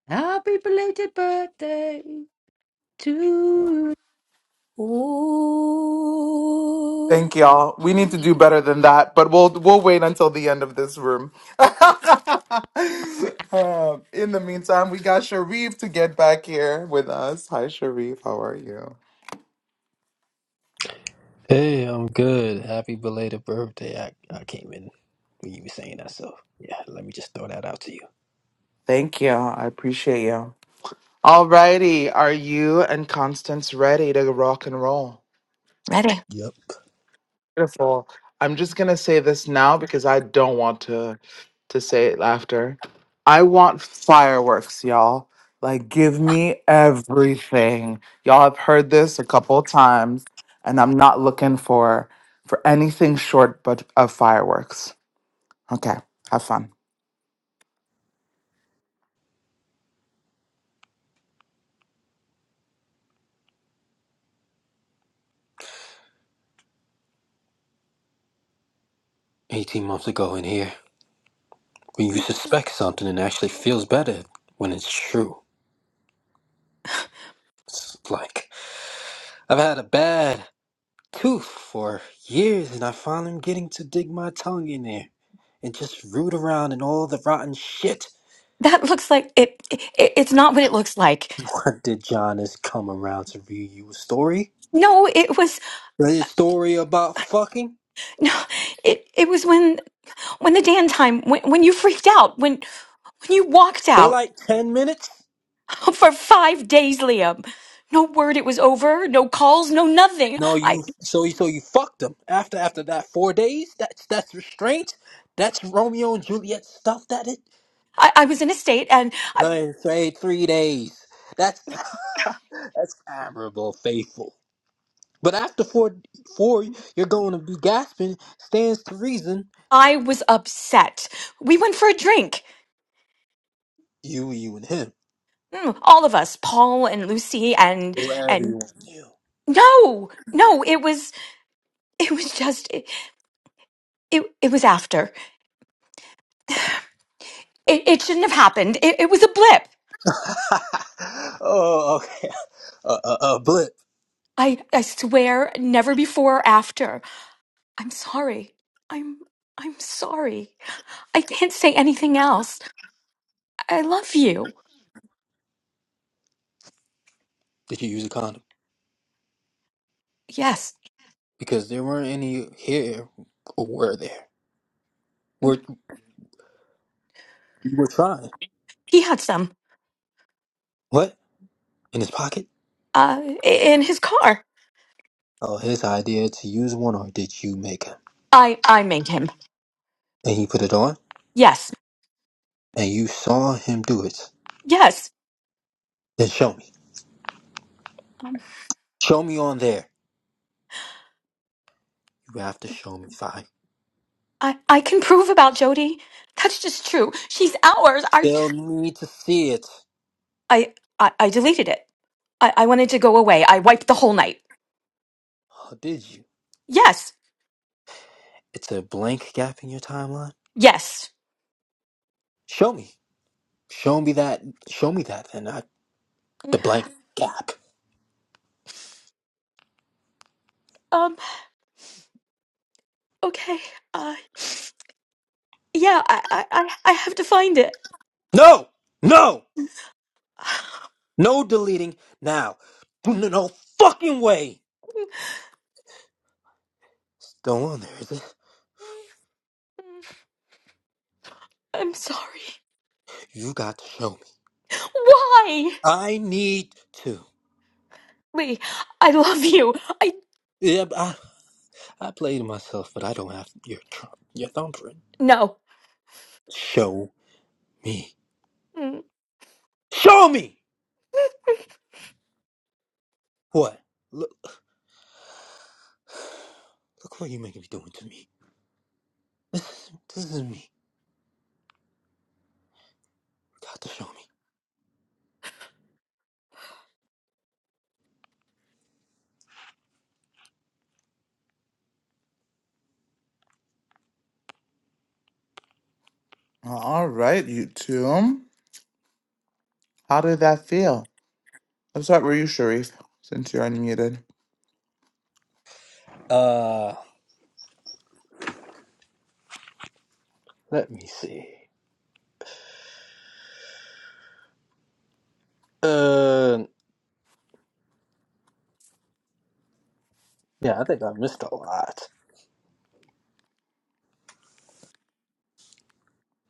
S9: Happy belated birthday to
S1: Thank y'all. We need to do
S3: Ooh.
S1: better than that, but we'll we'll wait until the end of this room. Um, in the meantime, we got Sharif to get back here with us. Hi, Sharif. How are you?
S10: Hey, I'm good. Happy belated birthday. I, I came in when you were saying that, so yeah, let me just throw that out to you.
S1: Thank you. I appreciate you. Alrighty, are you and Constance ready to rock and roll?
S8: Ready?
S10: Yep.
S1: Beautiful. I'm just gonna say this now because I don't want to to say it after. I want fireworks, y'all. Like give me everything. Y'all have heard this a couple of times, and I'm not looking for for anything short but of fireworks. Okay, have fun.
S10: 18 months ago in here, when you suspect something and actually feels better when it's true. It's like, I've had a bad tooth for years and I finally am getting to dig my tongue in there and just root around in all the rotten shit.
S8: That looks like it, it. It's not what it looks like.
S10: What did John has come around to read you a story?
S8: No, it was
S10: A story about fucking?
S8: no. It it was when when the Dan time when when you freaked out when when you walked
S10: For
S8: out
S10: like 10 minutes?
S8: for five days, Liam. No word. It was over. No calls. No nothing.
S10: No, you
S8: I
S10: so you so you fucked them after after that four days. That's that's restraint. That's Romeo and Juliet stuff. That it.
S8: I, I was in a state and I,
S10: No, say three days. That's that's admirable, faithful. But after four four, you're going to be gasping. Stands to reason.
S8: I was upset. We went for a drink.
S10: You, you, and him.
S8: Mm, All of us, Paul and Lucy and
S10: Whoever
S8: and
S10: you want. You.
S8: No, no, it was it was just it it, it was after. It, it shouldn't have happened. It, it was a blip.
S10: oh, okay. uh, uh, uh, blip.
S8: I I swear never before or after. I'm sorry. I'm I'm sorry. I can't say anything else. I love you.
S10: Did you use a condom?
S8: Yes.
S10: Because there weren't any here, or were there?
S8: Mm,
S10: We're we're trying.
S8: He had some
S10: What in his pocket?
S8: uh i- in his car.
S10: or his idea to use one, or did you make him?
S8: I I made him.
S10: And he put it on,
S8: Yes.
S10: and you saw him do it.
S8: Yes.
S10: Then show me.
S8: Um,
S10: Show me on there. You have to show me fine.
S8: I I can prove about Jody. That's just true. She's ours. I
S10: Still need to see it.
S8: I I, I deleted it. I, I wanted to go away. I wiped the whole night.
S10: Or did you?
S8: Yes.
S10: It's a blank gap in your timeline.
S8: Yes.
S10: Show me. Show me that. Show me that, and not the blank gap.
S8: Um, okay. Uh, yeah, I, I, I I have to find it.
S10: No, no, no deleting now. No, no fucking way. Still on there, is it?
S8: I'm sorry.
S10: You got to show me.
S8: Why?
S10: I need to.
S8: Lee, I love you. I,
S10: Yeah, I played myself, but I don't have your tr- your thumbprint.
S8: no.
S10: Show me.
S8: Mm.
S10: Show me what? Look, look what you're making me doing to me. This, this is me. You Got to show me.
S1: All right, you two. How did that feel? Let's start with you, Sharif, since you're unmuted.
S10: Uh, let me see. Uh, yeah, I think I missed a lot.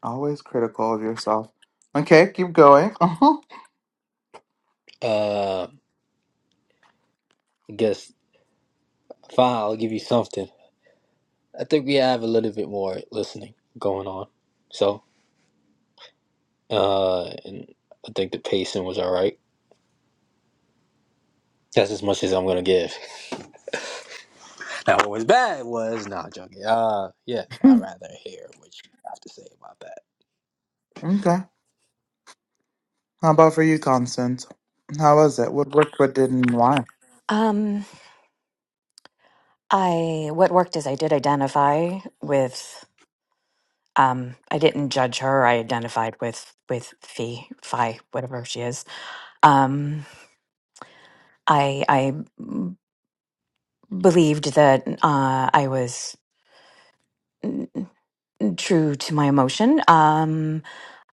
S1: Always critical of yourself. Okay, keep going. Uh-huh.
S10: Uh, I guess fine. I'll give you something. I think we have a little bit more listening going on. So, uh, and I think the pacing was all right. That's as much as I'm gonna give. That was bad was not joking. Uh, yeah, I'd rather hear what you have to say about that.
S1: Okay. How about for you, Constance? How was it? What worked, what didn't, and why?
S8: Um, I, what worked is I did identify with, um, I didn't judge her. I identified with, with Fee, Phi, whatever she is. Um, I, I believed that uh, I was true to my emotion. Um,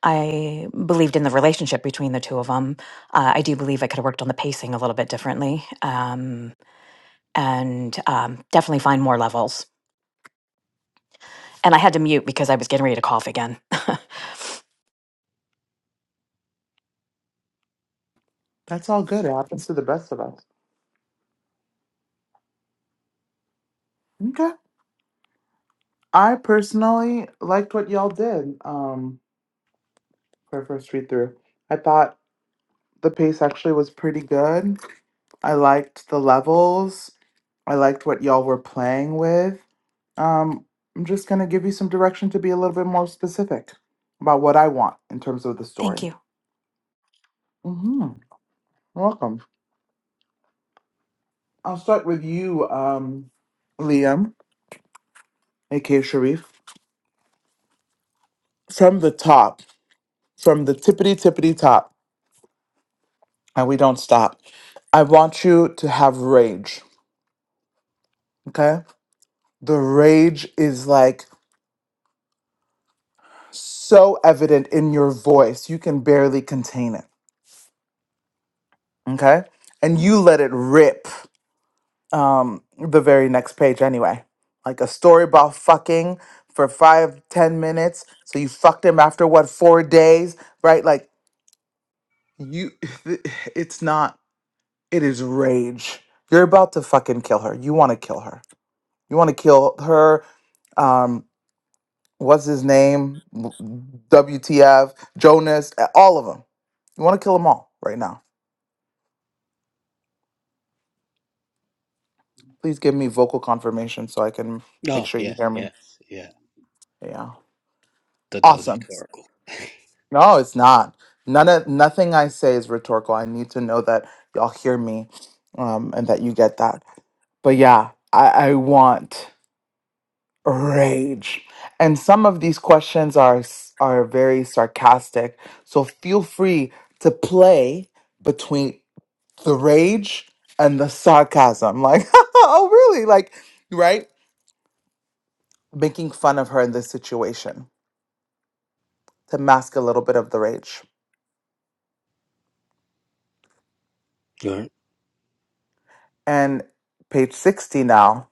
S8: I believed in the relationship between the two of them. Uh, I do believe I could have worked on the pacing a little bit differently um, and um, definitely find more levels. And I had to mute because I was getting ready to cough again.
S1: That's all good. It happens to the best of us. Okay. I personally liked what y'all did um, for our first read through. I thought the pace actually was pretty good. I liked the levels. I liked what y'all were playing with. Um, I'm just going to give you some direction to be a little bit more specific about what I want in terms of the
S8: Thank
S1: story.
S8: you.
S1: hmm Welcome. I'll start with you, um, Liam, aka Sharif. From the top, from the tippity tippity top, and we don't stop. I want you to have rage, okay? The rage is like so evident in your voice, you can barely contain it Okay. And you let it rip um, the very next page anyway. Like a story about fucking for five, ten minutes. So you fucked him after what, four days, right? Like you, it's not, it is rage. You're about to fucking kill her. You want to kill her. You want to kill her. Um, what's his name? WTF, Jonas, uh, all of them. You want to kill them all right now. Please give me vocal confirmation so I can make
S10: Oh
S1: sure you
S10: yeah,
S1: hear me.
S10: yes, yeah.
S1: Yeah.
S10: Thought that was
S1: Awesome.
S10: rhetorical.
S1: No, it's not. None of nothing I say is rhetorical. I need to know that y'all hear me, um, and that you get that. But yeah, I, I want rage. And some of these questions are s- are very sarcastic. So feel free to play between the rage and the sarcasm. Like, oh really? Like, right? Making fun of her in this situation to mask a little bit of the rage.
S10: All right,
S1: And page 60 now,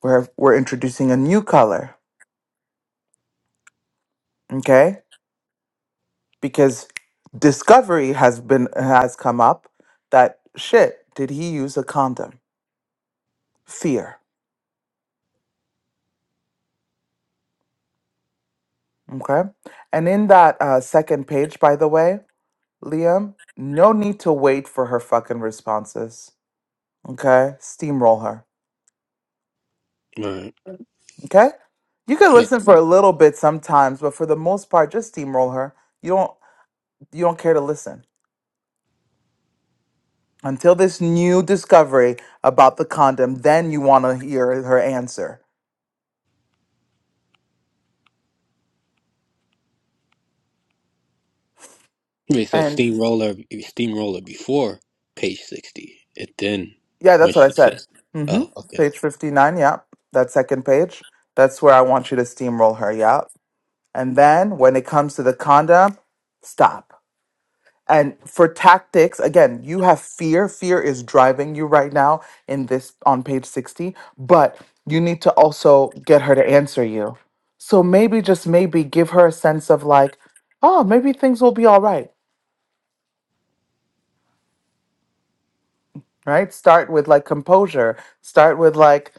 S1: where we're introducing a new color, okay? Because discovery has been has come up that shit, did he use a condom? Fear, okay? And in that uh, second page, by the way, Liam, no need to wait for her fucking responses, okay? Steamroll her,
S10: all right.
S1: okay? You can
S10: Yeah.
S1: listen for a little bit sometimes, but for the most part, just steamroll her. You don't you don't care to listen. until this new discovery about the condom, then you want to hear her answer.
S10: Wait, so
S1: And
S10: steamroller, steamroller before page sixty, and then
S1: yeah,
S10: when
S1: that's what I
S10: she
S1: said.
S10: says,
S1: hmm
S10: "Oh, okay,"
S1: Page 59, yeah. That second page. That's where I want you to steamroll her, yeah. And then when it comes to the condom, stop. And for tactics, again, you have fear. Fear is driving you right now in this on page 60, but you need to also get her to answer you. So maybe just maybe give her a sense of like, oh, maybe things will be all right, right? Start with like composure. Start with like,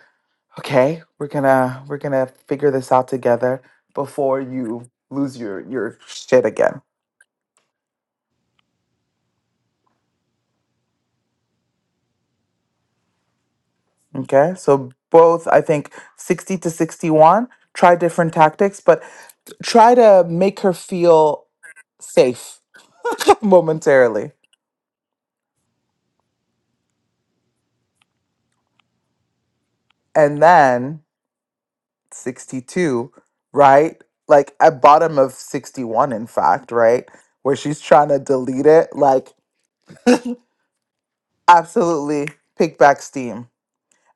S1: okay, we're going to we're going to figure this out together before you lose your your shit again. Okay? So both I think 60 to 61 try different tactics but try to make her feel safe momentarily. And then 62, right? Like at bottom of 61, in fact, right? Where she's trying to delete it, like absolutely pick back steam.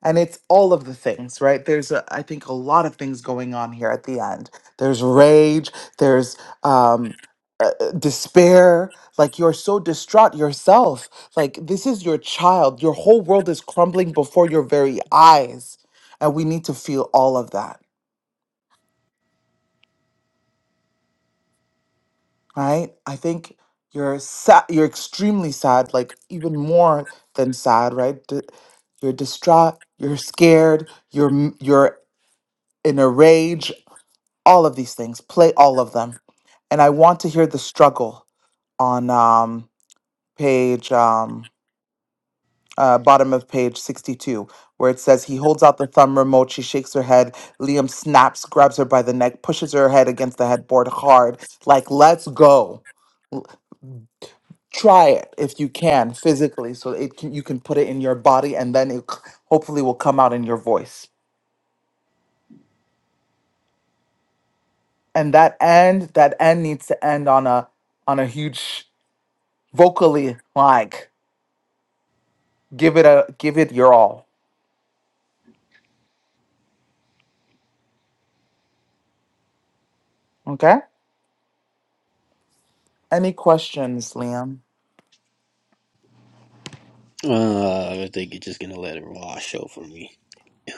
S1: and it's all of the things right there's a, i think a lot of things going on here at the end there's rage there's um uh, uh, despair like you're so distraught yourself like this is your child your whole world is crumbling before your very eyes and we need to feel all of that right i think you're sad you're extremely sad like even more than sad right D- you're distraught you're scared you're m- you're in a rage all of these things play all of them and i want to hear the struggle on um page um uh, bottom of page 62 where it says he holds out the thumb remote she shakes her head liam snaps grabs her by the neck pushes her head against the headboard hard like let's go L- try it if you can physically so it can, you can put it in your body and then it c- hopefully will come out in your voice and that end that end needs to end on a on a huge vocally like give it a give it your all. Okay. Any questions, Liam?
S10: uh, I think you're just gonna let it wash over me.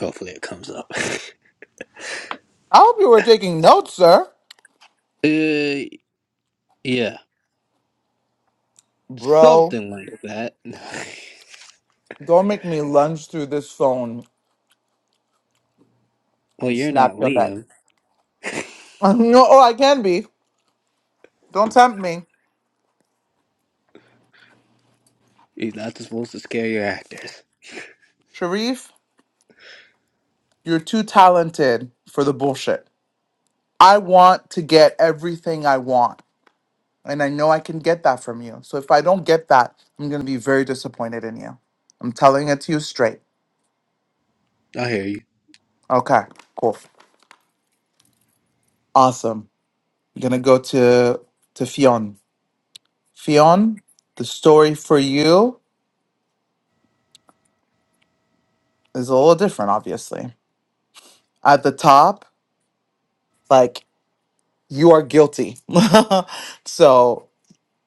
S10: Hopefully, it comes up.
S1: I hope you were taking notes, sir.
S10: uh, yeah,
S1: Bro,
S10: something like that.
S1: don't make me lunge through this phone
S10: well,
S1: and
S10: you're
S1: snap
S10: not
S1: your neck.
S10: Liam.
S1: no, oh, I can be. Don't tempt me.
S10: You're not supposed to scare your actors.
S1: Sharif, you're too talented for the bullshit. I want to get everything I want. And I know I can get that from you. So if I don't get that, I'm going to be very disappointed in you. I'm telling it to you straight.
S10: I hear you.
S1: Okay, cool. Awesome. We're gonna go to to Fionn. Fionn, the story for you is a little different, obviously. At the top, like you are guilty, so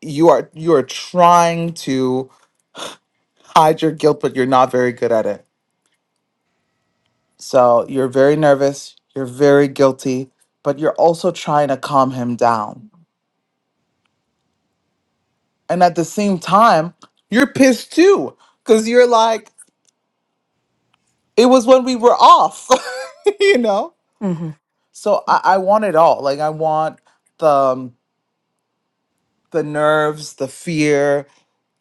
S1: you are you are trying to hide your guilt, but you're not very good at it. So you're very nervous. You're very guilty, but you're also trying to calm him down. And at the same time, you're pissed too, because you're like, it was when we were off, you know?
S8: Mm-hmm.
S1: So I, I want it all. Like I want the um, the nerves, the fear,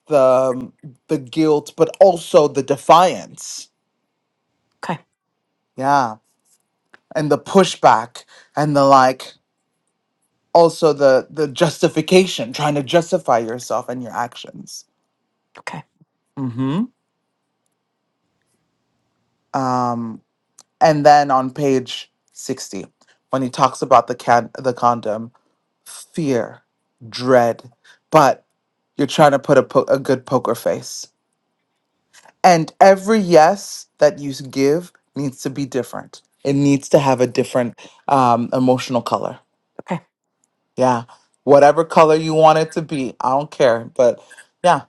S1: the um, the guilt, but also the defiance.
S8: Okay.
S1: Yeah, and the pushback, and the like. Also the the justification, trying to justify yourself and your actions.
S8: Okay.
S1: Mm-hmm. Um, and then on page sixty, when he talks about the can the condom, fear, dread, but you're trying to put a po- a good poker face And every yes that you give needs to be different. It needs to have a different um, emotional color.
S8: Okay.
S1: Yeah. Whatever color you want it to be. I don't care. But yeah,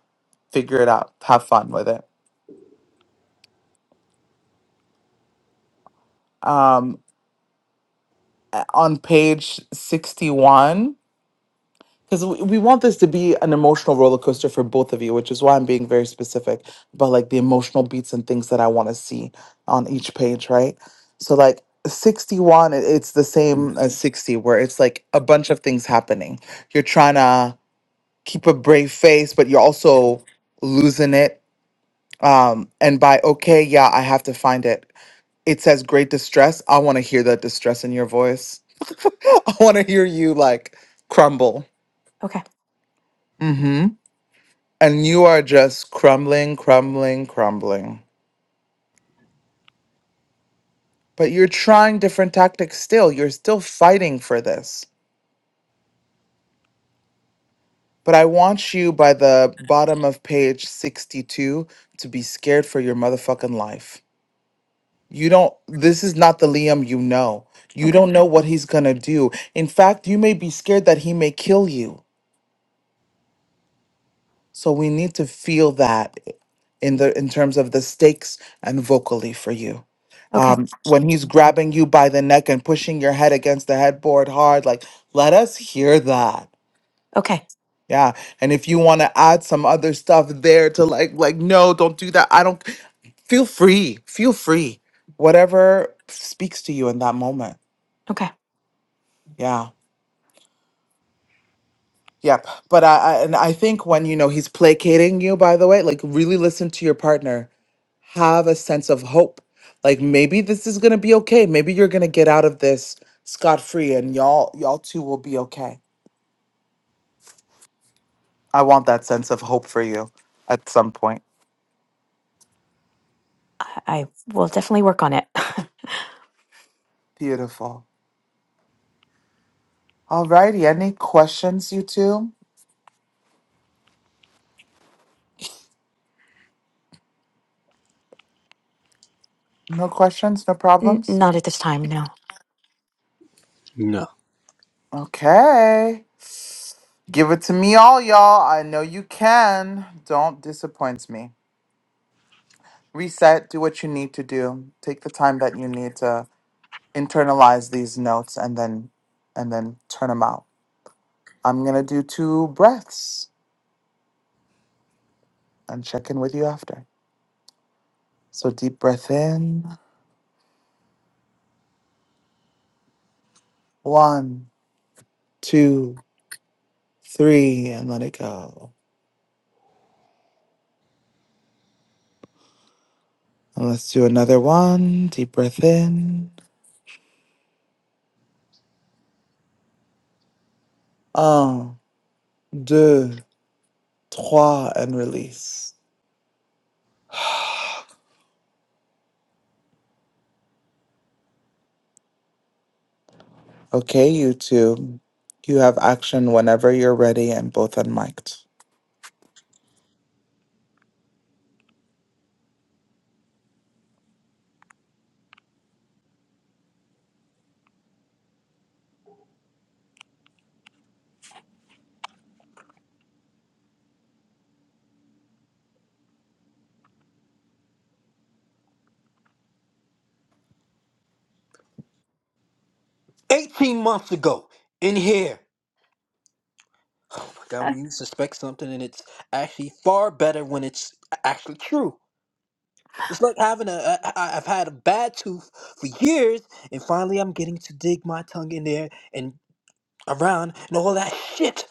S1: figure it out. Have fun with it. Um, on page 61, because we we want this to be an emotional roller coaster for both of you, which is why I'm being very specific about like the emotional beats and things that I want to see on each page, right? So like 61, it- it's the same as 60, where it's like a bunch of things happening. You're trying to keep a brave face, but you're also losing it. Um, and by okay, yeah, I have to find it. It says great distress. I want to hear that distress in your voice. I want to hear you like crumble.
S8: Okay.
S1: Mm-hmm. and you are just crumbling, crumbling, crumbling. But you're trying different tactics still. You're still fighting for this. But I want you by the bottom of page 62 to be scared for your motherfucking life. You don't, this is not the Liam you know. You
S8: Okay.
S1: don't know what he's gonna do. In fact, you may be scared that he may kill you. So we need to feel that in the in terms of the stakes and vocally for you.
S8: Okay.
S1: Um, when he's grabbing you by the neck and pushing your head against the headboard hard, like let us hear that.
S8: Okay.
S1: Yeah. And if you want to add some other stuff there to like like no, don't do that. I don't feel free. Feel free. Whatever speaks to you in that moment.
S8: Okay.
S1: yeah. Yep. But I, I and I think when you know he's placating you, by the way, like really listen to your partner. Have a sense of hope. Like maybe this is gonna be okay. Maybe you're gonna get out of this scot free and y'all y'all two will be okay. I want that sense of hope for you at some point.
S8: I will definitely work on it.
S1: Beautiful. Alrighty, any questions, you two? No questions, no
S8: N-
S1: problems?
S8: not at this time, no.
S10: No.
S1: Okay. Give it to me all, y'all. I know you can. Don't disappoint me. reset, do what you need to do, take the time that you need to internalize these notes and then and then turn them out. I'm going to do two breaths and check in with you after. So deep breath in. One, two, three, and let it go. And let's do another one. Deep breath in. Un, deux, trois, and release. Okay, YouTube. You have action whenever you're ready and both unmiked.
S10: 18 months ago in here. Oh my god, when you suspect something and it's actually far better when it's actually true. It's like having a, a I- I've had a bad tooth for years and finally I'm getting to dig my tongue in there and around and all that shit.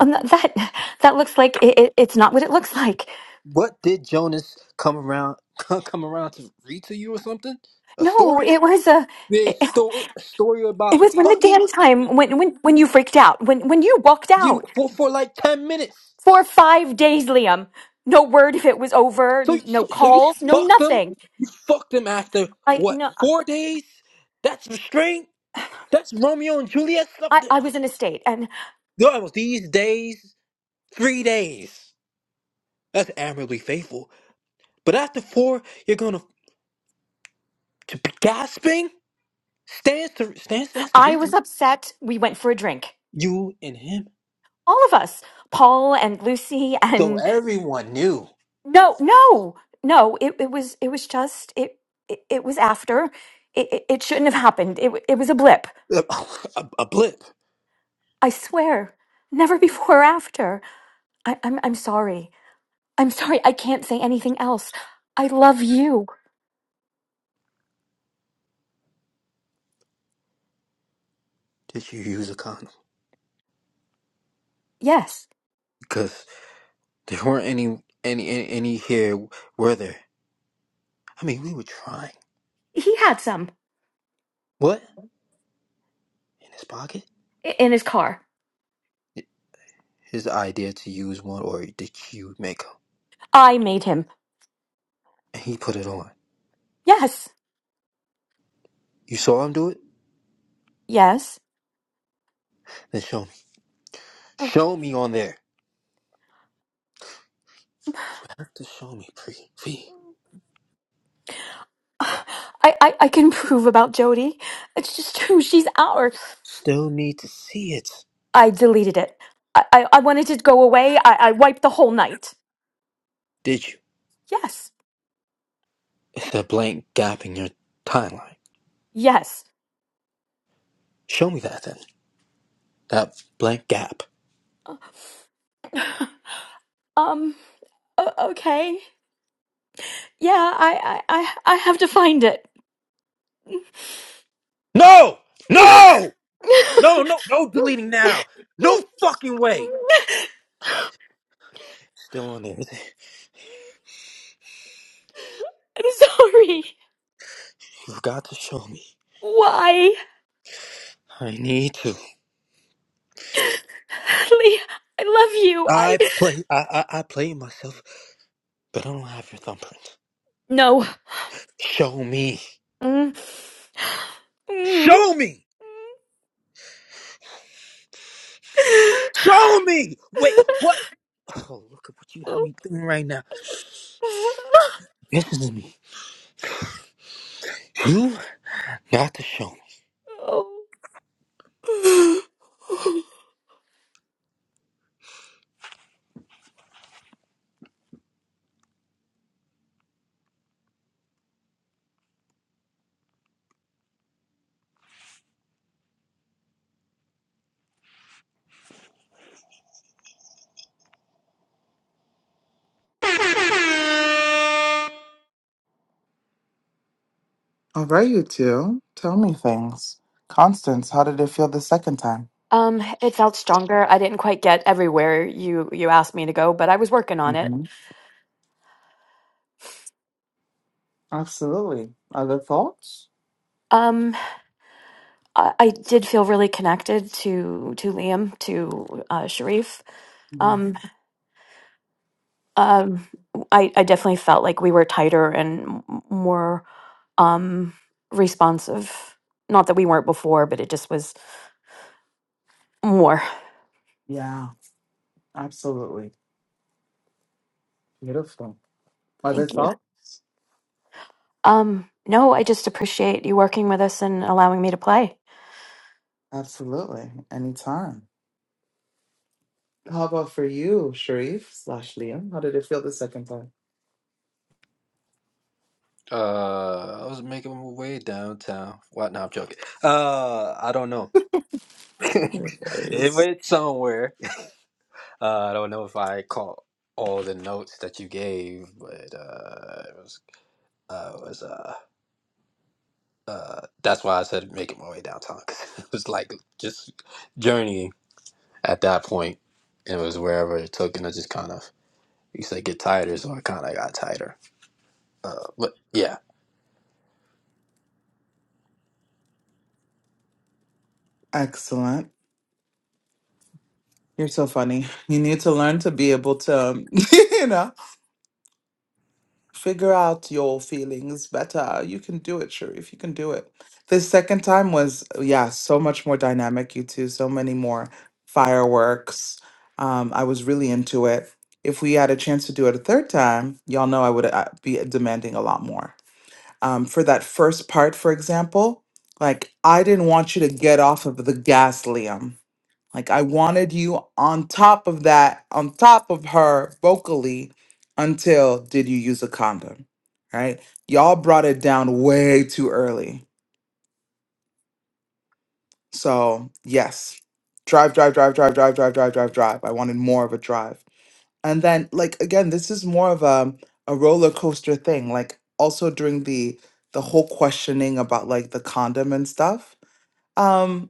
S8: Um, th- that that looks like it, it, it's not what it looks like.
S10: What did Jonas come around come around to read to you or something? A
S8: No,
S10: story?
S8: it was a
S10: Yeah, A
S8: it,
S10: story, A story
S8: it
S10: about
S8: was when the
S10: fucking
S8: damn time when when when you freaked out when when you walked
S10: you
S8: out
S10: for, for like 10 minutes.
S8: for five days, Liam. No word if it was over.
S10: So,
S8: n- No
S10: so, so you
S8: calls. No
S10: fucked them.
S8: nothing.
S10: You fucked them after
S8: I
S10: what?
S8: no.
S10: Four days? That's restraint. That's Romeo and Juliet stuff.
S8: I,
S10: Th-
S8: I was in a state and
S10: Yo, these days, three days. That's admirably faithful. But after four, you're gonna to be gasping. Stands to stands stands to
S8: I was
S10: reason.
S8: upset. We went for a drink.
S10: You and him.
S8: All of us, Paul and Lucy
S10: So
S8: and
S10: everyone knew
S8: no, no, no. It, it was it was just it it, it was after. It, it, it shouldn't have happened. It, w- it was a blip.
S10: a, a, a blip.
S8: I swear, never before or after. I, I'm, I'm sorry. I'm sorry. I can't say anything else. I love you.
S10: Did you use a condom?
S8: Yes.
S10: Because there weren't any any any any here, were there? I mean, we were trying.
S8: He had some
S10: What in his pocket?
S8: i- in his car.
S10: his idea to use one or the cube maker.
S8: I made him.
S10: And he put it on.
S8: Yes.
S10: You saw him do it?
S8: Yes.
S10: Then show me.
S8: Um,
S10: Show me on there. You have to show me, Pre. V.
S8: I, I, I can prove about Jody. It's just true. She's ours.
S10: Still need to see it.
S8: I deleted it. I, I, I wanted it to go away. I, I wiped the whole night.
S10: Did you?
S8: Yes.
S10: It's a blank gap in your timeline.
S8: Yes.
S10: Show me that then. That blank gap.
S8: Uh, Um, o- okay. Yeah, I, I, I, I have to find it.
S10: No! No! No, no, no
S8: I'm
S10: deleting now. No fucking way. Still on there.
S8: sorry.
S10: You've got to show me.
S8: Why?
S10: I need to.
S8: Lee, I love you. I.
S10: I play I I, I play myself, but I don't have your thumbprint.
S8: No.
S10: Show me.
S8: Mm. Mm.
S10: Show me. Show me. Wait, what? Oh, look at what you have me doing right now. Listen to me. You got to show me.
S1: All right, you two. Tell me things. Constance, how did it feel the second time?
S8: Um, it felt stronger. I didn't quite get everywhere you you asked me to go, but I was working on it.
S1: hmm Absolutely. Other thoughts?
S8: Um, I, I did feel really connected to to Liam, to uh, Sharif. Um,
S1: hmm
S8: Um, I I definitely felt like we were tighter and m- more um, responsive. Not that we weren't before, but it just was more.
S1: Yeah, absolutely. Beautiful. Other
S8: Thank you.
S1: thoughts?
S8: Um, no, I just appreciate you working with us and allowing me to play.
S1: Absolutely. Anytime. How about for you, Sharif slash Liam? How did it feel the second time?
S10: Uh, I was making my way downtown. What? No, I'm joking. Uh, I don't know. if
S1: Yes.
S10: it's somewhere, uh, I don't know if I caught all the notes that you gave, but uh, it was, uh, it was uh, uh, that's why I said making my way downtown 'cause it was like just journeying at that point. It was wherever it took, and I just kind of You said get tighter, so I kind of got tighter. Uh, but yeah,
S1: Excellent. You're so funny. You need to learn to be able to, you know. figure out your feelings better. You can do it, Sharif. You can do it. The second time was, yeah, so much more dynamic, you two, so many more fireworks. Um, I was really into it. If we had a chance to do it a third time, y'all know I would uh, be demanding a lot more. Um, for that first part, for example, like I didn't want you to get off of the gas, Liam. Like I wanted you on top of that, on top of her vocally until did you use a condom? Right? Y'all brought it down way too early. So, yes. Drive, drive, drive, drive, drive, drive, drive, drive, drive. I wanted more of a drive. And then like again, this is more of a a roller coaster thing. Like also during the the whole questioning about like the condom and stuff. Um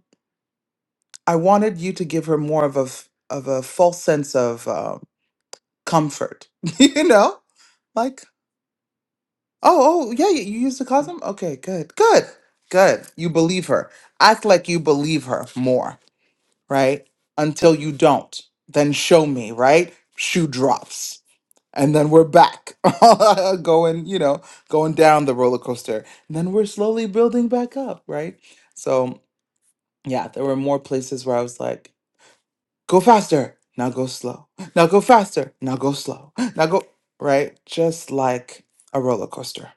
S1: I wanted you to give her more of a f- of a false sense of uh, comfort. you know? Like, oh, oh, yeah, you you use the cosm? Okay, good, good, good. You believe her. Act like you believe her more, right? Until you don't. Then show me, right? Shoe drops. And then we're back going, you know, going down the roller coaster. And then we're slowly building back up, right? So, yeah, there were more places where I was like, Go faster. Now go slow. Now go faster. Now go slow. Now go right, just like a roller coaster.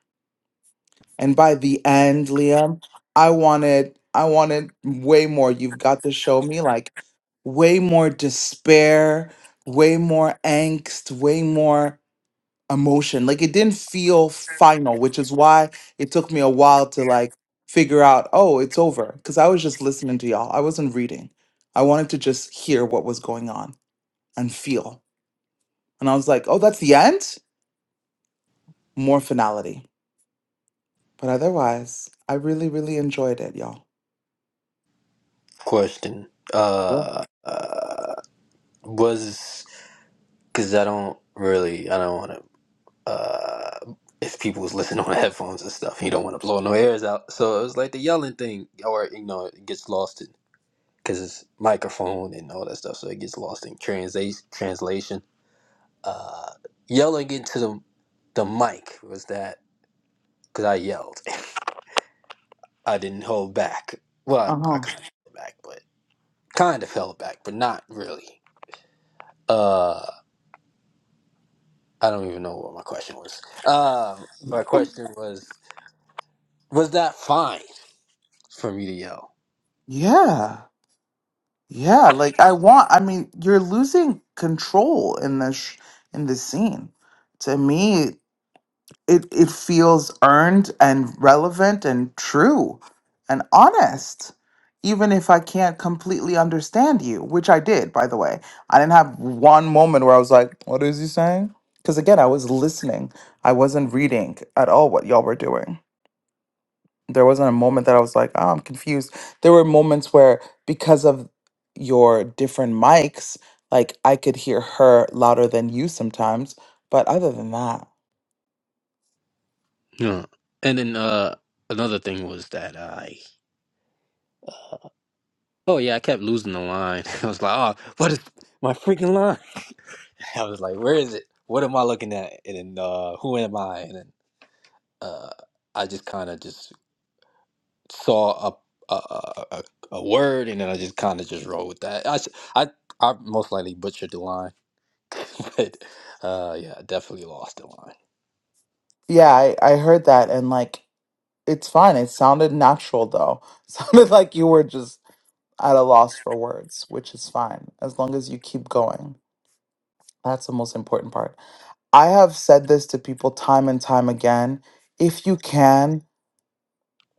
S1: And by the end, Liam, I wanted I wanted way more. You've got to show me like way more despair, way more angst, way more emotion. Like it didn't feel final, which is why it took me a while to like figure out, oh, it's over. Cause I was just listening to y'all. I wasn't reading. I wanted to just hear what was going on and feel. And I was like, oh, that's the end? More finality. But otherwise, I really, really enjoyed it, y'all.
S10: question.
S1: Yeah.
S10: Uh, uh was because I don't really, I don't want to. Uh, if people was listening on headphones and stuff, you don't want to blow no airs out. So it was like the yelling thing, or you know, it gets lost in because it's microphone and all that stuff, so it gets lost in translation. Translation. Uh, yelling into the the mic was that because I yelled. I didn't hold back.
S1: Uh
S10: Well, I
S1: huh.
S10: kind of held back, kind of fell back, but not really. Uh, I don't even know what my question was. Um, my question was, was that fine for me to yell?
S1: Yeah. Yeah. Like, I want, I mean, you're losing control in this, sh- in this scene. To me, it it feels earned and relevant and true and honest even if i can't completely understand you which i did by the way i didn't have one moment where i was like what is he saying because again i was listening i wasn't reading at all what y'all were doing there wasn't a moment that i was like oh i'm confused there were moments where because of your different mics like i could hear her louder than you sometimes but other than that
S10: Yeah. And then uh, another thing was that I, oh yeah, I kept losing the line. I was like, oh, what is my freaking line? I was like, where is it? What am I looking at? And then uh, who am I? And then uh, I just kind of just saw a, a a a a word, and then I just kind of just rolled with that. I s- I I most likely butchered the line but uh, yeah, definitely lost the line.
S1: Yeah, I, I heard that and like it's fine. It sounded natural though. Sounded like you were just at a loss for words, which is fine as long as you keep going. That's the most important part. I have said this to people time and time again. If you can,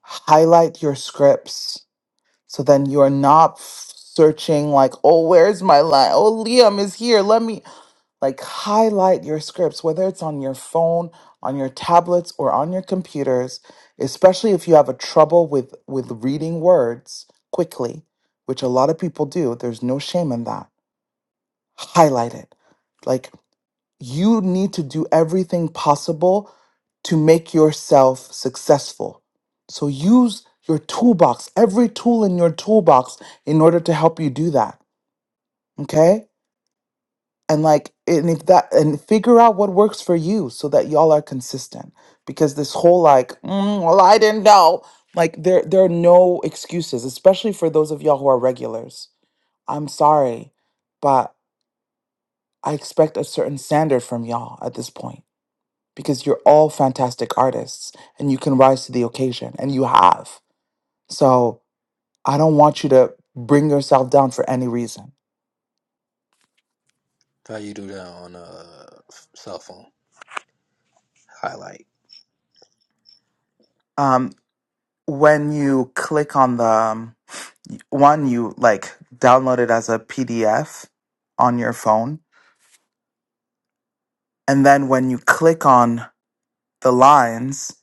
S1: highlight your scripts. So then you're not f- searching like, oh, where's my line? Oh, Liam is here. Let me like highlight your scripts, whether it's on your phone, on your tablets, or on your computers, especially if you have a trouble with with reading words quickly, which a lot of people do. There's no shame in that. Highlight it. like you need to do everything possible to make yourself successful. So use your toolbox, every tool in your toolbox in order to help you do that. Okay? And like and if that and figure out what works for you so that y'all are consistent. Because this whole like, "Mm, well, I didn't know. Like there there are no excuses, especially for those of y'all who are regulars. I'm sorry, but I expect a certain standard from y'all at this point because you're all fantastic artists and you can rise to the occasion and you have. So I don't want you to bring yourself down for any reason.
S10: How you do that on a cell phone highlight?
S1: Um, when you click on the um, one, you like download it as a PDF on your phone. And then when you click on the lines,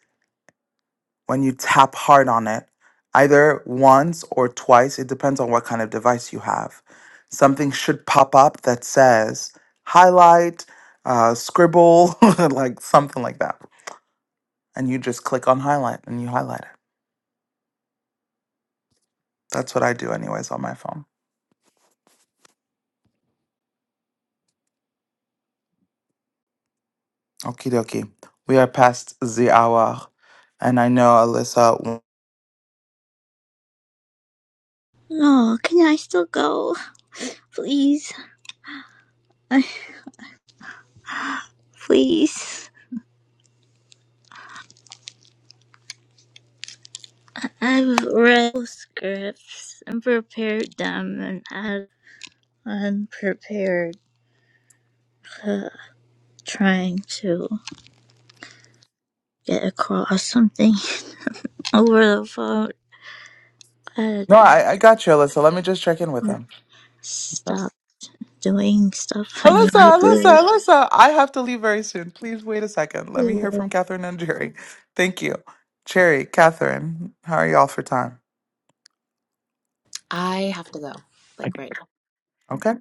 S1: when you tap hard on it, either once or twice, it depends on what kind of device you have. Something should pop up that says highlight, uh, scribble, like something like that. And you just click on highlight and you highlight it. That's what I do, anyways, on my phone. Okie dokie. We are past the hour. And I know Alyssa.
S11: Oh, can I still go? Please, please. I've read those scripts and prepared them and I'm unprepared uh, trying to get across something over the phone. I had
S1: No, I, I got you, Alyssa. Let me just check in with them. Okay.
S11: stop doing stuff I need
S1: Alyssa,
S11: to do.
S1: Alyssa, Alyssa, I have to leave very soon. Please wait a second. Let me hear from
S11: Okay.
S1: Catherine and Jerry. Thank you. Jerry, Catherine, how are y'all for time?
S3: I have to go,
S2: I,
S3: like right
S1: Okay,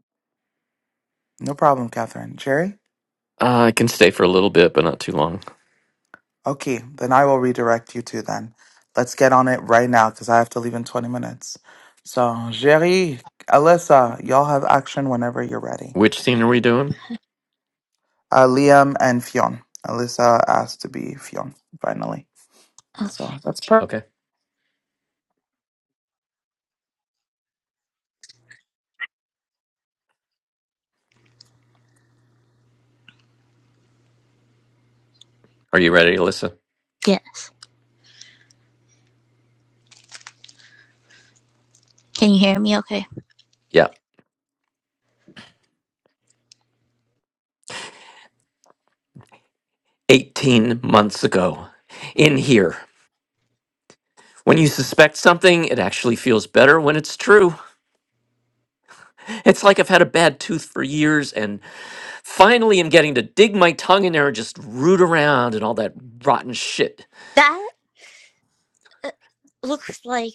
S1: no problem, Catherine. Jerry?
S2: uh, I can stay for a little bit, but not too long.
S1: Okay, then I will redirect you two then. Let's get on it right now because I have to leave in 20 minutes. So, Jerry, Alyssa, y'all have action whenever you're ready.
S2: Which scene are we doing?
S1: Uh, Liam and Fionn. Alyssa asked to be Fionn, finally. So that's perfect.
S2: Okay. Are you ready, Alyssa?
S11: Yes. Can you hear me okay?
S2: Yeah. 18 months ago. In here. When you suspect something, it actually feels better when it's true. It's like I've had a bad tooth for years and finally i am getting to dig my tongue in there and just root around and all that rotten shit.
S11: That uh, looks like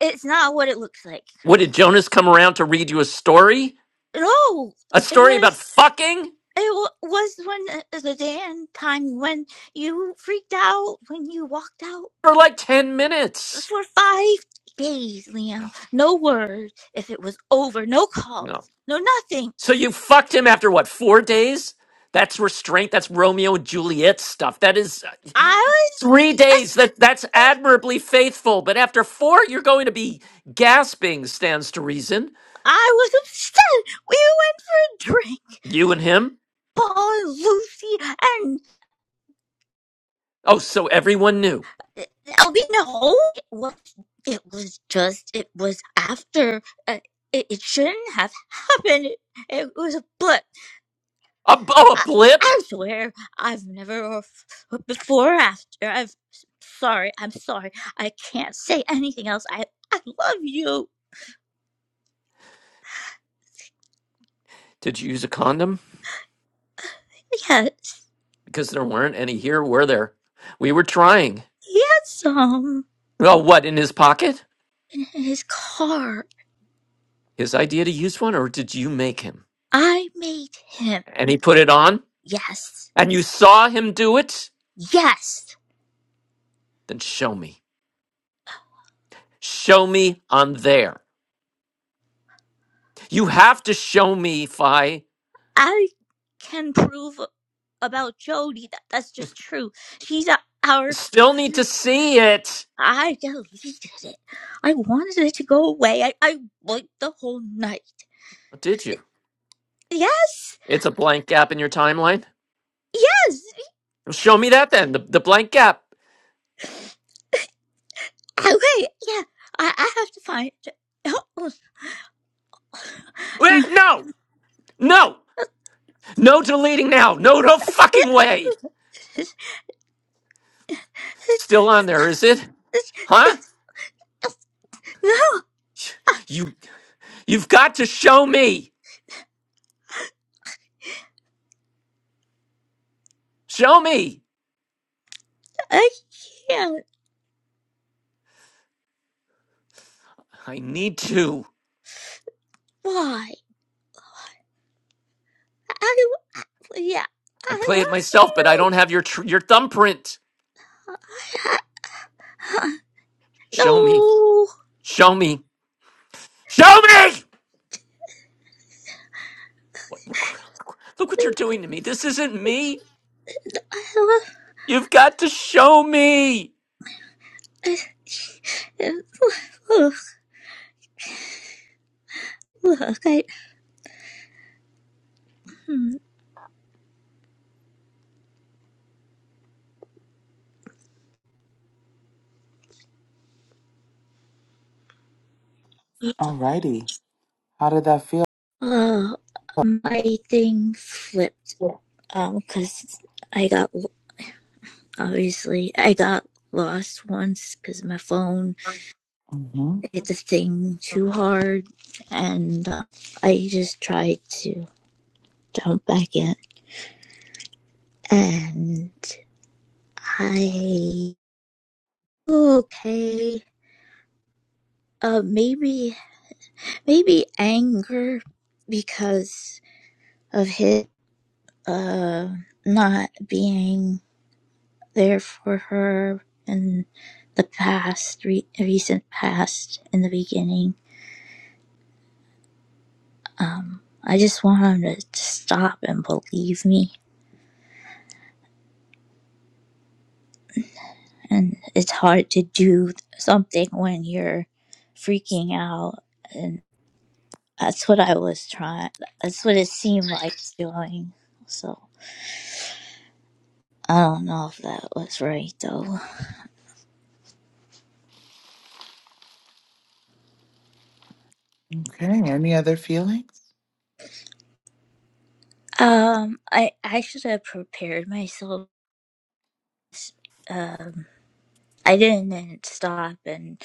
S11: it's not what it looks like.
S2: What did Jonas come around to read you a story?
S11: No,
S2: A
S11: it
S2: story about
S11: was.
S2: fucking?
S11: It was when uh, the Dan time when you freaked out when you walked out
S2: For like 10 minutes.
S11: for five days,
S2: Ugh,
S11: Liam. No word if it was over. No
S2: No.
S11: calls. No nothing.
S2: So you fucked him after what, four days? That's restraint. That's Romeo and Juliet stuff. That is uh,
S11: I was,
S2: three days.
S11: us-
S2: That that's admirably faithful. But after four, you're going to be gasping. Stands to reason.
S11: I was upset. We went for a drink.
S2: You and him.
S11: Paul and Lucy and
S2: Oh, so everyone knew.
S11: Albino. It was, it was just. It was after. Uh, it, it shouldn't have happened. It, it was a blip.
S2: A, b- oh, a
S11: I,
S2: blip?
S11: I swear I've never or f- before or after. I've sorry. I'm sorry. I can't say anything else. I I love you.
S2: Did you use a condom?
S11: Yes,
S2: Because there weren't any here, were there? We were trying.
S11: he had some
S2: Oh, what, in his pocket?
S11: in his car.
S2: His idea to use one, or did you make him?
S11: I made him.
S2: And he put it on?
S11: Yes,
S2: And you saw him do it?
S11: yes.
S2: Then show me. Show me on there. You have to show me, Fi. I
S11: I can prove about Jody that that's just true. She's a, our f-
S2: still need to
S11: friend.
S2: see it.
S11: I deleted it. I wanted it to go away. I, I wiped the whole night.
S2: Oh, Did you?
S11: Yes.
S2: It's a blank gap in your timeline?
S11: Yes.
S2: Well, Show me that then, the, the blank gap.
S11: Oh wait, yeah, I, I have to find. Oh,
S2: Wait,
S11: yeah.
S2: no! No! No deleting now! No, no fucking way! Still on there, is it? Huh?
S11: no,
S2: You you've got to show me. Show me.
S11: I can't.
S2: I need to.
S11: Why? I yeah,
S2: I'd
S11: I
S2: play it myself, but I
S11: love
S2: don't have your tr- your thumbprint.
S11: you.
S2: Show me.
S11: No,
S2: Show me. Show me. What, look what you're doing to me. This isn't me.
S11: I
S2: You've got to show me.
S11: love. Look, I hmm.
S1: Alrighty, How did that feel?
S11: oh, my thing flipped. Um, cause I got obviously I got lost once because my phone
S1: hmm
S11: it's a thing too hard and uh, i just tried to jump back in and i okay uh maybe maybe anger because of his uh not being there for her in the past re- recent past in the beginning um i just want him to stop and believe me and it's hard to do something when you're freaking out and that's what i was trying that's what it seemed like doing so i don't know if that was right though
S1: Okay. Any other feelings?
S11: um i i should have prepared myself um i didn't stop and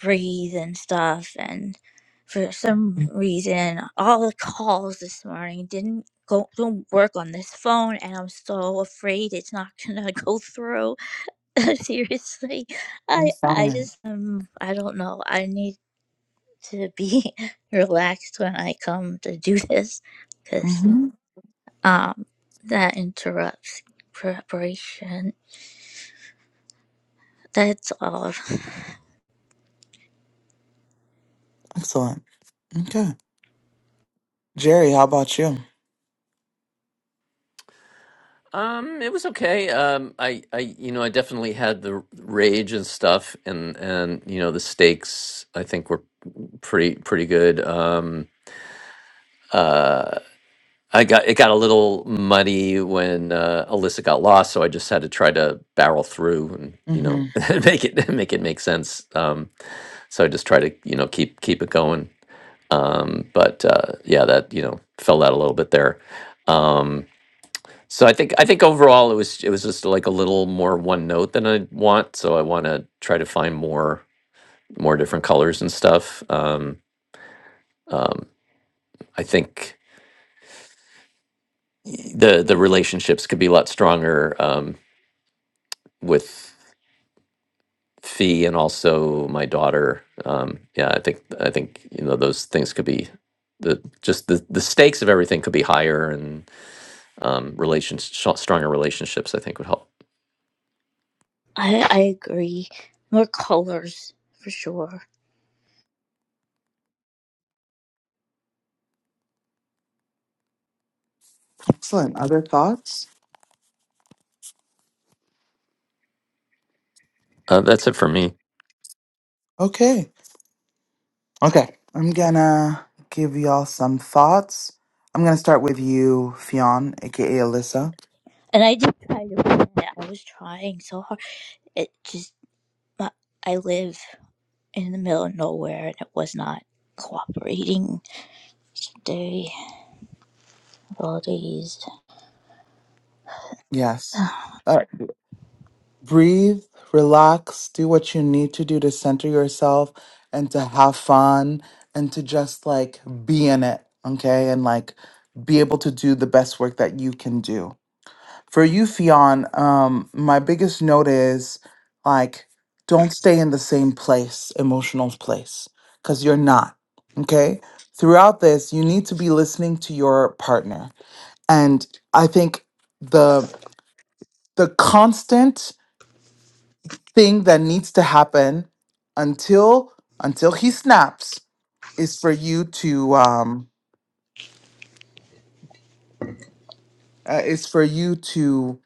S11: breathe and stuff and for some reason all the calls this morning didn't go don't work on this phone and i'm so afraid it's not gonna go through Seriously, I I
S1: Fine.
S11: just um I don't know. I need to be relaxed when I come to do this because
S1: Mm-hmm.
S11: um that interrupts preparation. That's all.
S1: Excellent. Okay. Jerry, how about you?
S2: Um, it was okay. Um, I, I, you know, I definitely had the rage and stuff, and and you know, the stakes I think were pretty pretty good. Um, uh, I got it got a little muddy when uh, Alyssa got lost, so I just had to try to barrel through and you know
S1: Mm-hmm.
S2: make it make it make sense. Um, so I just try to you know keep keep it going. Um, but uh, yeah, that you know fell out a little bit there. Um, so I think I think overall it was it was just like a little more one note than I want. So I want to try to find more more different colors and stuff. Um, um, I think the the relationships could be a lot stronger um, with fee and also my daughter. Um, yeah, I think I think you know those things could be the just the the stakes of everything could be higher and um, relations sh- stronger relationships. I think would help.
S11: I I agree. More colors for sure.
S1: Excellent. Other thoughts?
S2: Uh, that's it for me.
S1: Okay. Okay, I'm gonna give y'all some thoughts. I'm gonna start with you, Fionn, aka Alyssa.
S11: And I did try to plan it. I was trying so hard. It just my- I live in the middle of nowhere and it was not cooperating. The abilities.
S1: Yes. All right breathe, relax, do what you need to do to center yourself and to have fun and to just like be in it, okay? And like be able to do the best work that you can do. For you, Fionn, um, my biggest note is like, don't stay in the same place, emotional place, because you're not, okay? Throughout this, you need to be listening to your partner. And I think the the constant thing that needs to happen until until he snaps is for you to um uh, is for you to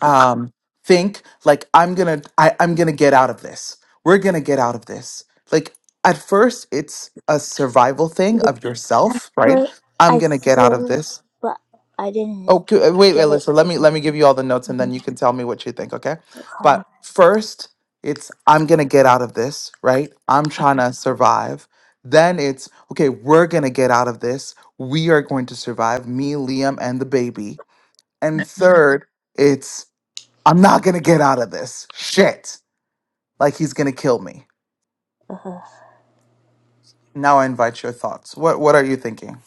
S1: um think like i'm gonna I, i'm gonna get out of this we're gonna get out of this like at first it's a survival thing of yourself right
S11: But
S1: i'm
S11: I
S1: gonna get out of
S11: feel,
S1: this
S11: but I didn't
S1: Okay, uh, wait, wait,
S11: get it.
S1: listen. Let me let me give you all the notes, and then you can tell me what you think. Okay,
S11: Okay.
S1: but first, it's I'm gonna get out of this, right? I'm trying to survive. Then it's okay. We're gonna get out of this. We are going to survive. Me, Liam, and the baby. And third, it's I'm not gonna get out of this. Shit, like he's gonna kill me.
S11: uh
S1: Now I invite your thoughts. What What are you thinking?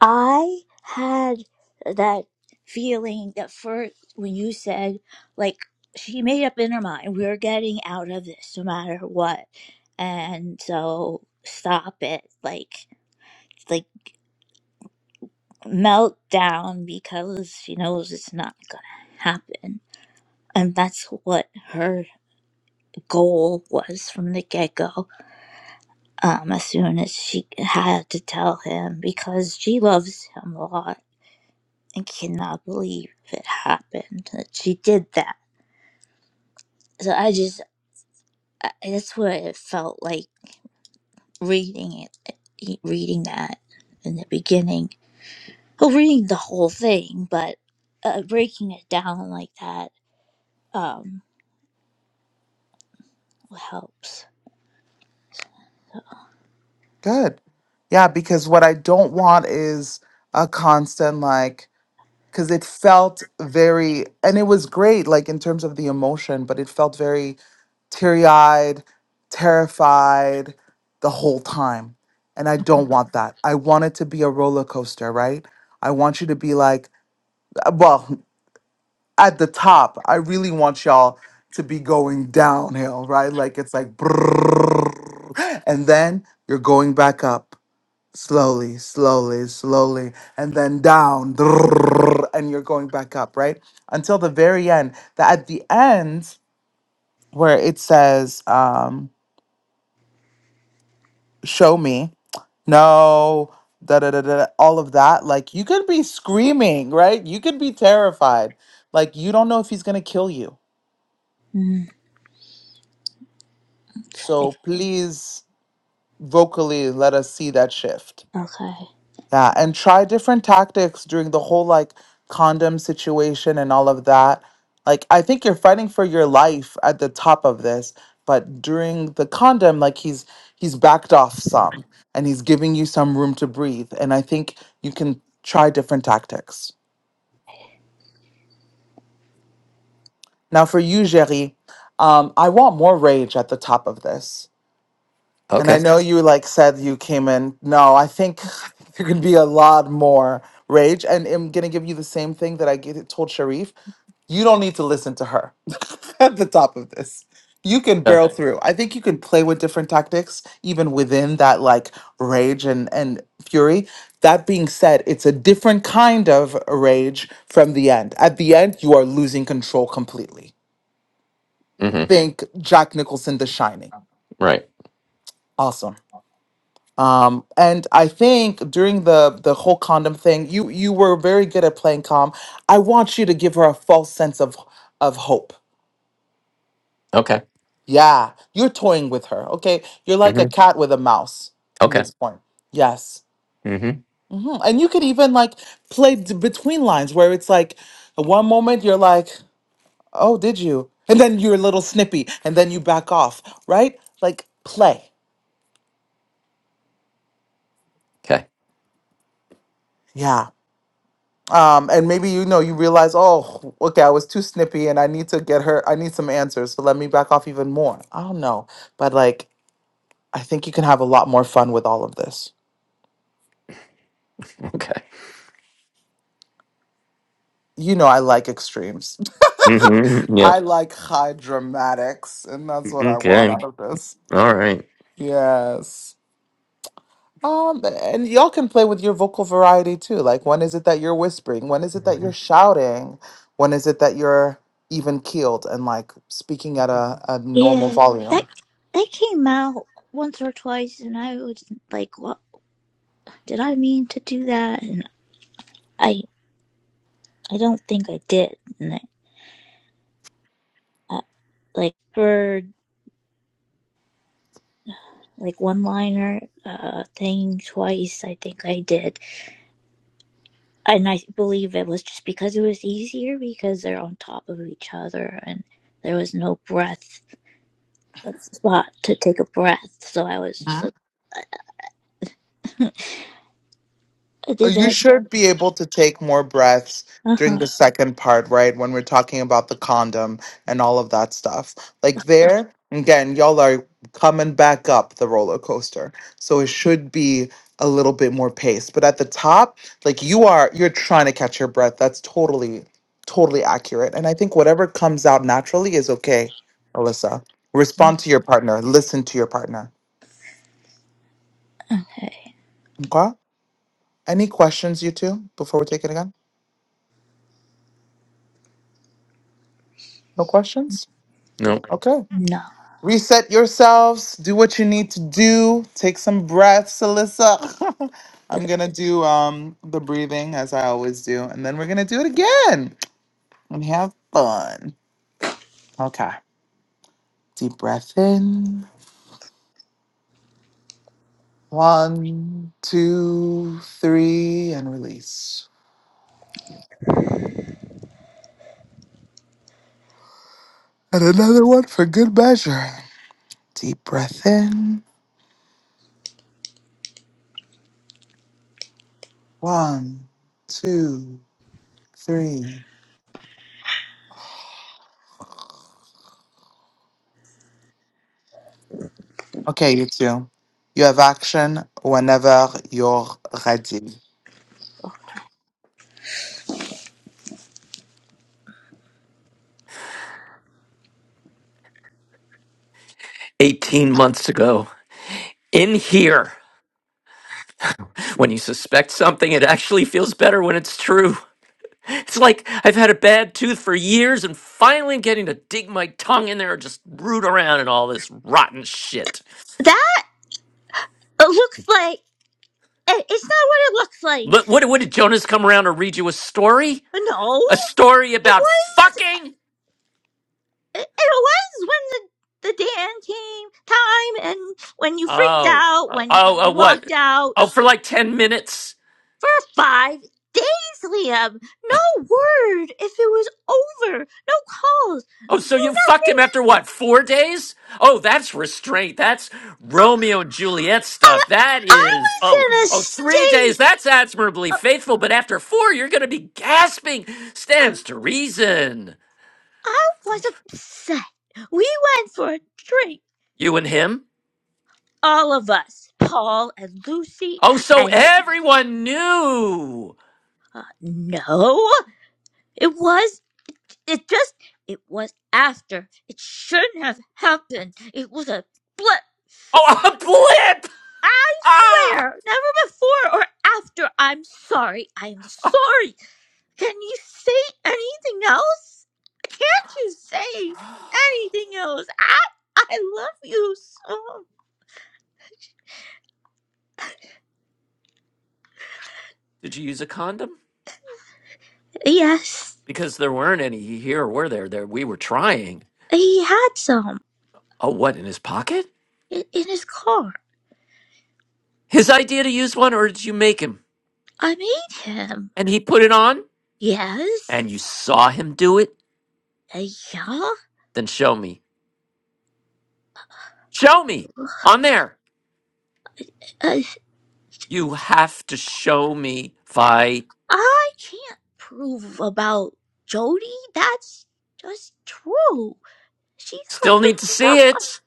S11: I had that feeling that first when you said, like, she made up in her mind, we're getting out of this no matter what. And so stop it. Like, like melt down because she knows it's not going to happen. And that's what her goal was from the get go. um, as soon as she had to tell him because she loves him a lot and cannot believe it happened that she did that. So I just I, that's what it felt like reading it, reading that in the beginning. Well, reading the whole thing, but uh, breaking it down like that um, helps.
S1: Good. Yeah, because what I don't want is a constant like. because it felt very and it was great like in terms of the emotion but it felt very teary-eyed terrified the whole time and i don't want that i want it to be a roller coaster right i want you to be like uh, well at the top i really want y'all to be going downhill right like it's like brrrr, and then you're going back up slowly, slowly, slowly, and then down, drrrr, and you're going back up, right? Until the very end. That at the end where it says, um, "Show me," no, da da da da, all of that. Like you could be screaming, right? You could be terrified. Like you don't know if he's gonna kill you.
S11: Mm, okay.
S1: So please, vocally, let us see that shift.
S11: Okay.
S1: that and try different tactics during the whole like condom situation and all of that. Like I think you're fighting for your life at the top of this, but during the condom like he's he's backed off some and he's giving you some room to breathe and I think you can try different tactics. Now for you, Jerry, um I want more rage at the top of this. And
S2: Okay.
S1: I know you like said you came in. No, I think there could be a lot more rage. And I'm gonna give you the same thing that I g- told Sharif. You don't need to listen to her at the top of this. You can
S2: Okay.
S1: barrel Right. through. I think you can play with different tactics, even within that like rage and and fury. That being said, it's a different kind of rage from the end. At the end, you are losing control completely.
S2: Mm-hmm.
S1: Think Jack Nicholson, The Shining.
S2: Right.
S1: Awesome. Um, and I think during the the whole condom thing, you you were very good at playing calm. I want you to give her a false sense of of hope.
S2: Okay.
S1: Yeah, you're toying with her. Okay, you're like a
S2: Mm-hmm.
S1: cat with a mouse at
S2: Okay.
S1: this point. Yes,
S2: Mm-hmm.
S1: Mhm. and you could even like play d- between lines where it's like one moment you're like, "Oh, did you?" and then you're a little snippy, and then you back off. Right? Like play.
S2: Okay.
S1: Yeah. um, and maybe you know you realize oh okay i was too snippy and i need to get her i need some answers so let me back off even more i don't know but like i think you can have a lot more fun with all of this
S2: Okay.
S1: you know i like extremes
S2: Mm-hmm. Yep.
S1: i like high dramatics and that's what i want
S2: Okay.
S1: out of this
S2: All right.
S1: yes um and y'all can play with your vocal variety too like when is it that you're whispering when is it that you're
S2: Mhm.
S1: shouting when is it that you're even keeled and like speaking at a, a normal
S11: Yeah, that
S1: volume
S11: that came out once or twice, and I was like, "What?" did I mean to do that? And I I don't think I did. And I, I like for like one liner uh thing twice I think I did. And I believe it was just because it was easier because they're on top of each other and there was no breath uh, spot to take a breath. So I was just like I
S1: Oh,
S11: did
S1: You
S11: that.
S1: should be able to take more breaths during
S11: Uh-huh.
S1: the second part, right? When we're talking about the condom and all of that stuff. Like there, again, y'all are coming back up the roller coaster. So it should be a little bit more pace. But at the top, like you are, you're trying to catch your breath. That's totally, totally accurate. And I think whatever comes out naturally is okay, Alyssa. Respond to your partner, listen to your partner.
S11: Okay.
S1: Okay? Any questions, you two, before we take it again? No questions?
S2: No.
S1: Okay.
S11: No.
S1: Reset yourselves. Do what you need to do. Take some breaths, Alyssa. I'm gonna do um the breathing as I always do, and then we're gonna do it again and have fun. Okay. Deep breath in. One, two, three, and release. And another one for good measure. Deep breath in. One, two, three. Okay, you two. You have action whenever you're ready.
S2: 18 months ago in here. When you suspect something, it actually feels better when it's true. It's like I've had a bad tooth for years and finally I'm getting to dig my tongue in there and just root around in all this rotten shit.
S11: That looks like it's not what it looks like.
S2: What, what, what did Jonas come around to read you a story?
S11: No,
S2: A story
S11: it
S2: about
S11: was.
S2: fucking?
S11: It, it was when the, the Dan came time and when you
S2: Uh,
S11: freaked out, when
S2: oh,
S11: you walked out
S2: oh,
S11: for five days, Liam. No word if it was over. No calls.
S2: oh, so you fucked him after what, four days? Oh, that's right. That's Romeo
S11: I, I
S2: is
S11: was in a state.
S2: that's admirably
S11: Uh,
S2: faithful, but after four, you're going to be gasping.
S11: uh,
S2: Stands to reason.
S11: I was upset. We went for a drink,
S2: You and him?
S11: all of us, Paul and Lucy,
S2: Oh, so
S11: and
S2: everyone knew.
S11: uh, no, it was It just, it was after. It shouldn't have happened. It was a
S2: Oh,
S11: blip.
S2: a blip!
S11: I
S2: Ah!
S11: swear, never before or after. I'm sorry. I'm sorry. Can you say anything else? Can't you say anything else? I, I love you so.
S2: Did you use a condom?
S11: Yes,
S2: Because there weren't any here, were there? There we were trying.
S11: he had some
S2: Oh, what in his pocket?
S11: in, in his car.
S2: His idea to use one, or did you make him?
S11: I made him.
S2: And he put it on,
S11: Yes.
S2: and you saw him do it.
S11: Uh, yeah.
S2: Then show me. Show me on there.
S11: Uh,
S2: You have to show me. Fi
S11: I can't prove about Jody. That's just true. She threw
S2: still need
S11: her
S2: to see
S11: stuff.
S2: it.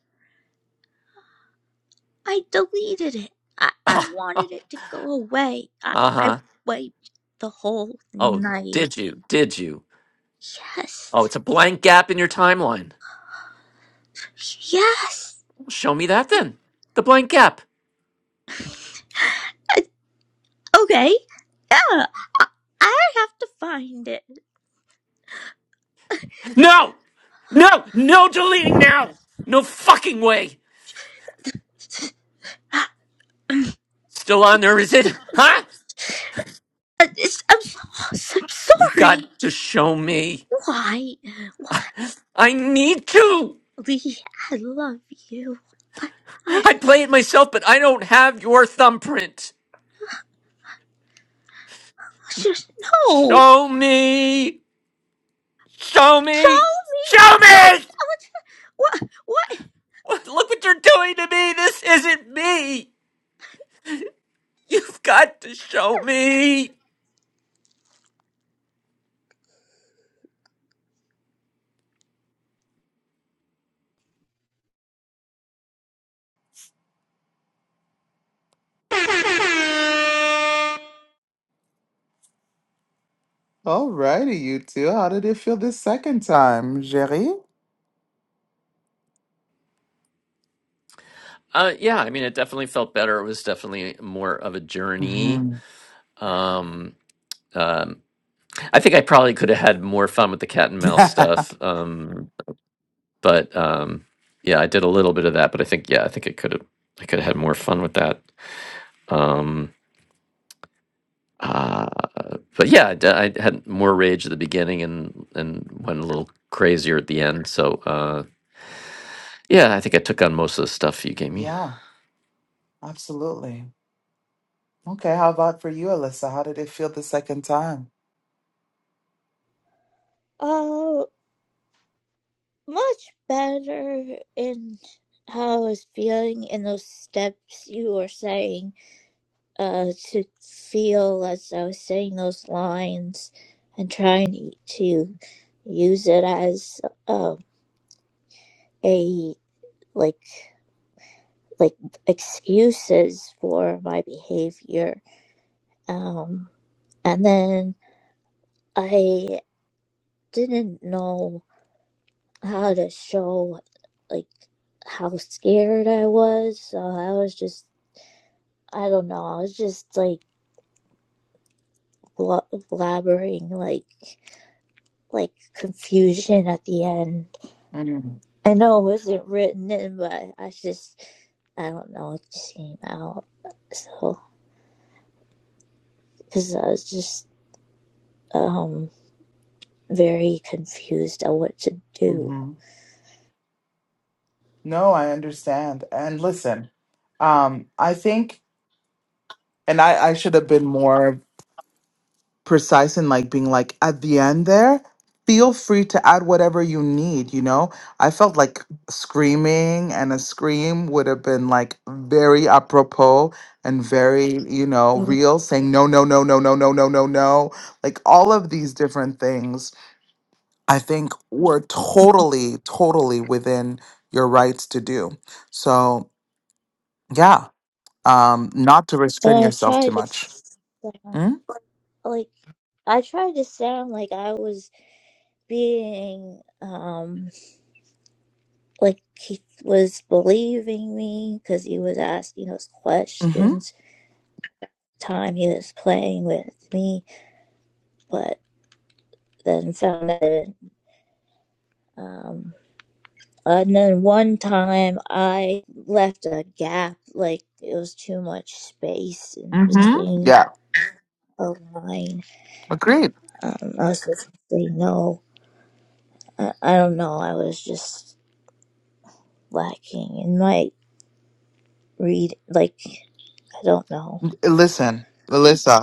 S11: I deleted it. I, I
S2: uh
S11: wanted it to go away. I, I
S2: huh.
S11: wiped the whole
S2: Oh,
S11: night.
S2: did you? Did you? Oh,
S11: Yes.
S2: it's a blank gap in your timeline.
S11: Yes.
S2: Well, Show me that then. The blank gap.
S11: Uh, Okay. Yeah. I, I have to find it.
S2: No. No, no deleting now. No fucking way. Still on there, is it? Huh?
S11: Uh, it's- I'm, so, I'm
S2: You've got
S11: sorry.
S2: to show me.
S11: Why? Why?
S2: I need to.
S11: Lee, I love you. I I,
S2: I play it myself, but I don't have your thumbprint.
S11: Just no.
S2: Show me. Show
S11: Show
S2: me. Show
S11: me.
S2: me.
S11: What? What?
S2: What- Look what you're doing to me. This isn't me. You've got to show me.
S1: All righty, you two. How did it feel this second time, Jerry?
S2: Uh, yeah, I mean, it definitely felt better. It was definitely more of a journey.
S1: hmm
S2: Um, um, I think I probably could have had more fun with the cat and mouse stuff. Um, but um, yeah, I did a little bit of that. But I think yeah, I think it could have I could have had more fun with that. Um, uh, but yeah, I, d- I had more rage at the beginning and and went a little crazier at the end. So uh, yeah, I think I took on most of the stuff you gave me.
S1: yeah, absolutely. Okay, how about for you, Alyssa? How did it feel the second time?
S11: Uh, much better in how I was feeling in those steps you were saying. Uh, to feel as I was saying those lines and trying to use it as um a like like excuses for my behavior. Um, and then I didn't know how to show like how scared I was. So I was just I don't know. I was just like blabbering like like confusion at the end. I know it wasn't written in, but I just I don't know. It just came out. So because I was just um very confused on what to do,
S1: Mm-hmm. No, I understand. And listen, um, I think, and I, I should have been more precise and like being like at the end there feel free to add whatever you need you know i felt like screaming and a scream would have been like very apropos and very you know
S11: and
S1: real saying no no no no no no no no no like all of these different things i think were totally totally within your rights to do so yeah um not to restrain
S11: I
S1: yourself too
S11: tried to
S1: much mm?
S11: like I tried to sound like I was being um like he was believing me because he was asking those
S1: mm-hmm
S11: questions time he was playing with me but then found that um and then one time i left a gap like it was too much space in
S1: mm-hmm
S11: between
S1: yeah
S11: a line
S1: agreed
S11: um i was supposed to say no i, I don't know i was just lacking in my read like i don't know
S1: Listen,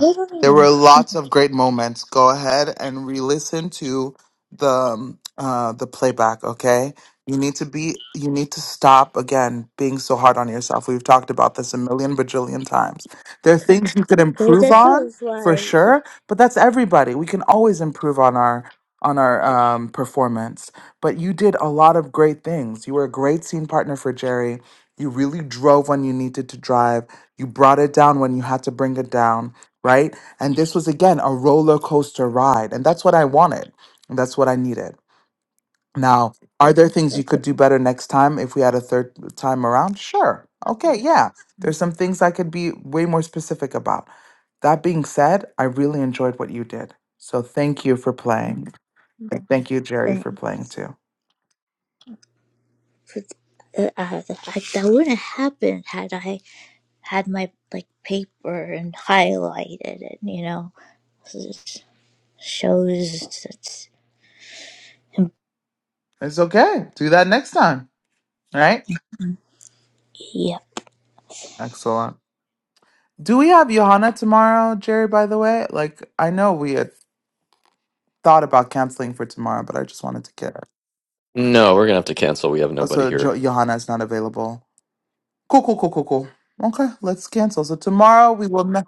S11: i don't
S1: there
S11: know
S1: were lots of great moments. Go ahead and re-listen to the um, uh, the playback. Okay, you need to be you need to stop again being so hard on yourself. We've talked about this a million bajillion times. There are things you could improve
S11: that's what
S1: on
S11: it
S1: for
S11: was
S1: sure, but that's everybody. We can always improve on our on our um, performance. But you did a lot of great things. You were a great scene partner for Jerry. You really drove when you needed to drive you brought it down when you had to bring it down, right? And this was again a roller coaster ride. And that's what I wanted. And that's what I needed. Now, are there things you
S11: like
S1: could do better next time if we had a third time around? Sure. Okay, yeah. There's some things I could be way more specific about. That being said, I really enjoyed what you did. So thank you for playing. Thank you, Jerry, for
S11: thing.
S1: playing too.
S11: 'Cause, uh, uh, I, that wouldn't happen had I had my like paper and highlighted it. You know, so it shows that's
S1: It's okay. Do that next time. All right.
S11: yeah.
S1: Excellent. Do we have Johanna tomorrow, Jerry, by the way? Like, I know we had thought about canceling for tomorrow, but I just wanted to get her.
S2: No, we're gonna have to cancel. We have nobody
S1: Also,
S2: here.
S1: jo- Johanna is not available. Cool, cool, cool, cool, cool. Okay, let's cancel. So tomorrow we will. Ne-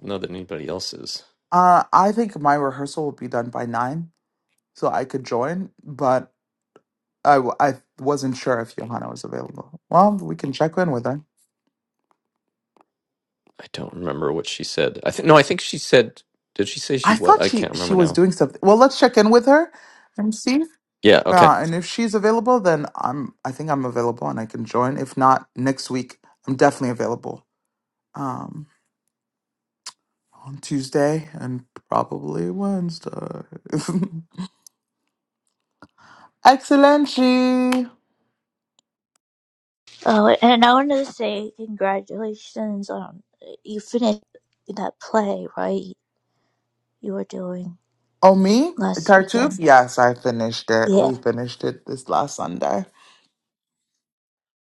S2: Not that anybody else is.
S1: uh, I think my rehearsal will be done by nine, so I could join, but I, w- I wasn't sure if Johanna was available. Well, we can check in with her.
S2: I don't remember what she said. I think no. I think she said. Did she say she
S1: I
S2: was?
S1: thought
S2: I
S1: she
S2: can't
S1: she
S2: remember
S1: was
S2: now.
S1: doing something. Well, let's check in with her and see.
S2: Yeah, okay.
S1: Yeah, and if she's available, then I'm. I think I'm available and I can join. If not, next week I'm definitely available. Um, on Tuesday and probably Wednesday. Excellent.
S11: Oh, and I wanted to say congratulations on you finished that play, right? You were doing
S1: Oh, me?
S11: last
S1: Tartuffe?
S11: weekend.
S1: Yes, I finished it.
S11: Yeah,
S1: We finished it this last Sunday.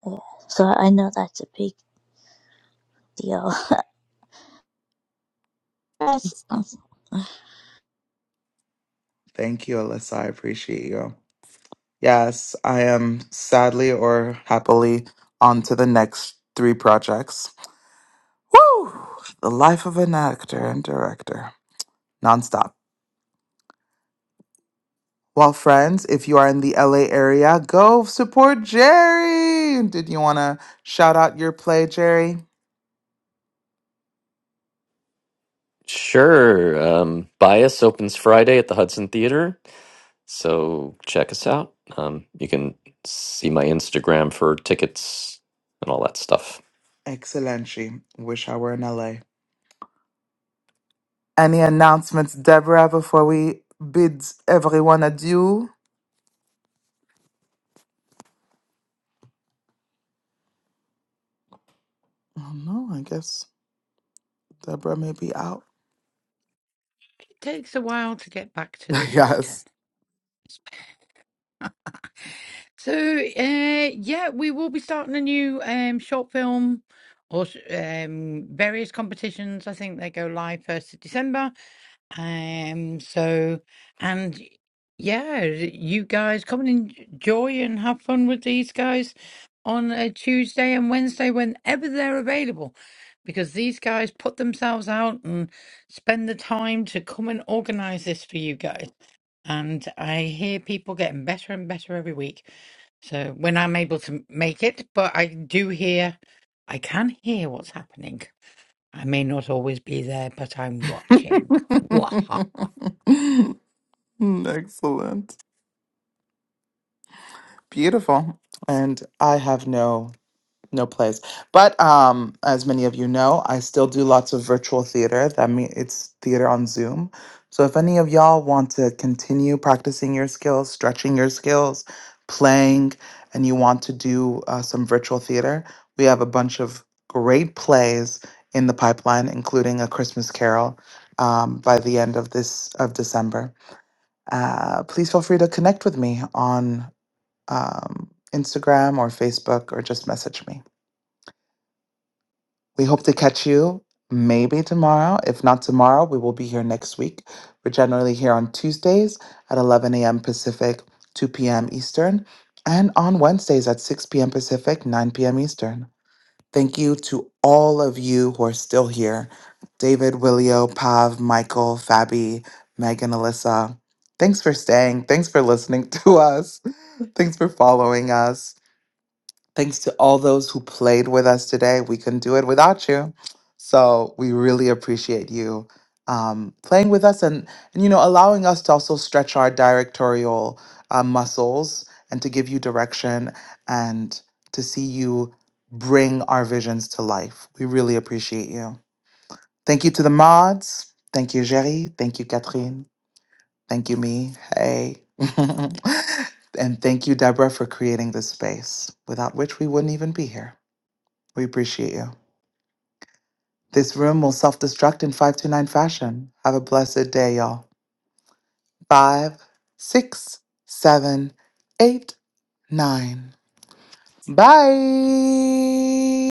S11: yeah. So I know that's a big deal. That's awesome.
S1: Thank you, Alyssa. I appreciate you. Yes, I am sadly or happily on to the next three projects. Woo! The life of an actor and director, nonstop. Well, friends, if you are in the LA area, go support Jerry. Did you want to shout out your play, Jerry?
S2: Sure. Um, Bias opens Friday at the Hudson Theater. So check us out. Um, you can see my Instagram for tickets and all that stuff.
S1: Excellent. Wish I were in LA. Any announcements, Deborah, before we bid everyone adieu? Oh, no, I guess Deborah may be out.
S9: takes a while to get back to this button.
S1: Yes.
S9: So, uh, yeah, we will be starting a new um, short film or um, various competitions. I think they go live 1st of December. Um, so, and yeah, you guys come and enjoy and have fun with these guys on a Tuesday and Wednesday whenever they're available. Because these guys put themselves out and spend the time to come and organize this for you guys. and I hear people getting better and better every week. So when I'm able to make it, but I do hear, I can hear what's happening. I may not always be there, but I'm watching.
S1: Excellent. Beautiful. And I have no. no plays. But um, as many of you know, I still do lots of virtual theater. That means it's theater on Zoom. So if any of y'all want to continue practicing your skills, stretching your skills, playing, and you want to do uh, some virtual theater, we have a bunch of great plays in the pipeline, including A Christmas Carol um, by the end of this of December. Uh, please feel free to connect with me on um, Instagram or Facebook, or just message me. We hope to catch you maybe tomorrow. If not tomorrow, we will be here next week. We're generally here on Tuesdays at 11 a.m. Pacific, 2 p.m. Eastern, and on Wednesdays at 6 p.m. Pacific, 9 p.m. Eastern. Thank you to all of you who are still here David, Willio, Pav, Michael, Fabi, Megan, Alyssa. Thanks for staying. Thanks for listening to us. Thanks for following us. Thanks to all those who played with us today. We couldn't do it without you. So we really appreciate you um, playing with us and, and, you know, allowing us to also stretch our directorial uh, muscles and to give you direction and to see you bring our visions to life. We really appreciate you. Thank you to the mods. Thank you, Jerry. Thank you, Catherine. Thank you, me. Hey. and thank you, Deborah, for creating this space, without which we wouldn't even be here. We appreciate you. This room will self destruct in 529 fashion. Have a blessed day, y'all. Five, six, seven, eight, nine. Bye.